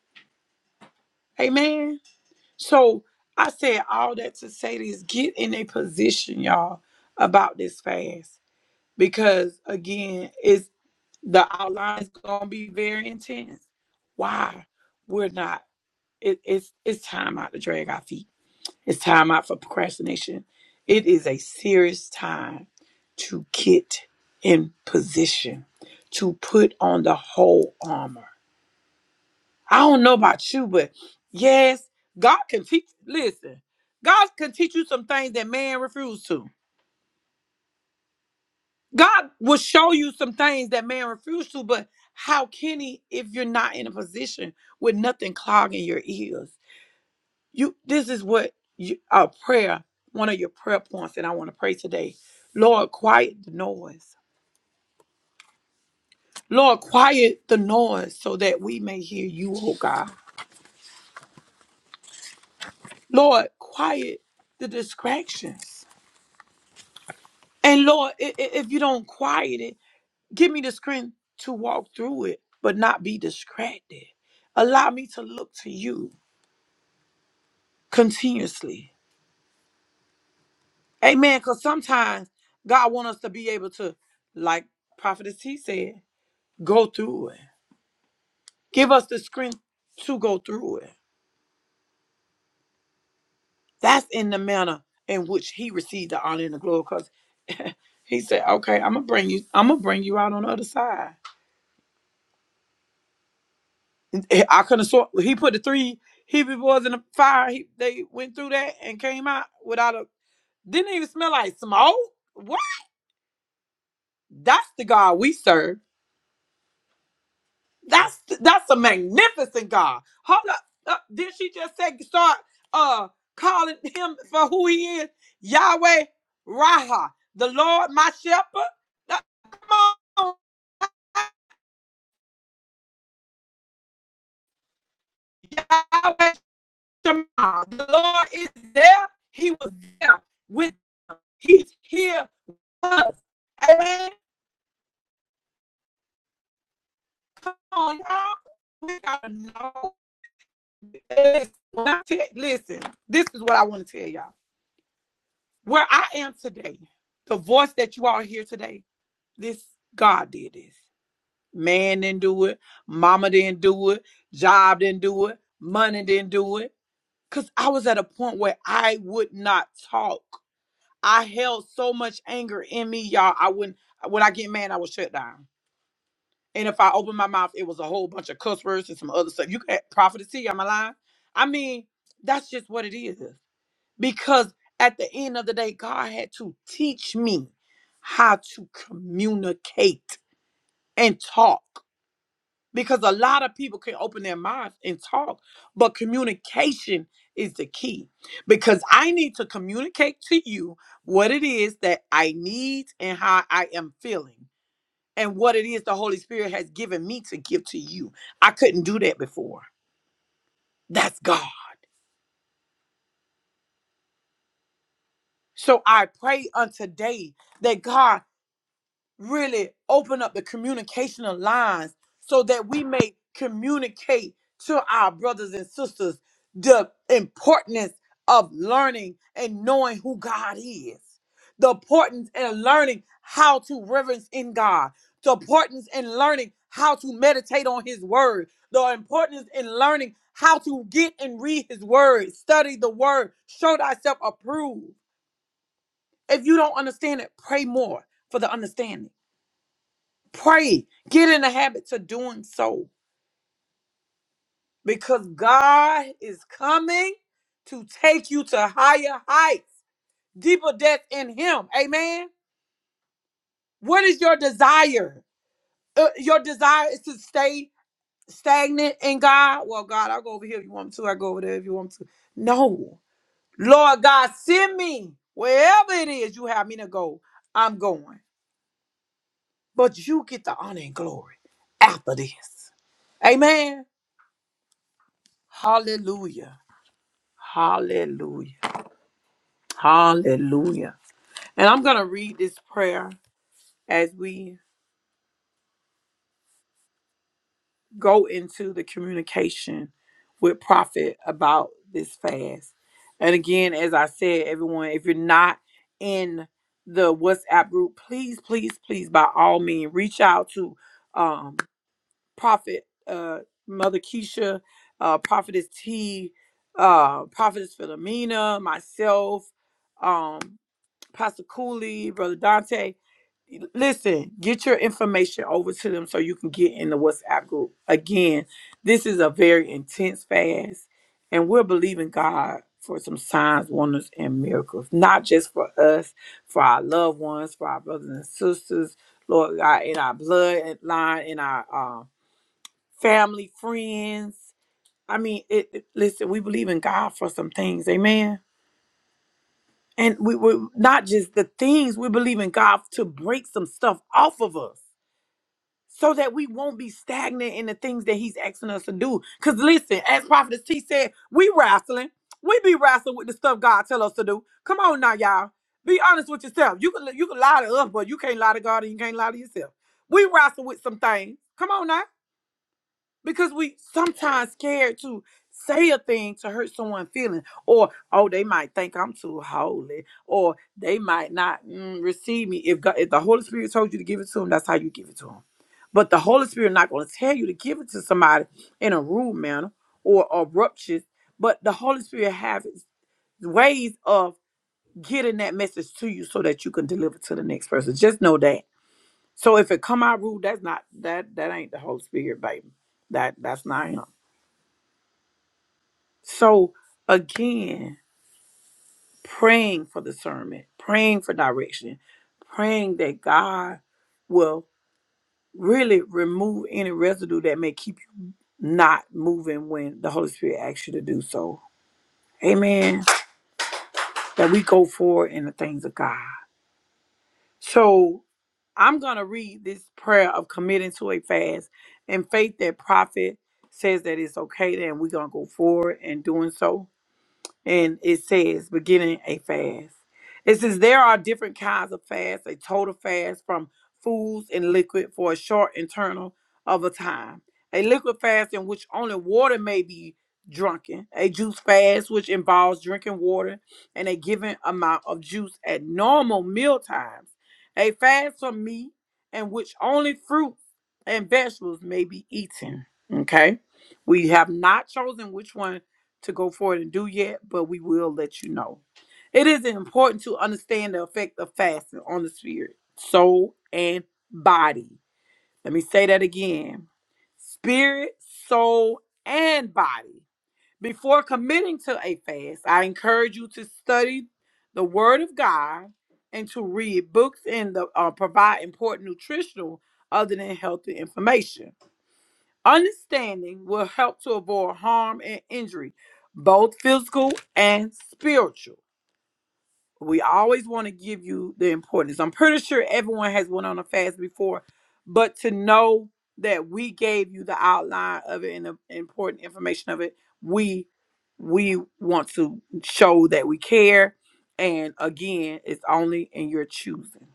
Speaker 1: Amen. So I said all that to say this get in a position, y'all, about this fast because again, it's the outline is gonna be very intense. Why? We're not. It, it's it's time out to drag our feet. It's time out for procrastination. It is a serious time to get in position, to put on the whole armor. I don't know about you, but yes, God can teach. Listen, God can teach you some things that man refused to. God will show you some things that man refused to, but how can he if you're not in a position with nothing clogging your ears? You this is what you, a prayer, one of your prayer points that I want to pray today. Lord, quiet the noise. Lord, quiet the noise so that we may hear you, oh God. Lord, quiet the distractions. And Lord, i- i- if you don't quiet it, Give me the strength to walk through it, but not be distracted. Allow me to look to you continuously. Amen. Because sometimes God wants us to be able to, like Prophetess T said, go through it. Give us the strength to go through it. That's in the manner in which he received the honor and the glory. Because he said, Okay, I'm gonna bring you, I'm gonna bring you out on the other side. And eh, I couldn't sort he put the three Hebrew boys in the fire. He, they went through that and came out without a Didn't even smell like smoke. What? That's the God we serve. That's that's a magnificent God. Hold up. Uh, did she just say start uh calling him for who he is? Yahweh Raha, the Lord my shepherd. Now, Come on, Yahweh Shema. The Lord is there. He was there with he's here with us. Amen. Come on, y'all. We gotta know. Listen, when I te- listen, this is what I want to tell y'all. Where I am today, the voice that you all hear today, this God did this. Man didn't do it. Mama didn't do it. Job didn't do it. Money didn't do it. Because I was at a point where I would not talk. I held so much anger in me, y'all. I wouldn't, when I get mad, I would shut down. And if I opened my mouth, it was a whole bunch of cuss words and some other stuff. You can't profit to see, I'm alive. I mean, that's just what it is. because at the end of the day, God had to teach me how to communicate and talk. Because a lot of people can open their mouths and talk, but communication is the key. Because I need to communicate to you what it is that I need and how I am feeling, and what it is the Holy Spirit has given me to give to you. I couldn't do that before. That's God. So I pray on today that God really open up the communication of lines so that we may communicate to our brothers and sisters the importance of learning and knowing who God is, the importance in learning how to reverence in God, the importance in learning how to meditate on His Word, the importance in learning how to get and read His Word, study the Word, show thyself approved. If you don't understand it, pray more for the understanding Pray. Get in the habit to doing so because God is coming to take you to higher heights, deeper depths in Him. Amen. What is your desire? Uh, your desire is to stay stagnant in God. Well, God, I'll go over here if you want me to. I go over there if you want me to. No. Lord God, send me wherever it is you have me to go. I'm going. But you get the honor and glory after this. Amen. Hallelujah. Hallelujah. Hallelujah. And I'm going to read this prayer as we go into the communication with prophet about this fast. And again, as I said, everyone, if you're not in the WhatsApp group, please, please, please, by all means, reach out to um, prophet uh, Mother Keisha, uh, prophetess T, uh, prophetess Philomena, myself. Um, Pastor Cooley, Brother Dante. Listen, get your information over to them so you can get in the WhatsApp group. Again, this is a very intense fast, and we're believing God for some signs, wonders, and miracles, not just for us, for our loved ones, for our brothers and sisters, Lord God, in our bloodline, in our uh, family, friends. I mean, it, it- listen, we believe in God for some things. Amen. And we were not just the things we believe in God to break some stuff off of us so that we won't be stagnant in the things that He's asking us to do. Because listen, as Prophetess T said, we wrestling. We be wrestling with the stuff God tell us to do. Come on now, y'all. Be honest with yourself. You can you can lie to us, but you can't lie to God and you can't lie to yourself. We wrestle with some things. Come on now because we sometimes scared to say a thing to hurt someone's feeling or oh they might think i'm too holy or they might not mm, receive me if god if the holy spirit told you to give it to him that's how you give it to him but the holy spirit not going to tell you to give it to somebody in a rude manner or abruptious but the holy spirit has ways of getting that message to you so that you can deliver to the next person just know that so if it come out rude that's not that that ain't the holy spirit baby that that's not him So again, praying for discernment, praying for direction, praying that God will really remove any residue that may keep you not moving when the Holy Spirit asks you to do so. Amen. That we go forward in the things of God. So I'm gonna read this prayer of committing to a fast and faith that prophet says that it's okay, then we're gonna go forward in doing so. and it says beginning a fast. It says there are different kinds of fasts, a total fast from foods and liquid for a short internal of a time, a liquid fast in which only water may be drunken, a juice fast which involves drinking water and a given amount of juice at normal meal times, a fast from meat in which only fruits and vegetables may be eaten. Okay, we have not chosen which one to go forward and do yet, but we will let you know. It is important to understand the effect of fasting on the spirit, soul, and body. Let me say that again spirit, soul, and body. Before committing to a fast, I encourage you to study the Word of God and to read books and the, uh, provide important nutritional other than healthy information. Understanding will help to avoid harm and injury, both physical and spiritual. We always want to give you the importance. I'm pretty sure everyone has went on a fast before, but to know that we gave you the outline of it and the important information of it, we we want to show that we care. And again, it's only in your choosing.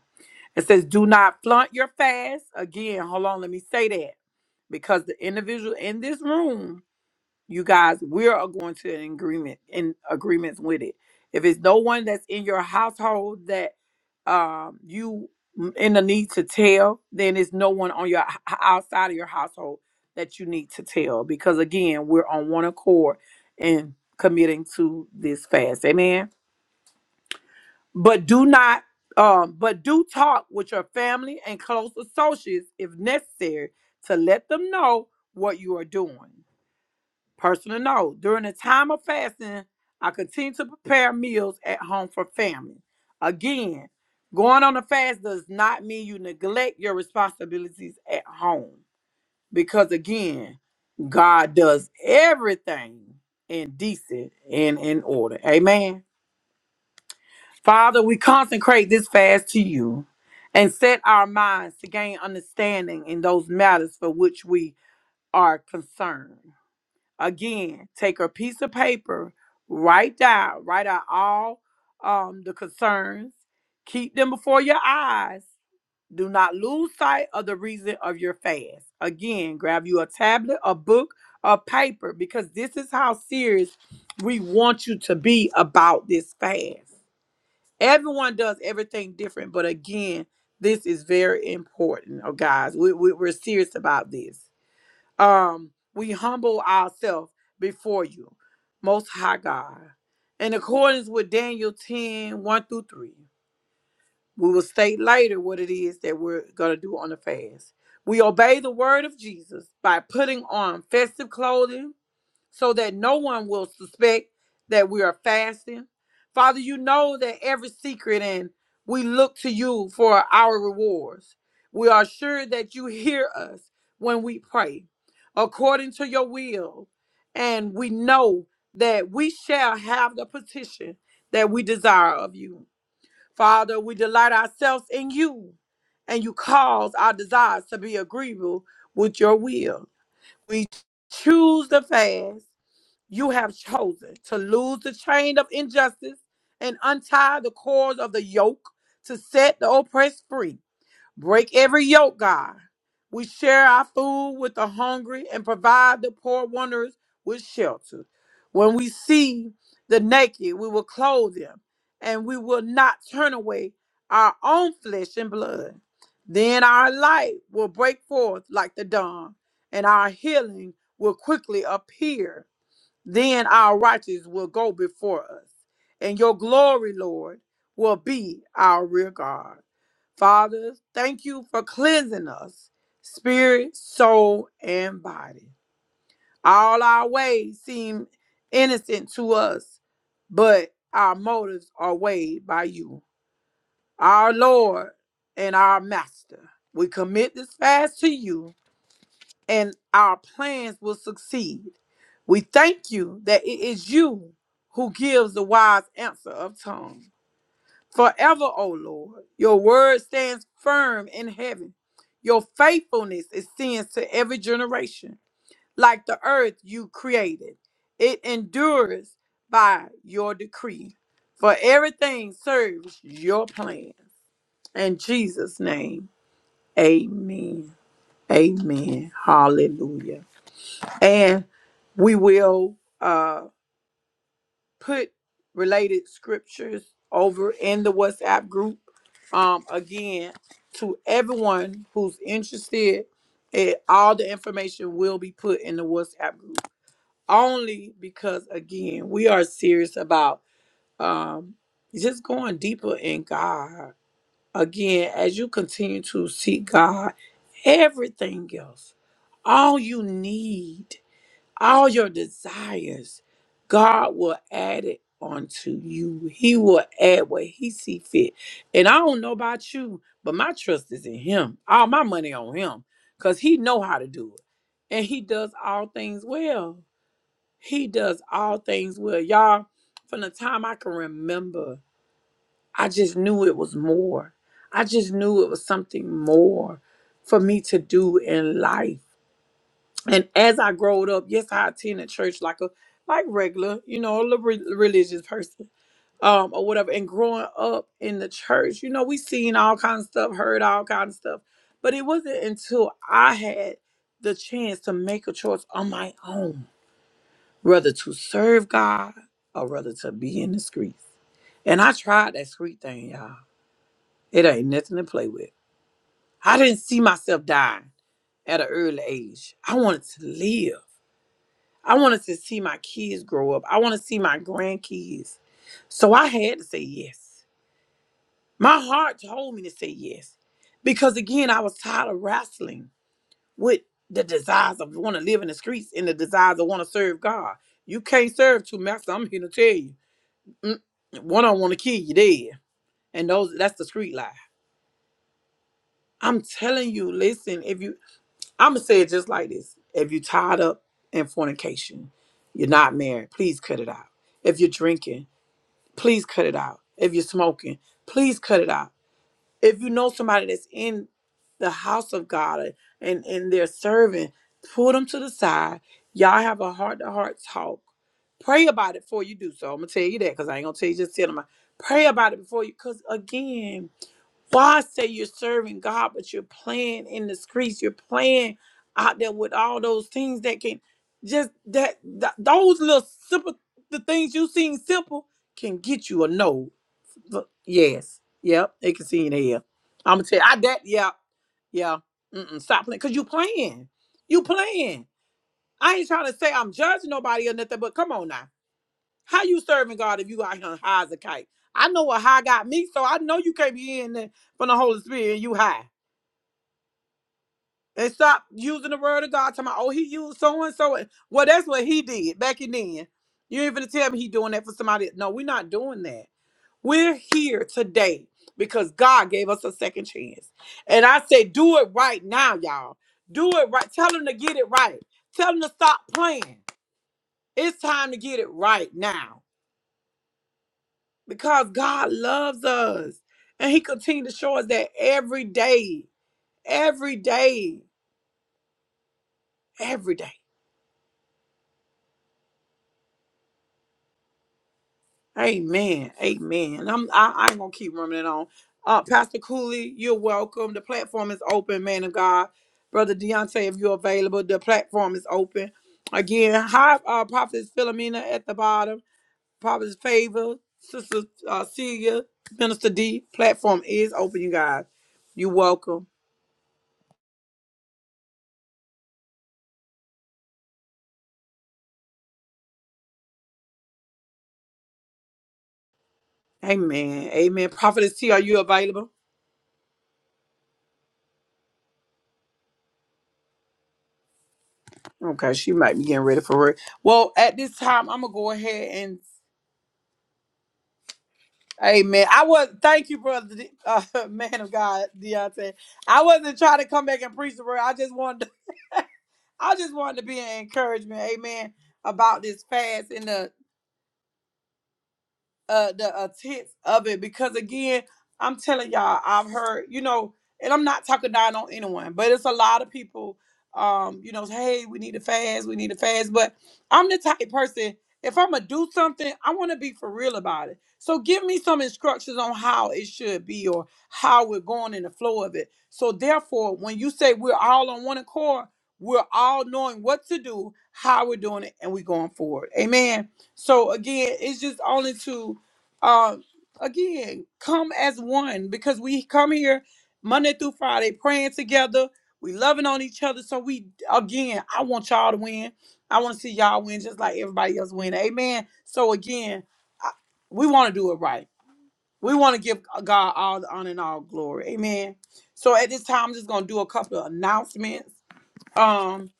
Speaker 1: It says, do not flaunt your fast. Again, hold on, let me say that. Because the individual in this room, you guys, we are going to an agreement in agreements with it. If it's no one that's in your household that um you m- in the need to tell, then it's no one on your h- h- outside of your household that you need to tell. Because again, we're on one accord in committing to this fast. Amen but do not um but do talk with your family and close associates if necessary to let them know what you are doing personal note during the time of fasting i continue to prepare meals at home for family again going on a fast does not mean you neglect your responsibilities at home because again god does everything in decent and in order amen Father, we consecrate this fast to you and set our minds to gain understanding in those matters for which we are concerned. Again, take a piece of paper, write down, write out all um, the concerns, keep them before your eyes. Do not lose sight of the reason of your fast. Again, grab you a tablet, a book, a paper, because this is how serious we want you to be about this fast everyone does everything different but again this is very important oh guys we, we, we're serious about this um we humble ourselves before you most high god in accordance with daniel ten one through 3 we will state later what it is that we're going to do on the fast we obey the word of jesus by putting on festive clothing so that no one will suspect that we are fasting. Father, you know that every secret and we look to you for our rewards. We are sure that you hear us when we pray according to your will. And we know that we shall have the petition that we desire of you. Father, we delight ourselves in you, and you cause our desires to be agreeable with your will. We choose the fast you have chosen to lose the chain of injustice and untie the cords of the yoke to set the oppressed free. Break every yoke, God. We share our food with the hungry and provide the poor wanderers with shelter. When we see the naked, we will clothe them and we will not turn away our own flesh and blood. Then our light will break forth like the dawn and our healing will quickly appear then our righteous will go before us, and your glory, Lord, will be our rear guard. Father, thank you for cleansing us, spirit, soul, and body. All our ways seem innocent to us, but our motives are weighed by you, our Lord and our Master. We commit this fast to you and our plans will succeed. We thank you that it is you who gives the wise answer of tongue. Forever, O Lord, your word stands firm in heaven. Your faithfulness extends to every generation. Like the earth you created, it endures by your decree. For everything serves your plan. In Jesus' name, amen. Amen. Hallelujah. And we will uh, put related scriptures over in the WhatsApp group um, again to everyone who's interested. It, all the information will be put in the WhatsApp group only because, again, we are serious about um, just going deeper in God. Again, as you continue to seek God, everything else, all you need all your desires, God will add it onto you. He will add what He see fit. And I don't know about you, but my trust is in Him. All my money on Him, cause He know how to do it, and He does all things well. He does all things well, y'all. From the time I can remember, I just knew it was more. I just knew it was something more for me to do in life and as I growed up, yes, I attended church like a like regular, you know, a little re- religious person, um, or whatever. And growing up in the church, you know, we seen all kinds of stuff, heard all kinds of stuff, but it wasn't until I had the chance to make a choice on my own, whether to serve God or whether to be in the streets. And I tried that street thing, y'all. It ain't nothing to play with. I didn't see myself dying at an early age. I wanted to live. I wanted to see my kids grow up. I want to see my grandkids. So I had to say yes. My heart told me to say yes. Because again, I was tired of wrestling with the desires of want to live in the streets and the desires of want to serve God. You can't serve two masters. I'm here to tell you. Mm, One I want to kill you dead. And those that's the street life. I'm telling you, listen, if you I'ma say it just like this. If you tied up in fornication, you're not married, please cut it out. If you're drinking, please cut it out. If you're smoking, please cut it out. If you know somebody that's in the house of God and, and they're serving, pull them to the side. Y'all have a heart to heart talk. Pray about it before you do so. I'm gonna tell you that because I ain't gonna tell you just tell them. Pray about it before you, because again, boss say you're serving God, but you're playing in the streets. You're playing out there with all those things that can just that, that those little simple the things you seem simple can get you a no. Look, Yes. Yep. It can see in here. I'm gonna tell you, I that yeah, yeah. Mm-mm, stop playing. Cause you playing. You playing. I ain't trying to say I'm judging nobody or nothing, but come on now. How you serving God if you out here high as a kite? I know what high got me, so I know you can't be in there from the Holy Spirit and you high. And stop using the word of God. Talking about, oh, he used so and so. Well, that's what he did back in then. You ain't finna tell me he doing that for somebody. No, we're not doing that. We're here today because God gave us a second chance. And I say, do it right now, y'all. Do it right. Tell them to get it right. Tell them to stop playing. It's time to get it right now because God loves us. And He continues to show us that every day, every day, every day. Amen. Amen. And I'm I, I ain't gonna keep running it on. Uh Pastor Cooley, you're welcome. The platform is open, man of God. Brother Deontay, if you're available, the platform is open. Again, hi uh Prophetess Philomena at the bottom, Prophetess Favor, Sister uh Celia, Minister D, platform is open, you guys. You're welcome. Amen. Amen. Prophetess T, are you available? Okay, she might be getting ready for it. Well, at this time, I'm gonna go ahead Amen. I was thank you, brother, De- uh, man of God, Deontay. I wasn't trying to come back and preach the word. I just wanted, to, I just wanted to be an encouragement. Amen. About this fast and the uh the intent of it because again i'm telling y'all i've heard you know and i'm not talking down on anyone but it's a lot of people um you know hey we need to fast we need to fast but i'm the type person if i'm gonna do something i want to be for real about it so give me some instructions on how it should be or how we're going in the flow of it so therefore when you say we're all on one accord we're all knowing what to do how we're doing it and we're going forward amen so again it's just only to uh, again, come as one because we come here Monday through Friday praying together. We loving on each other. So we again, I want y'all to win. I want to see y'all win just like everybody else win. Amen. So again, I, we want to do it right. We want to give God all the honor and all glory. Amen. So at this time, I'm just gonna do a couple of announcements um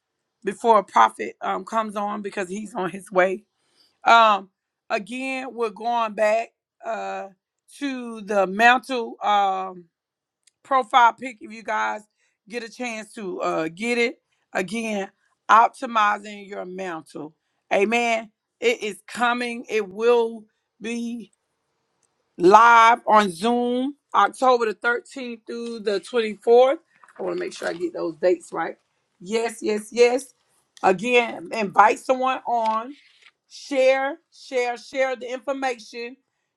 Speaker 1: before a prophet um comes on because he's on his way. Um, again, we're going back uh to the mental um profile pic if you guys get a chance to uh get it. Again, optimizing your mental. Amen. It is coming. It will be live on Zoom October the 13th through the 24th. I want to make sure I get those dates right. Yes, yes, yes. Again, invite someone on, share, share, share the information.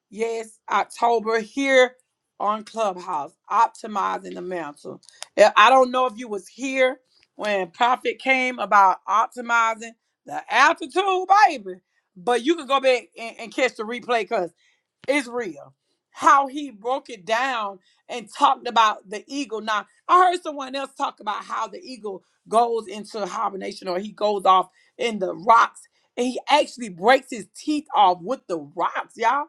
Speaker 1: Yes, October here on Clubhouse, optimizing the mantle. Yeah, I don't know if you was here when Prophet came about optimizing the altitude, baby, but you can go back and, and catch the replay because. Israel, how he broke it down and talked about the eagle. Now, I heard someone else talk about how the eagle goes into hibernation or he goes off in the rocks and he actually breaks his teeth off with the rocks, y'all,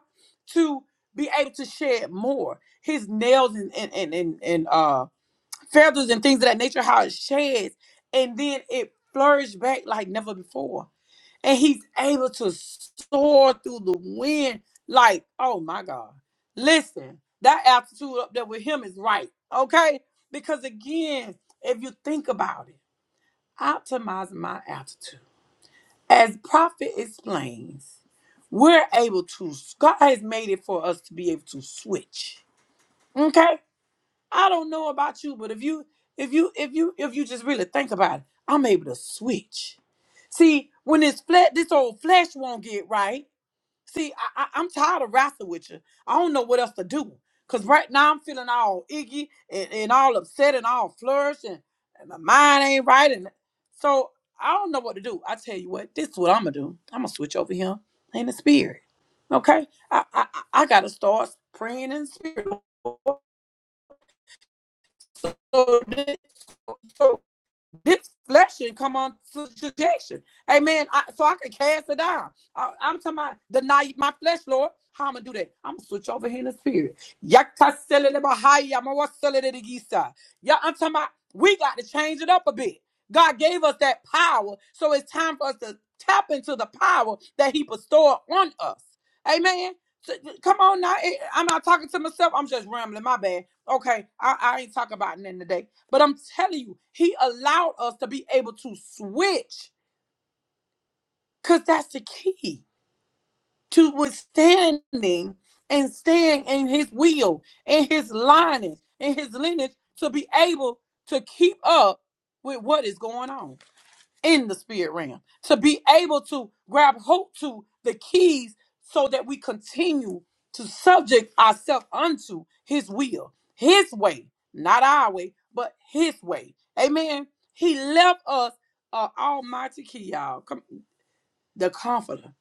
Speaker 1: to be able to shed more. His nails and and and and, and uh feathers and things of that nature, how it sheds, and then it flourished back like never before and he's able to soar through the wind. Like, oh my God. Listen, that altitude up there with him is right. Okay? Because again, if you think about it, optimizing my altitude. As Prophet explains, we're able to, God has made it for us to be able to switch. Okay? I don't know about you, but if you, if you, if you, if you just really think about it, I'm able to switch. See, when this flesh, this old flesh won't get right See, I, I, I'm tired of wrestling with you. I don't know what else to do. Cause right now I'm feeling all iggy and, and all upset and all flourished and, and my mind ain't right. And so I don't know what to do. I tell you what, this is what I'm gonna do. I'm gonna switch over here in the spirit. Okay? I I, I I gotta start praying in the spirit. So this flesh should come on to subjection. Amen. I, so I can cast it down. I, am talking about deny my flesh, Lord. How I'm gonna do that? I'm gonna switch over here in the spirit. Yakaselelebahaya, mawaseleledigisa. Yeah, I'm talking about we got to change it up a bit. God gave us that power, so it's time for us to tap into the power that He bestowed on us. Amen. So, Come on now. eh, I'm not talking to myself. I'm just rambling. My bad. Okay, I, I ain't talking about nothing today. But I'm telling you, he allowed us to be able to switch because that's the key to withstanding and staying in his will in his lineage in his lineage to be able to keep up with what is going on in the spirit realm to be able to grab hold to the keys so that we continue to subject ourselves unto his will his way not our way but his way amen he left us uh, almighty key y'all come, the comforter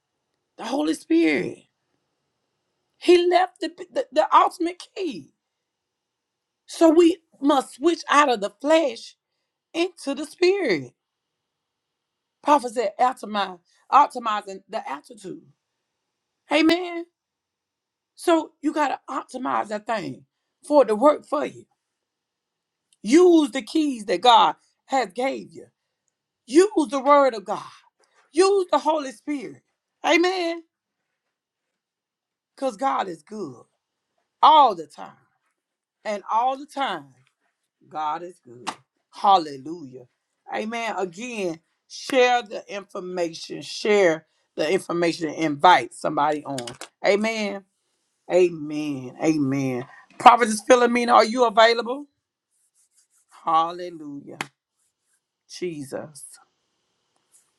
Speaker 1: the holy spirit he left the, the the ultimate key so we must switch out of the flesh into the spirit prophet said optimize optimizing the altitude Amen. So you gotta optimize that thing for it to work for you. Use the keys that God has gave you. Use the word of God. Use the Holy Spirit. Amen. Because God is good all the time. And all the time, God is good. Hallelujah. Amen. Again, share the information. Share the information and invite somebody on. Amen. Amen. Amen. Prophetess Philomena, are you available? Hallelujah. Jesus.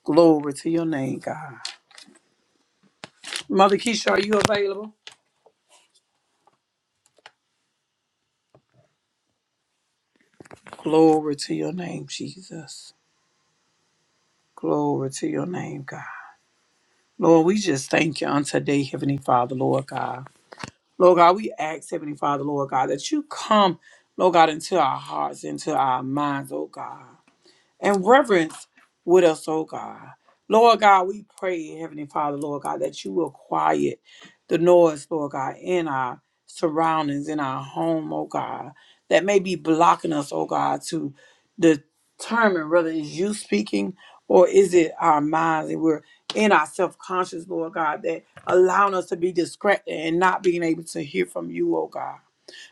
Speaker 1: Glory to your name, God. Mother Keisha, are you available? Glory to your name, Jesus. Glory to your name, God. Lord, we just thank you on today, Heavenly Father, Lord God. Lord God, we ask, Heavenly Father, Lord God, that you come, Lord God, into our hearts, into our minds, oh God. and reverence with us, oh God. Lord God, we pray, Heavenly Father, Lord God, that you will quiet the noise, Lord God, in our surroundings, in our home, oh God, that may be blocking us, oh God, to determine whether it's you speaking or is it our minds and we're in our self-conscious, Lord God, that allowing us to be distracted and not being able to hear from you, oh God.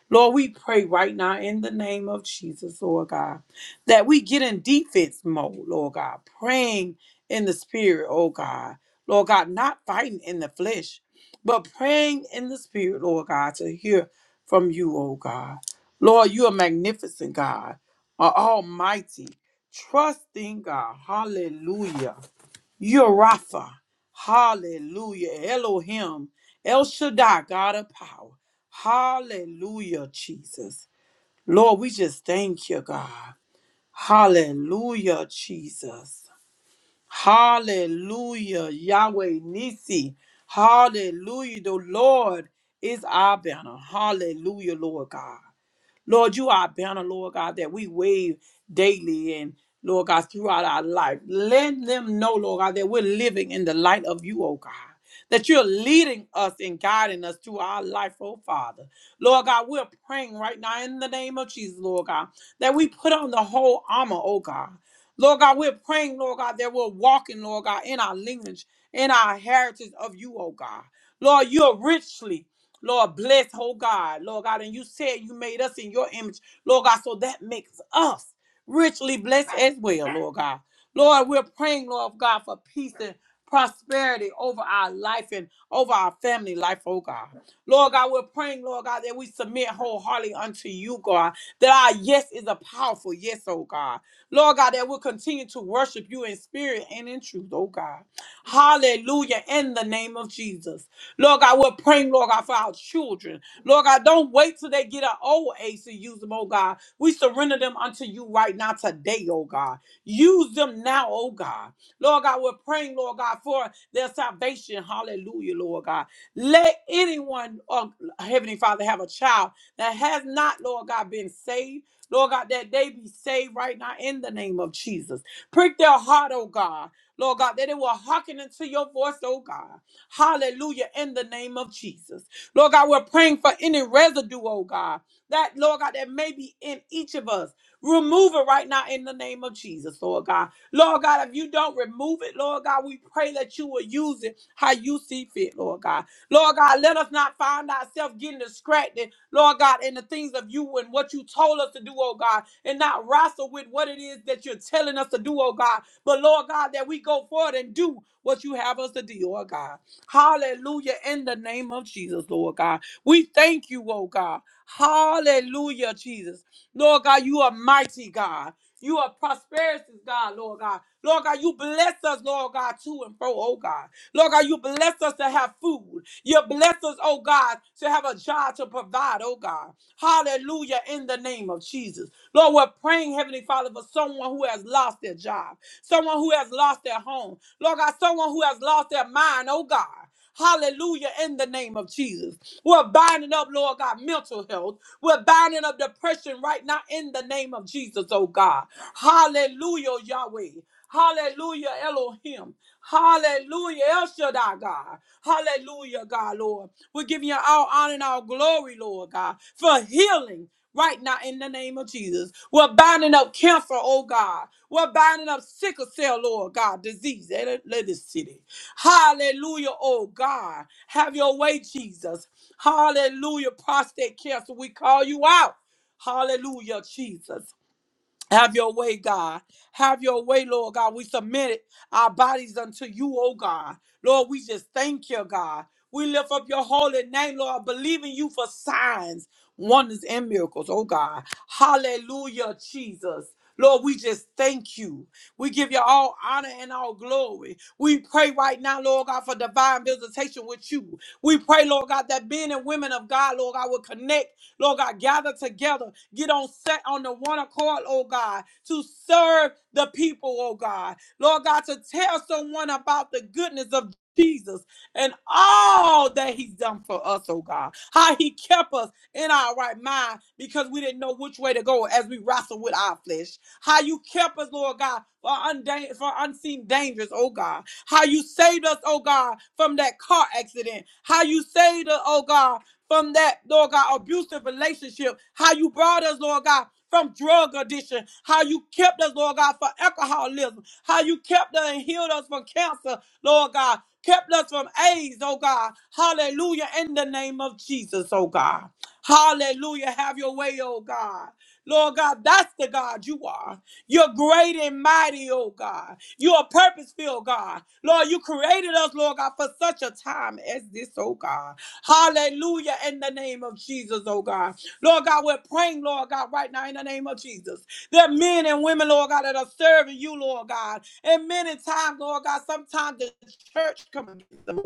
Speaker 1: Lord, we pray right now in the name of Jesus, Lord God, that we get in defense mode, Lord God, praying in the spirit, oh God. Lord God, not fighting in the flesh, but praying in the spirit, Lord God, to hear from you, oh God. Lord, you are magnificent, God, are almighty, trusting God. Hallelujah. You're Rapha. Hallelujah. Elohim. El Shaddai, God of power. Hallelujah, Jesus. Lord, we just thank you, God. Hallelujah, Jesus. Hallelujah, Yahweh Nisi. Hallelujah, the Lord is our banner. Hallelujah, Lord God. Lord, you are our banner, Lord God, that we wave daily and Lord God, throughout our life. Let them know, Lord God, that we're living in the light of you, oh God. That you're leading us and guiding us through our life, oh Father. Lord God, we're praying right now in the name of Jesus, Lord God, that we put on the whole armor, oh God. Lord God, we're praying, Lord God, that we're walking, Lord God, in our lineage, in our heritage of you, oh God. Lord, you're richly, Lord, bless, oh God, Lord God. And you said you made us in your image, Lord God, so that makes us richly blessed as well, Lord God. Lord, we're praying, Lord God, for peace and prosperity over our life and over our family life, oh God. Lord God, we're praying, Lord God, that we submit wholeheartedly unto you, God, that our yes is a powerful yes, oh God. Lord God, that we'll continue to worship you in spirit and in truth, oh God. Hallelujah, in the name of Jesus. Lord God, we're praying, Lord God, for our children. Lord God, don't wait till they get an old age to use them, oh God. We surrender them unto you right now today, oh God. Use them now, oh God. Lord God, we're praying, Lord God, for their salvation. Hallelujah, Lord God. Let anyone, oh, Heavenly Father, have a child that has not, Lord God, been saved. Lord God, that they be saved right now in the name of Jesus. Prick their heart, oh God. Lord God, that they will hearken unto your voice, oh God. Hallelujah. In the name of Jesus. Lord God, we're praying for any residue, oh God. That, Lord God, that may be in each of us. Remove it right now in the name of Jesus, Lord God. Lord God, if you don't remove it, Lord God, we pray that you will use it how you see fit, Lord God. Lord God, let us not find ourselves getting distracted, Lord God, in the things of you and what you told us to do, oh God, and not wrestle with what it is that you're telling us to do, oh God. But Lord God, that we go forward and do what you have us to do, oh God. Hallelujah. In the name of Jesus, Lord God. We thank you, oh God. Hallelujah, Jesus. Lord God, you are mighty God. You are prosperous, God, Lord God. Lord God, you bless us, Lord God, to and fro, oh God. Lord God, you bless us to have food. You bless us, oh God, to have a job to provide, oh God. Hallelujah, in the name of Jesus. Lord, we're praying, Heavenly Father, for someone who has lost their job, someone who has lost their home. Lord God, someone who has lost their mind, oh God. Hallelujah. In the name of Jesus. We're binding up, Lord God, mental health. We're binding up depression right now in the name of Jesus, oh God. Hallelujah, Yahweh. Hallelujah, Elohim. Hallelujah, El Shaddai, God. Hallelujah, God, Lord. We're giving you all honor and all glory, Lord God, for healing right now in the name of Jesus. We're binding up cancer, oh God. We're binding up sickle cell, Lord God, disease Let in this city. Hallelujah, oh God. Have your way, Jesus. Hallelujah, prostate cancer. We call you out. Hallelujah, Jesus. Have your way, God. Have your way, Lord God. We submit our bodies unto you, oh God. Lord, we just thank you, God. We lift up your holy name, Lord, believing you for signs, wonders, and miracles, oh God. Hallelujah, Jesus. Lord, we just thank you. We give you all honor and all glory. We pray right now, Lord God, for divine visitation with you. We pray, Lord God, that men and women of God, Lord God, will connect Lord God, gather together, get on set on the one accord, oh God, to serve the people, oh God. Lord God, to tell someone about the goodness of Jesus and all that he's done for us, oh God. How he kept us in our right mind because we didn't know which way to go as we wrestled with our flesh. How you kept us, Lord God, for, undan- for unseen dangers, oh God. How you saved us, oh God, from that car accident. How you saved us, oh God, from that, Lord God, abusive relationship. How you brought us, Lord God, from drug addiction. How you kept us, Lord God, from alcoholism. How you kept us and healed us from cancer, Lord God. Kept us from AIDS, oh God. Hallelujah. In the name of Jesus, oh God. Hallelujah. Have your way, oh God. Lord God, that's the God you are. You're great and mighty, oh God. You're a purpose filled God. Lord, you created us, Lord God, for such a time as this, oh God. Hallelujah, in the name of Jesus, oh God. Lord God, we're praying, Lord God, right now in the name of Jesus. There are men and women, Lord God, that are serving you, Lord God. And many times, Lord God, sometimes the church comes. against them.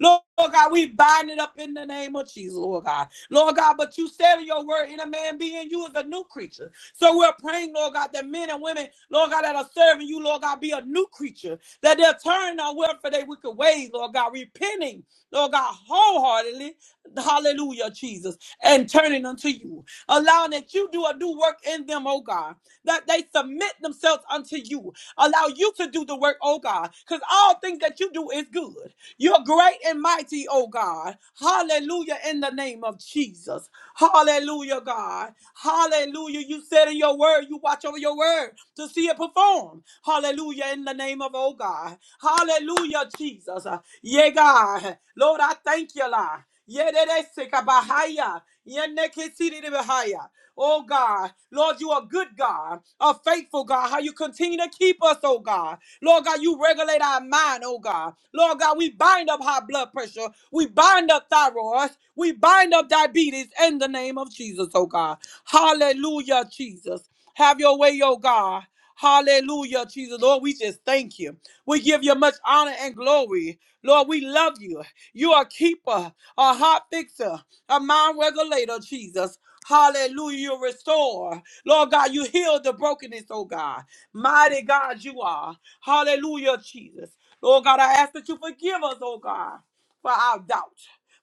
Speaker 1: Lord God, we bind it up in the name of Jesus, Lord God. Lord God, but you said in your word, in a man being you is a new creature. So we're praying, Lord God, that men and women, Lord God, that are serving you, Lord God, be a new creature, that they'll turn our word for their wicked ways, Lord God, repenting, Lord God, wholeheartedly, hallelujah, Jesus, and turning unto you, allowing that you do a new work in them, oh God, that they submit themselves unto you, allow you to do the work, oh God, because all things that you do is good. You're great and mighty, oh God. Hallelujah, in the name of Jesus. Hallelujah, God. Hallelujah. You said in your word, you watch over your word to see it perform. Hallelujah, in the name of, oh God. Hallelujah, Jesus. Yeah, God. Lord, I thank you, Lord. Yedede sekabahaya. Yenekesiribahaya. Oh God, Lord, you are good God, a faithful God. How you continue to keep us, oh God. Lord God, you regulate our mind, oh God. Lord God, we bind up high blood pressure. We bind up thyroid. We bind up diabetes in the name of Jesus, oh God. Hallelujah, Jesus. Have your way, oh God. Hallelujah, Jesus. Lord, we just thank you. We give you much honor and glory. Lord, we love you. You are a keeper, a heart fixer, a mind regulator, Jesus. Hallelujah, you restore. Lord God, you heal the brokenness, oh God. Mighty God, you are. Hallelujah, Jesus. Lord God, I ask that you forgive us, oh God, for our doubt,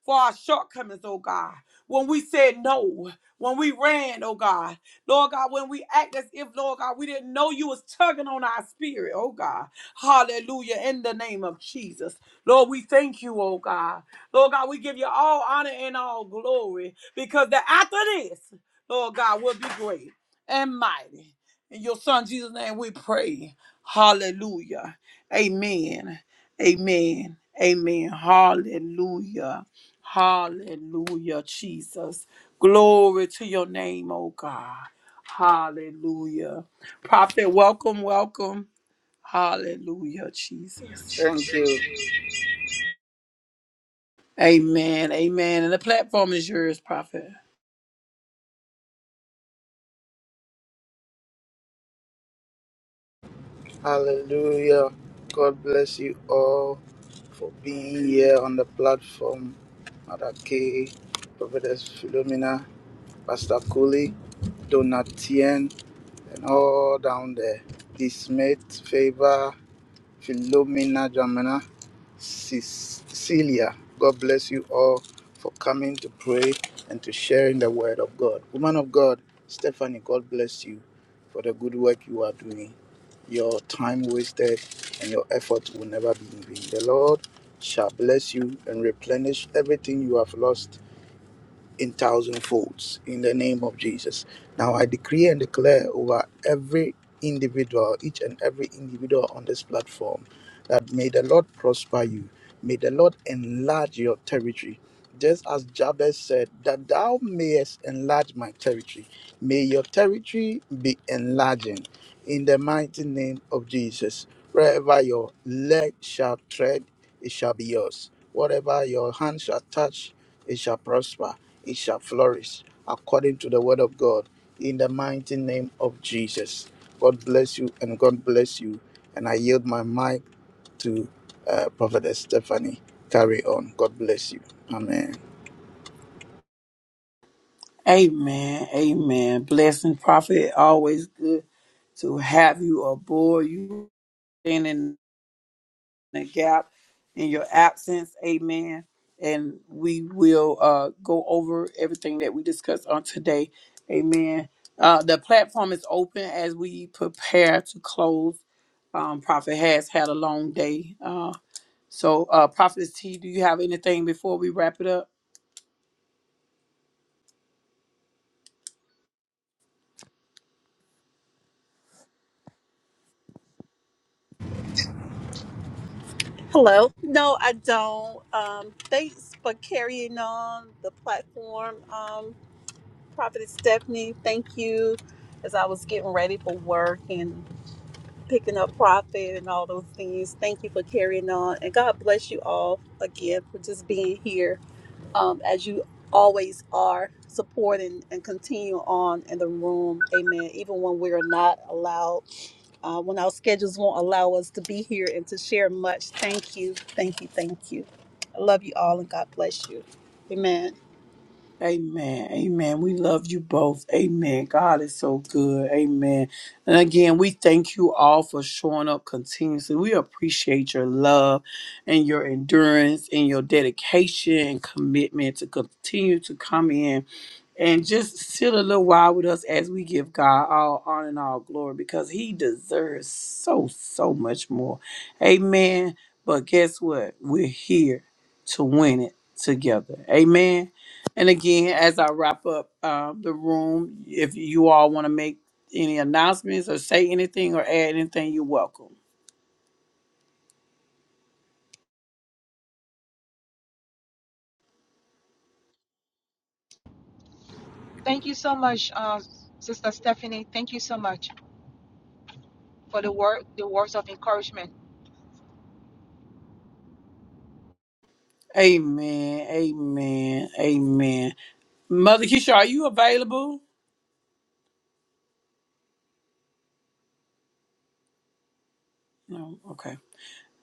Speaker 1: for our shortcomings, oh God. When we said no, when we ran, oh God. Lord God, when we act as if, Lord God, we didn't know you was tugging on our spirit, oh God. Hallelujah. In the name of Jesus. Lord, we thank you, oh God. Lord God, we give you all honor and all glory because the after this, Lord God, will be great and mighty. In your son Jesus' name we pray. Hallelujah. Amen. Amen. Amen. Hallelujah. Hallelujah, Jesus. Glory to your name, oh God. Hallelujah. Prophet, welcome, welcome. Hallelujah, Jesus.
Speaker 6: Thank you.
Speaker 1: Amen. Amen. And the platform is yours, Prophet.
Speaker 6: Hallelujah. God bless you all for being here on the platform. Mother K, Prophetess Philomena, Pastor Cooley, Donatien, and all down there. D. Smith, Favor, Philomena, Jamina, Cecilia. God bless you all for coming to pray and to sharing the word of God. Woman of God, Stephanie, God bless you for the good work you are doing. Your time wasted and your effort will never be in vain. The Lord shall bless you and replenish everything you have lost in thousand folds in the name of Jesus. Now I decree and declare over every individual, each and every individual on this platform, that may the Lord prosper you. May the Lord enlarge your territory just as Jabez said, that thou mayest enlarge my territory. May your territory be enlarging in the mighty name of Jesus. Wherever your leg shall tread, it shall be yours. Whatever your hand shall touch, it shall prosper, it shall flourish according to the word of God in the mighty name of Jesus. God bless you and God bless you. And I yield my mic to uh, Prophetess Stephanie. Carry on. God bless you. Amen.
Speaker 1: Amen. Amen. Blessing, Prophet. Always good to have you aboard. You standing the gap in your absence. Amen. And we will uh, go over everything that we discussed on today. Amen. Uh, the platform is open as we prepare to close. Um, Prophet has had a long day. Uh, so, uh, Prophet T, do you have anything before we wrap it up?
Speaker 6: Hello. No, I don't. Um, thanks for carrying on the platform, um, Prophet Stephanie. Thank you. As I was getting ready for work and picking up Prophet and all those things, thank you for carrying on. And God bless you all again for just being here um, as you always are, supporting and continue on in the room. Amen. Even when we're not allowed uh, when our schedules won't allow us to be here and to share much. Thank you, thank you, thank you. I love you all and God bless you. Amen.
Speaker 1: Amen. Amen. We love you both. Amen. God is so good. Amen. And again, we thank you all for showing up continuously. We appreciate your love and your endurance and your dedication and commitment to continue to come in and just sit a little while with us as we give God all honor and all glory because He deserves so, so much more. Amen. But guess what? We're here to win it together. Amen. And again, as I wrap up uh, the room, if you all want to make any announcements or say anything or add anything, you're welcome.
Speaker 4: Thank you so much, uh, Sister Stephanie. Thank you so much for the word, the words of encouragement.
Speaker 1: Amen. Amen. Amen. Mother Keisha, are you available? No. Okay.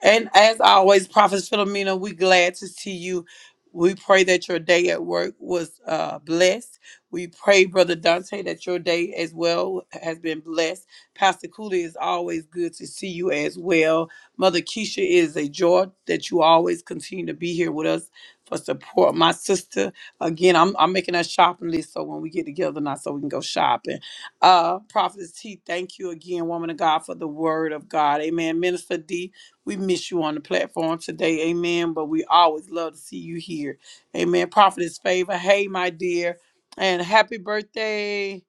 Speaker 1: And as always, Prophet Philomena, we glad to see you. We pray that your day at work was uh, blessed. We pray, Brother Dante, that your day as well has been blessed. Pastor Cooley is always good to see you as well. Mother Keisha it is a joy that you always continue to be here with us for support. My sister, again, I'm, I'm making a shopping list so when we get together now, so we can go shopping. Uh, Prophet T, thank you again, woman of God, for the word of God. Amen. Minister D, we miss you on the platform today, amen. But we always love to see you here, amen. Prophetess Favor, hey, my dear, and happy birthday,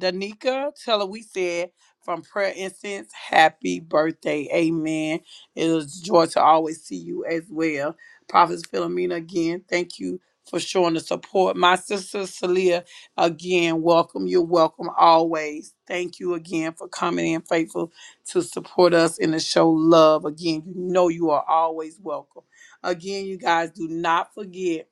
Speaker 1: Danica. Tell her we said from Prayer Incense, happy birthday, amen. It is a joy to always see you as well. Prophetess Philomena, again, thank you for showing the support. My sister Celia, again, welcome. You're welcome always. Thank you again for coming in faithful to support us and to show love. Again, you know you are always welcome. Again, you guys do not forget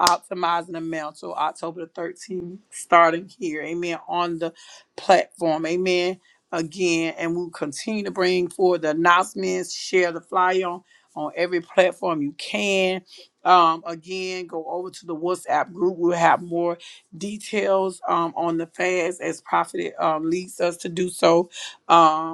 Speaker 1: optimizing the mantle October the 13th, starting here. Amen. On the platform. Amen. Again, and we'll continue to bring forward the announcements, share the flyer on, on every platform you can. Um, again, go over to the WhatsApp group. We'll have more details um, on the fast as Prophet um, leads us to do so. Um,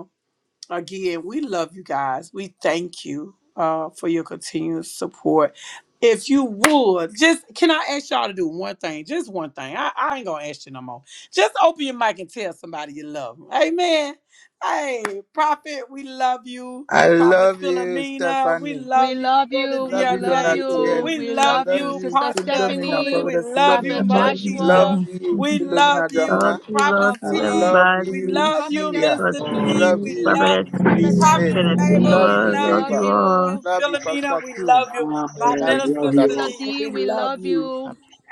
Speaker 1: again, we love you guys. We thank you uh, for your continuous support. If you would, just can I ask y'all to do one thing? Just one thing. I, I ain't gonna ask you no more. Just open your mic and tell somebody you love 'em. Amen. Hey, Prophet, we love you.
Speaker 6: I
Speaker 1: Prophet
Speaker 6: love you,
Speaker 1: Philomena, we
Speaker 6: Stephanie.
Speaker 4: We
Speaker 1: love you.
Speaker 4: love
Speaker 1: Brother
Speaker 4: you. We
Speaker 6: Love you,
Speaker 7: Thank
Speaker 4: love
Speaker 1: Deontay,
Speaker 7: you,
Speaker 6: Donatien.
Speaker 4: you.
Speaker 1: we
Speaker 4: We
Speaker 6: I
Speaker 1: love
Speaker 4: love you,
Speaker 6: love
Speaker 1: you.
Speaker 6: you,
Speaker 4: Sister
Speaker 1: Pastor
Speaker 6: Philomena,
Speaker 1: Cooley,
Speaker 4: Stephanie,
Speaker 1: we
Speaker 6: Prophet
Speaker 1: love you.
Speaker 6: Philomena.
Speaker 4: Prophet
Speaker 1: Mother
Speaker 6: Love
Speaker 1: Keisha,
Speaker 4: Joshua,
Speaker 3: Morning.
Speaker 6: you,
Speaker 1: we
Speaker 6: Philomena
Speaker 1: love
Speaker 3: Love
Speaker 6: Dramina.
Speaker 1: you.
Speaker 3: you,
Speaker 4: uh,
Speaker 1: Prophet
Speaker 3: love
Speaker 4: uh,
Speaker 6: I
Speaker 4: uh,
Speaker 3: you,
Speaker 4: uh,
Speaker 1: T,
Speaker 6: love
Speaker 1: we
Speaker 3: everybody.
Speaker 6: you,
Speaker 1: love you,
Speaker 4: Prophetess,
Speaker 6: Celia.
Speaker 3: Sister
Speaker 1: Minister D.
Speaker 6: Love
Speaker 3: T,
Speaker 1: We
Speaker 6: you,
Speaker 1: love
Speaker 3: Prophet
Speaker 1: you.
Speaker 3: T,
Speaker 6: this
Speaker 4: Prophetess
Speaker 6: maid.
Speaker 1: Prophetess
Speaker 3: Prophet
Speaker 1: Ava,
Speaker 6: Love
Speaker 4: D.
Speaker 1: we
Speaker 6: you,
Speaker 4: We
Speaker 3: Favor,
Speaker 1: love
Speaker 3: love
Speaker 4: love
Speaker 3: you
Speaker 6: Favor.
Speaker 1: you.
Speaker 3: all.
Speaker 1: Prophetess
Speaker 4: you,
Speaker 6: Love you, Pastor
Speaker 1: Philomena, we
Speaker 6: Cooley.
Speaker 1: love you.
Speaker 5: Amen.
Speaker 1: My
Speaker 6: I love you,
Speaker 5: Love
Speaker 1: minister
Speaker 6: Mother.
Speaker 5: you
Speaker 4: Sister
Speaker 5: all.
Speaker 1: Celia,
Speaker 4: D.
Speaker 1: we
Speaker 4: We
Speaker 1: love
Speaker 4: love
Speaker 1: you.
Speaker 4: you.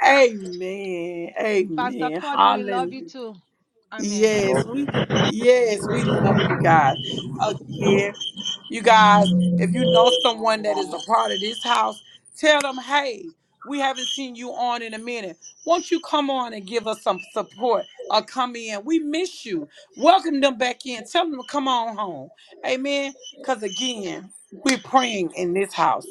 Speaker 1: Amen.
Speaker 4: Pastor
Speaker 1: Amen.
Speaker 4: Cody, we love you
Speaker 1: Hallelujah.
Speaker 4: too. Amen.
Speaker 7: Lord.
Speaker 1: Yes, we yes, we love you guys. Again. You guys, if you know someone that is a part of this house, tell them, hey, we haven't seen you on in a minute. Won't you come on and give us some support or come in? We miss you. Welcome them back in. Tell them to come on home. Amen. Because again, we're praying in this house.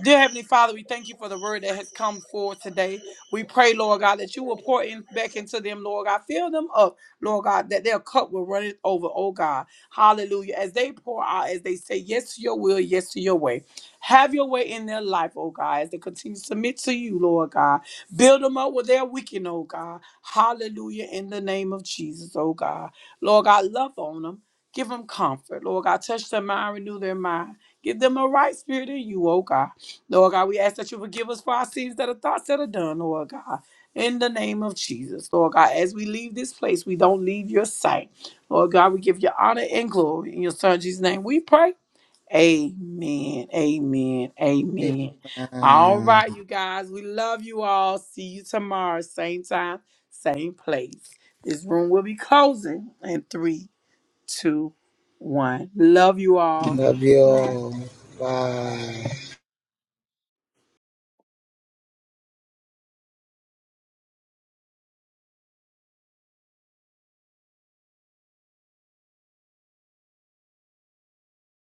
Speaker 1: Dear Heavenly Father, we thank you for the word that has come forth today. We pray, Lord God, that you will pour in back into them, Lord God. Fill them up, Lord God, that their cup will run it over, oh God. Hallelujah. As they pour out, as they say yes to your will, yes to your way. Have your way in their life, oh God, as they continue to submit to you, Lord God. Build them up where they're weakened, oh God. Hallelujah. In the name of Jesus, oh God. Lord God, love on them. Give them comfort. Lord God, touch their mind, renew their mind. Give them a right spirit in you, oh God. Lord God, we ask that you forgive us for our sins that are thoughts that are done, Lord God. In the name of Jesus, Lord God, as we leave this place, we don't leave your sight. Lord God, we give you honor and glory in your son Jesus' name. We pray. Amen. Amen.
Speaker 6: Kay.
Speaker 1: Amen. All
Speaker 6: Amen.
Speaker 1: right, you guys. We love you all. See you tomorrow. Same time, same place. This room will be closing in three, two, one. Love you all.
Speaker 6: Love you
Speaker 1: Bye.
Speaker 6: all. Bye.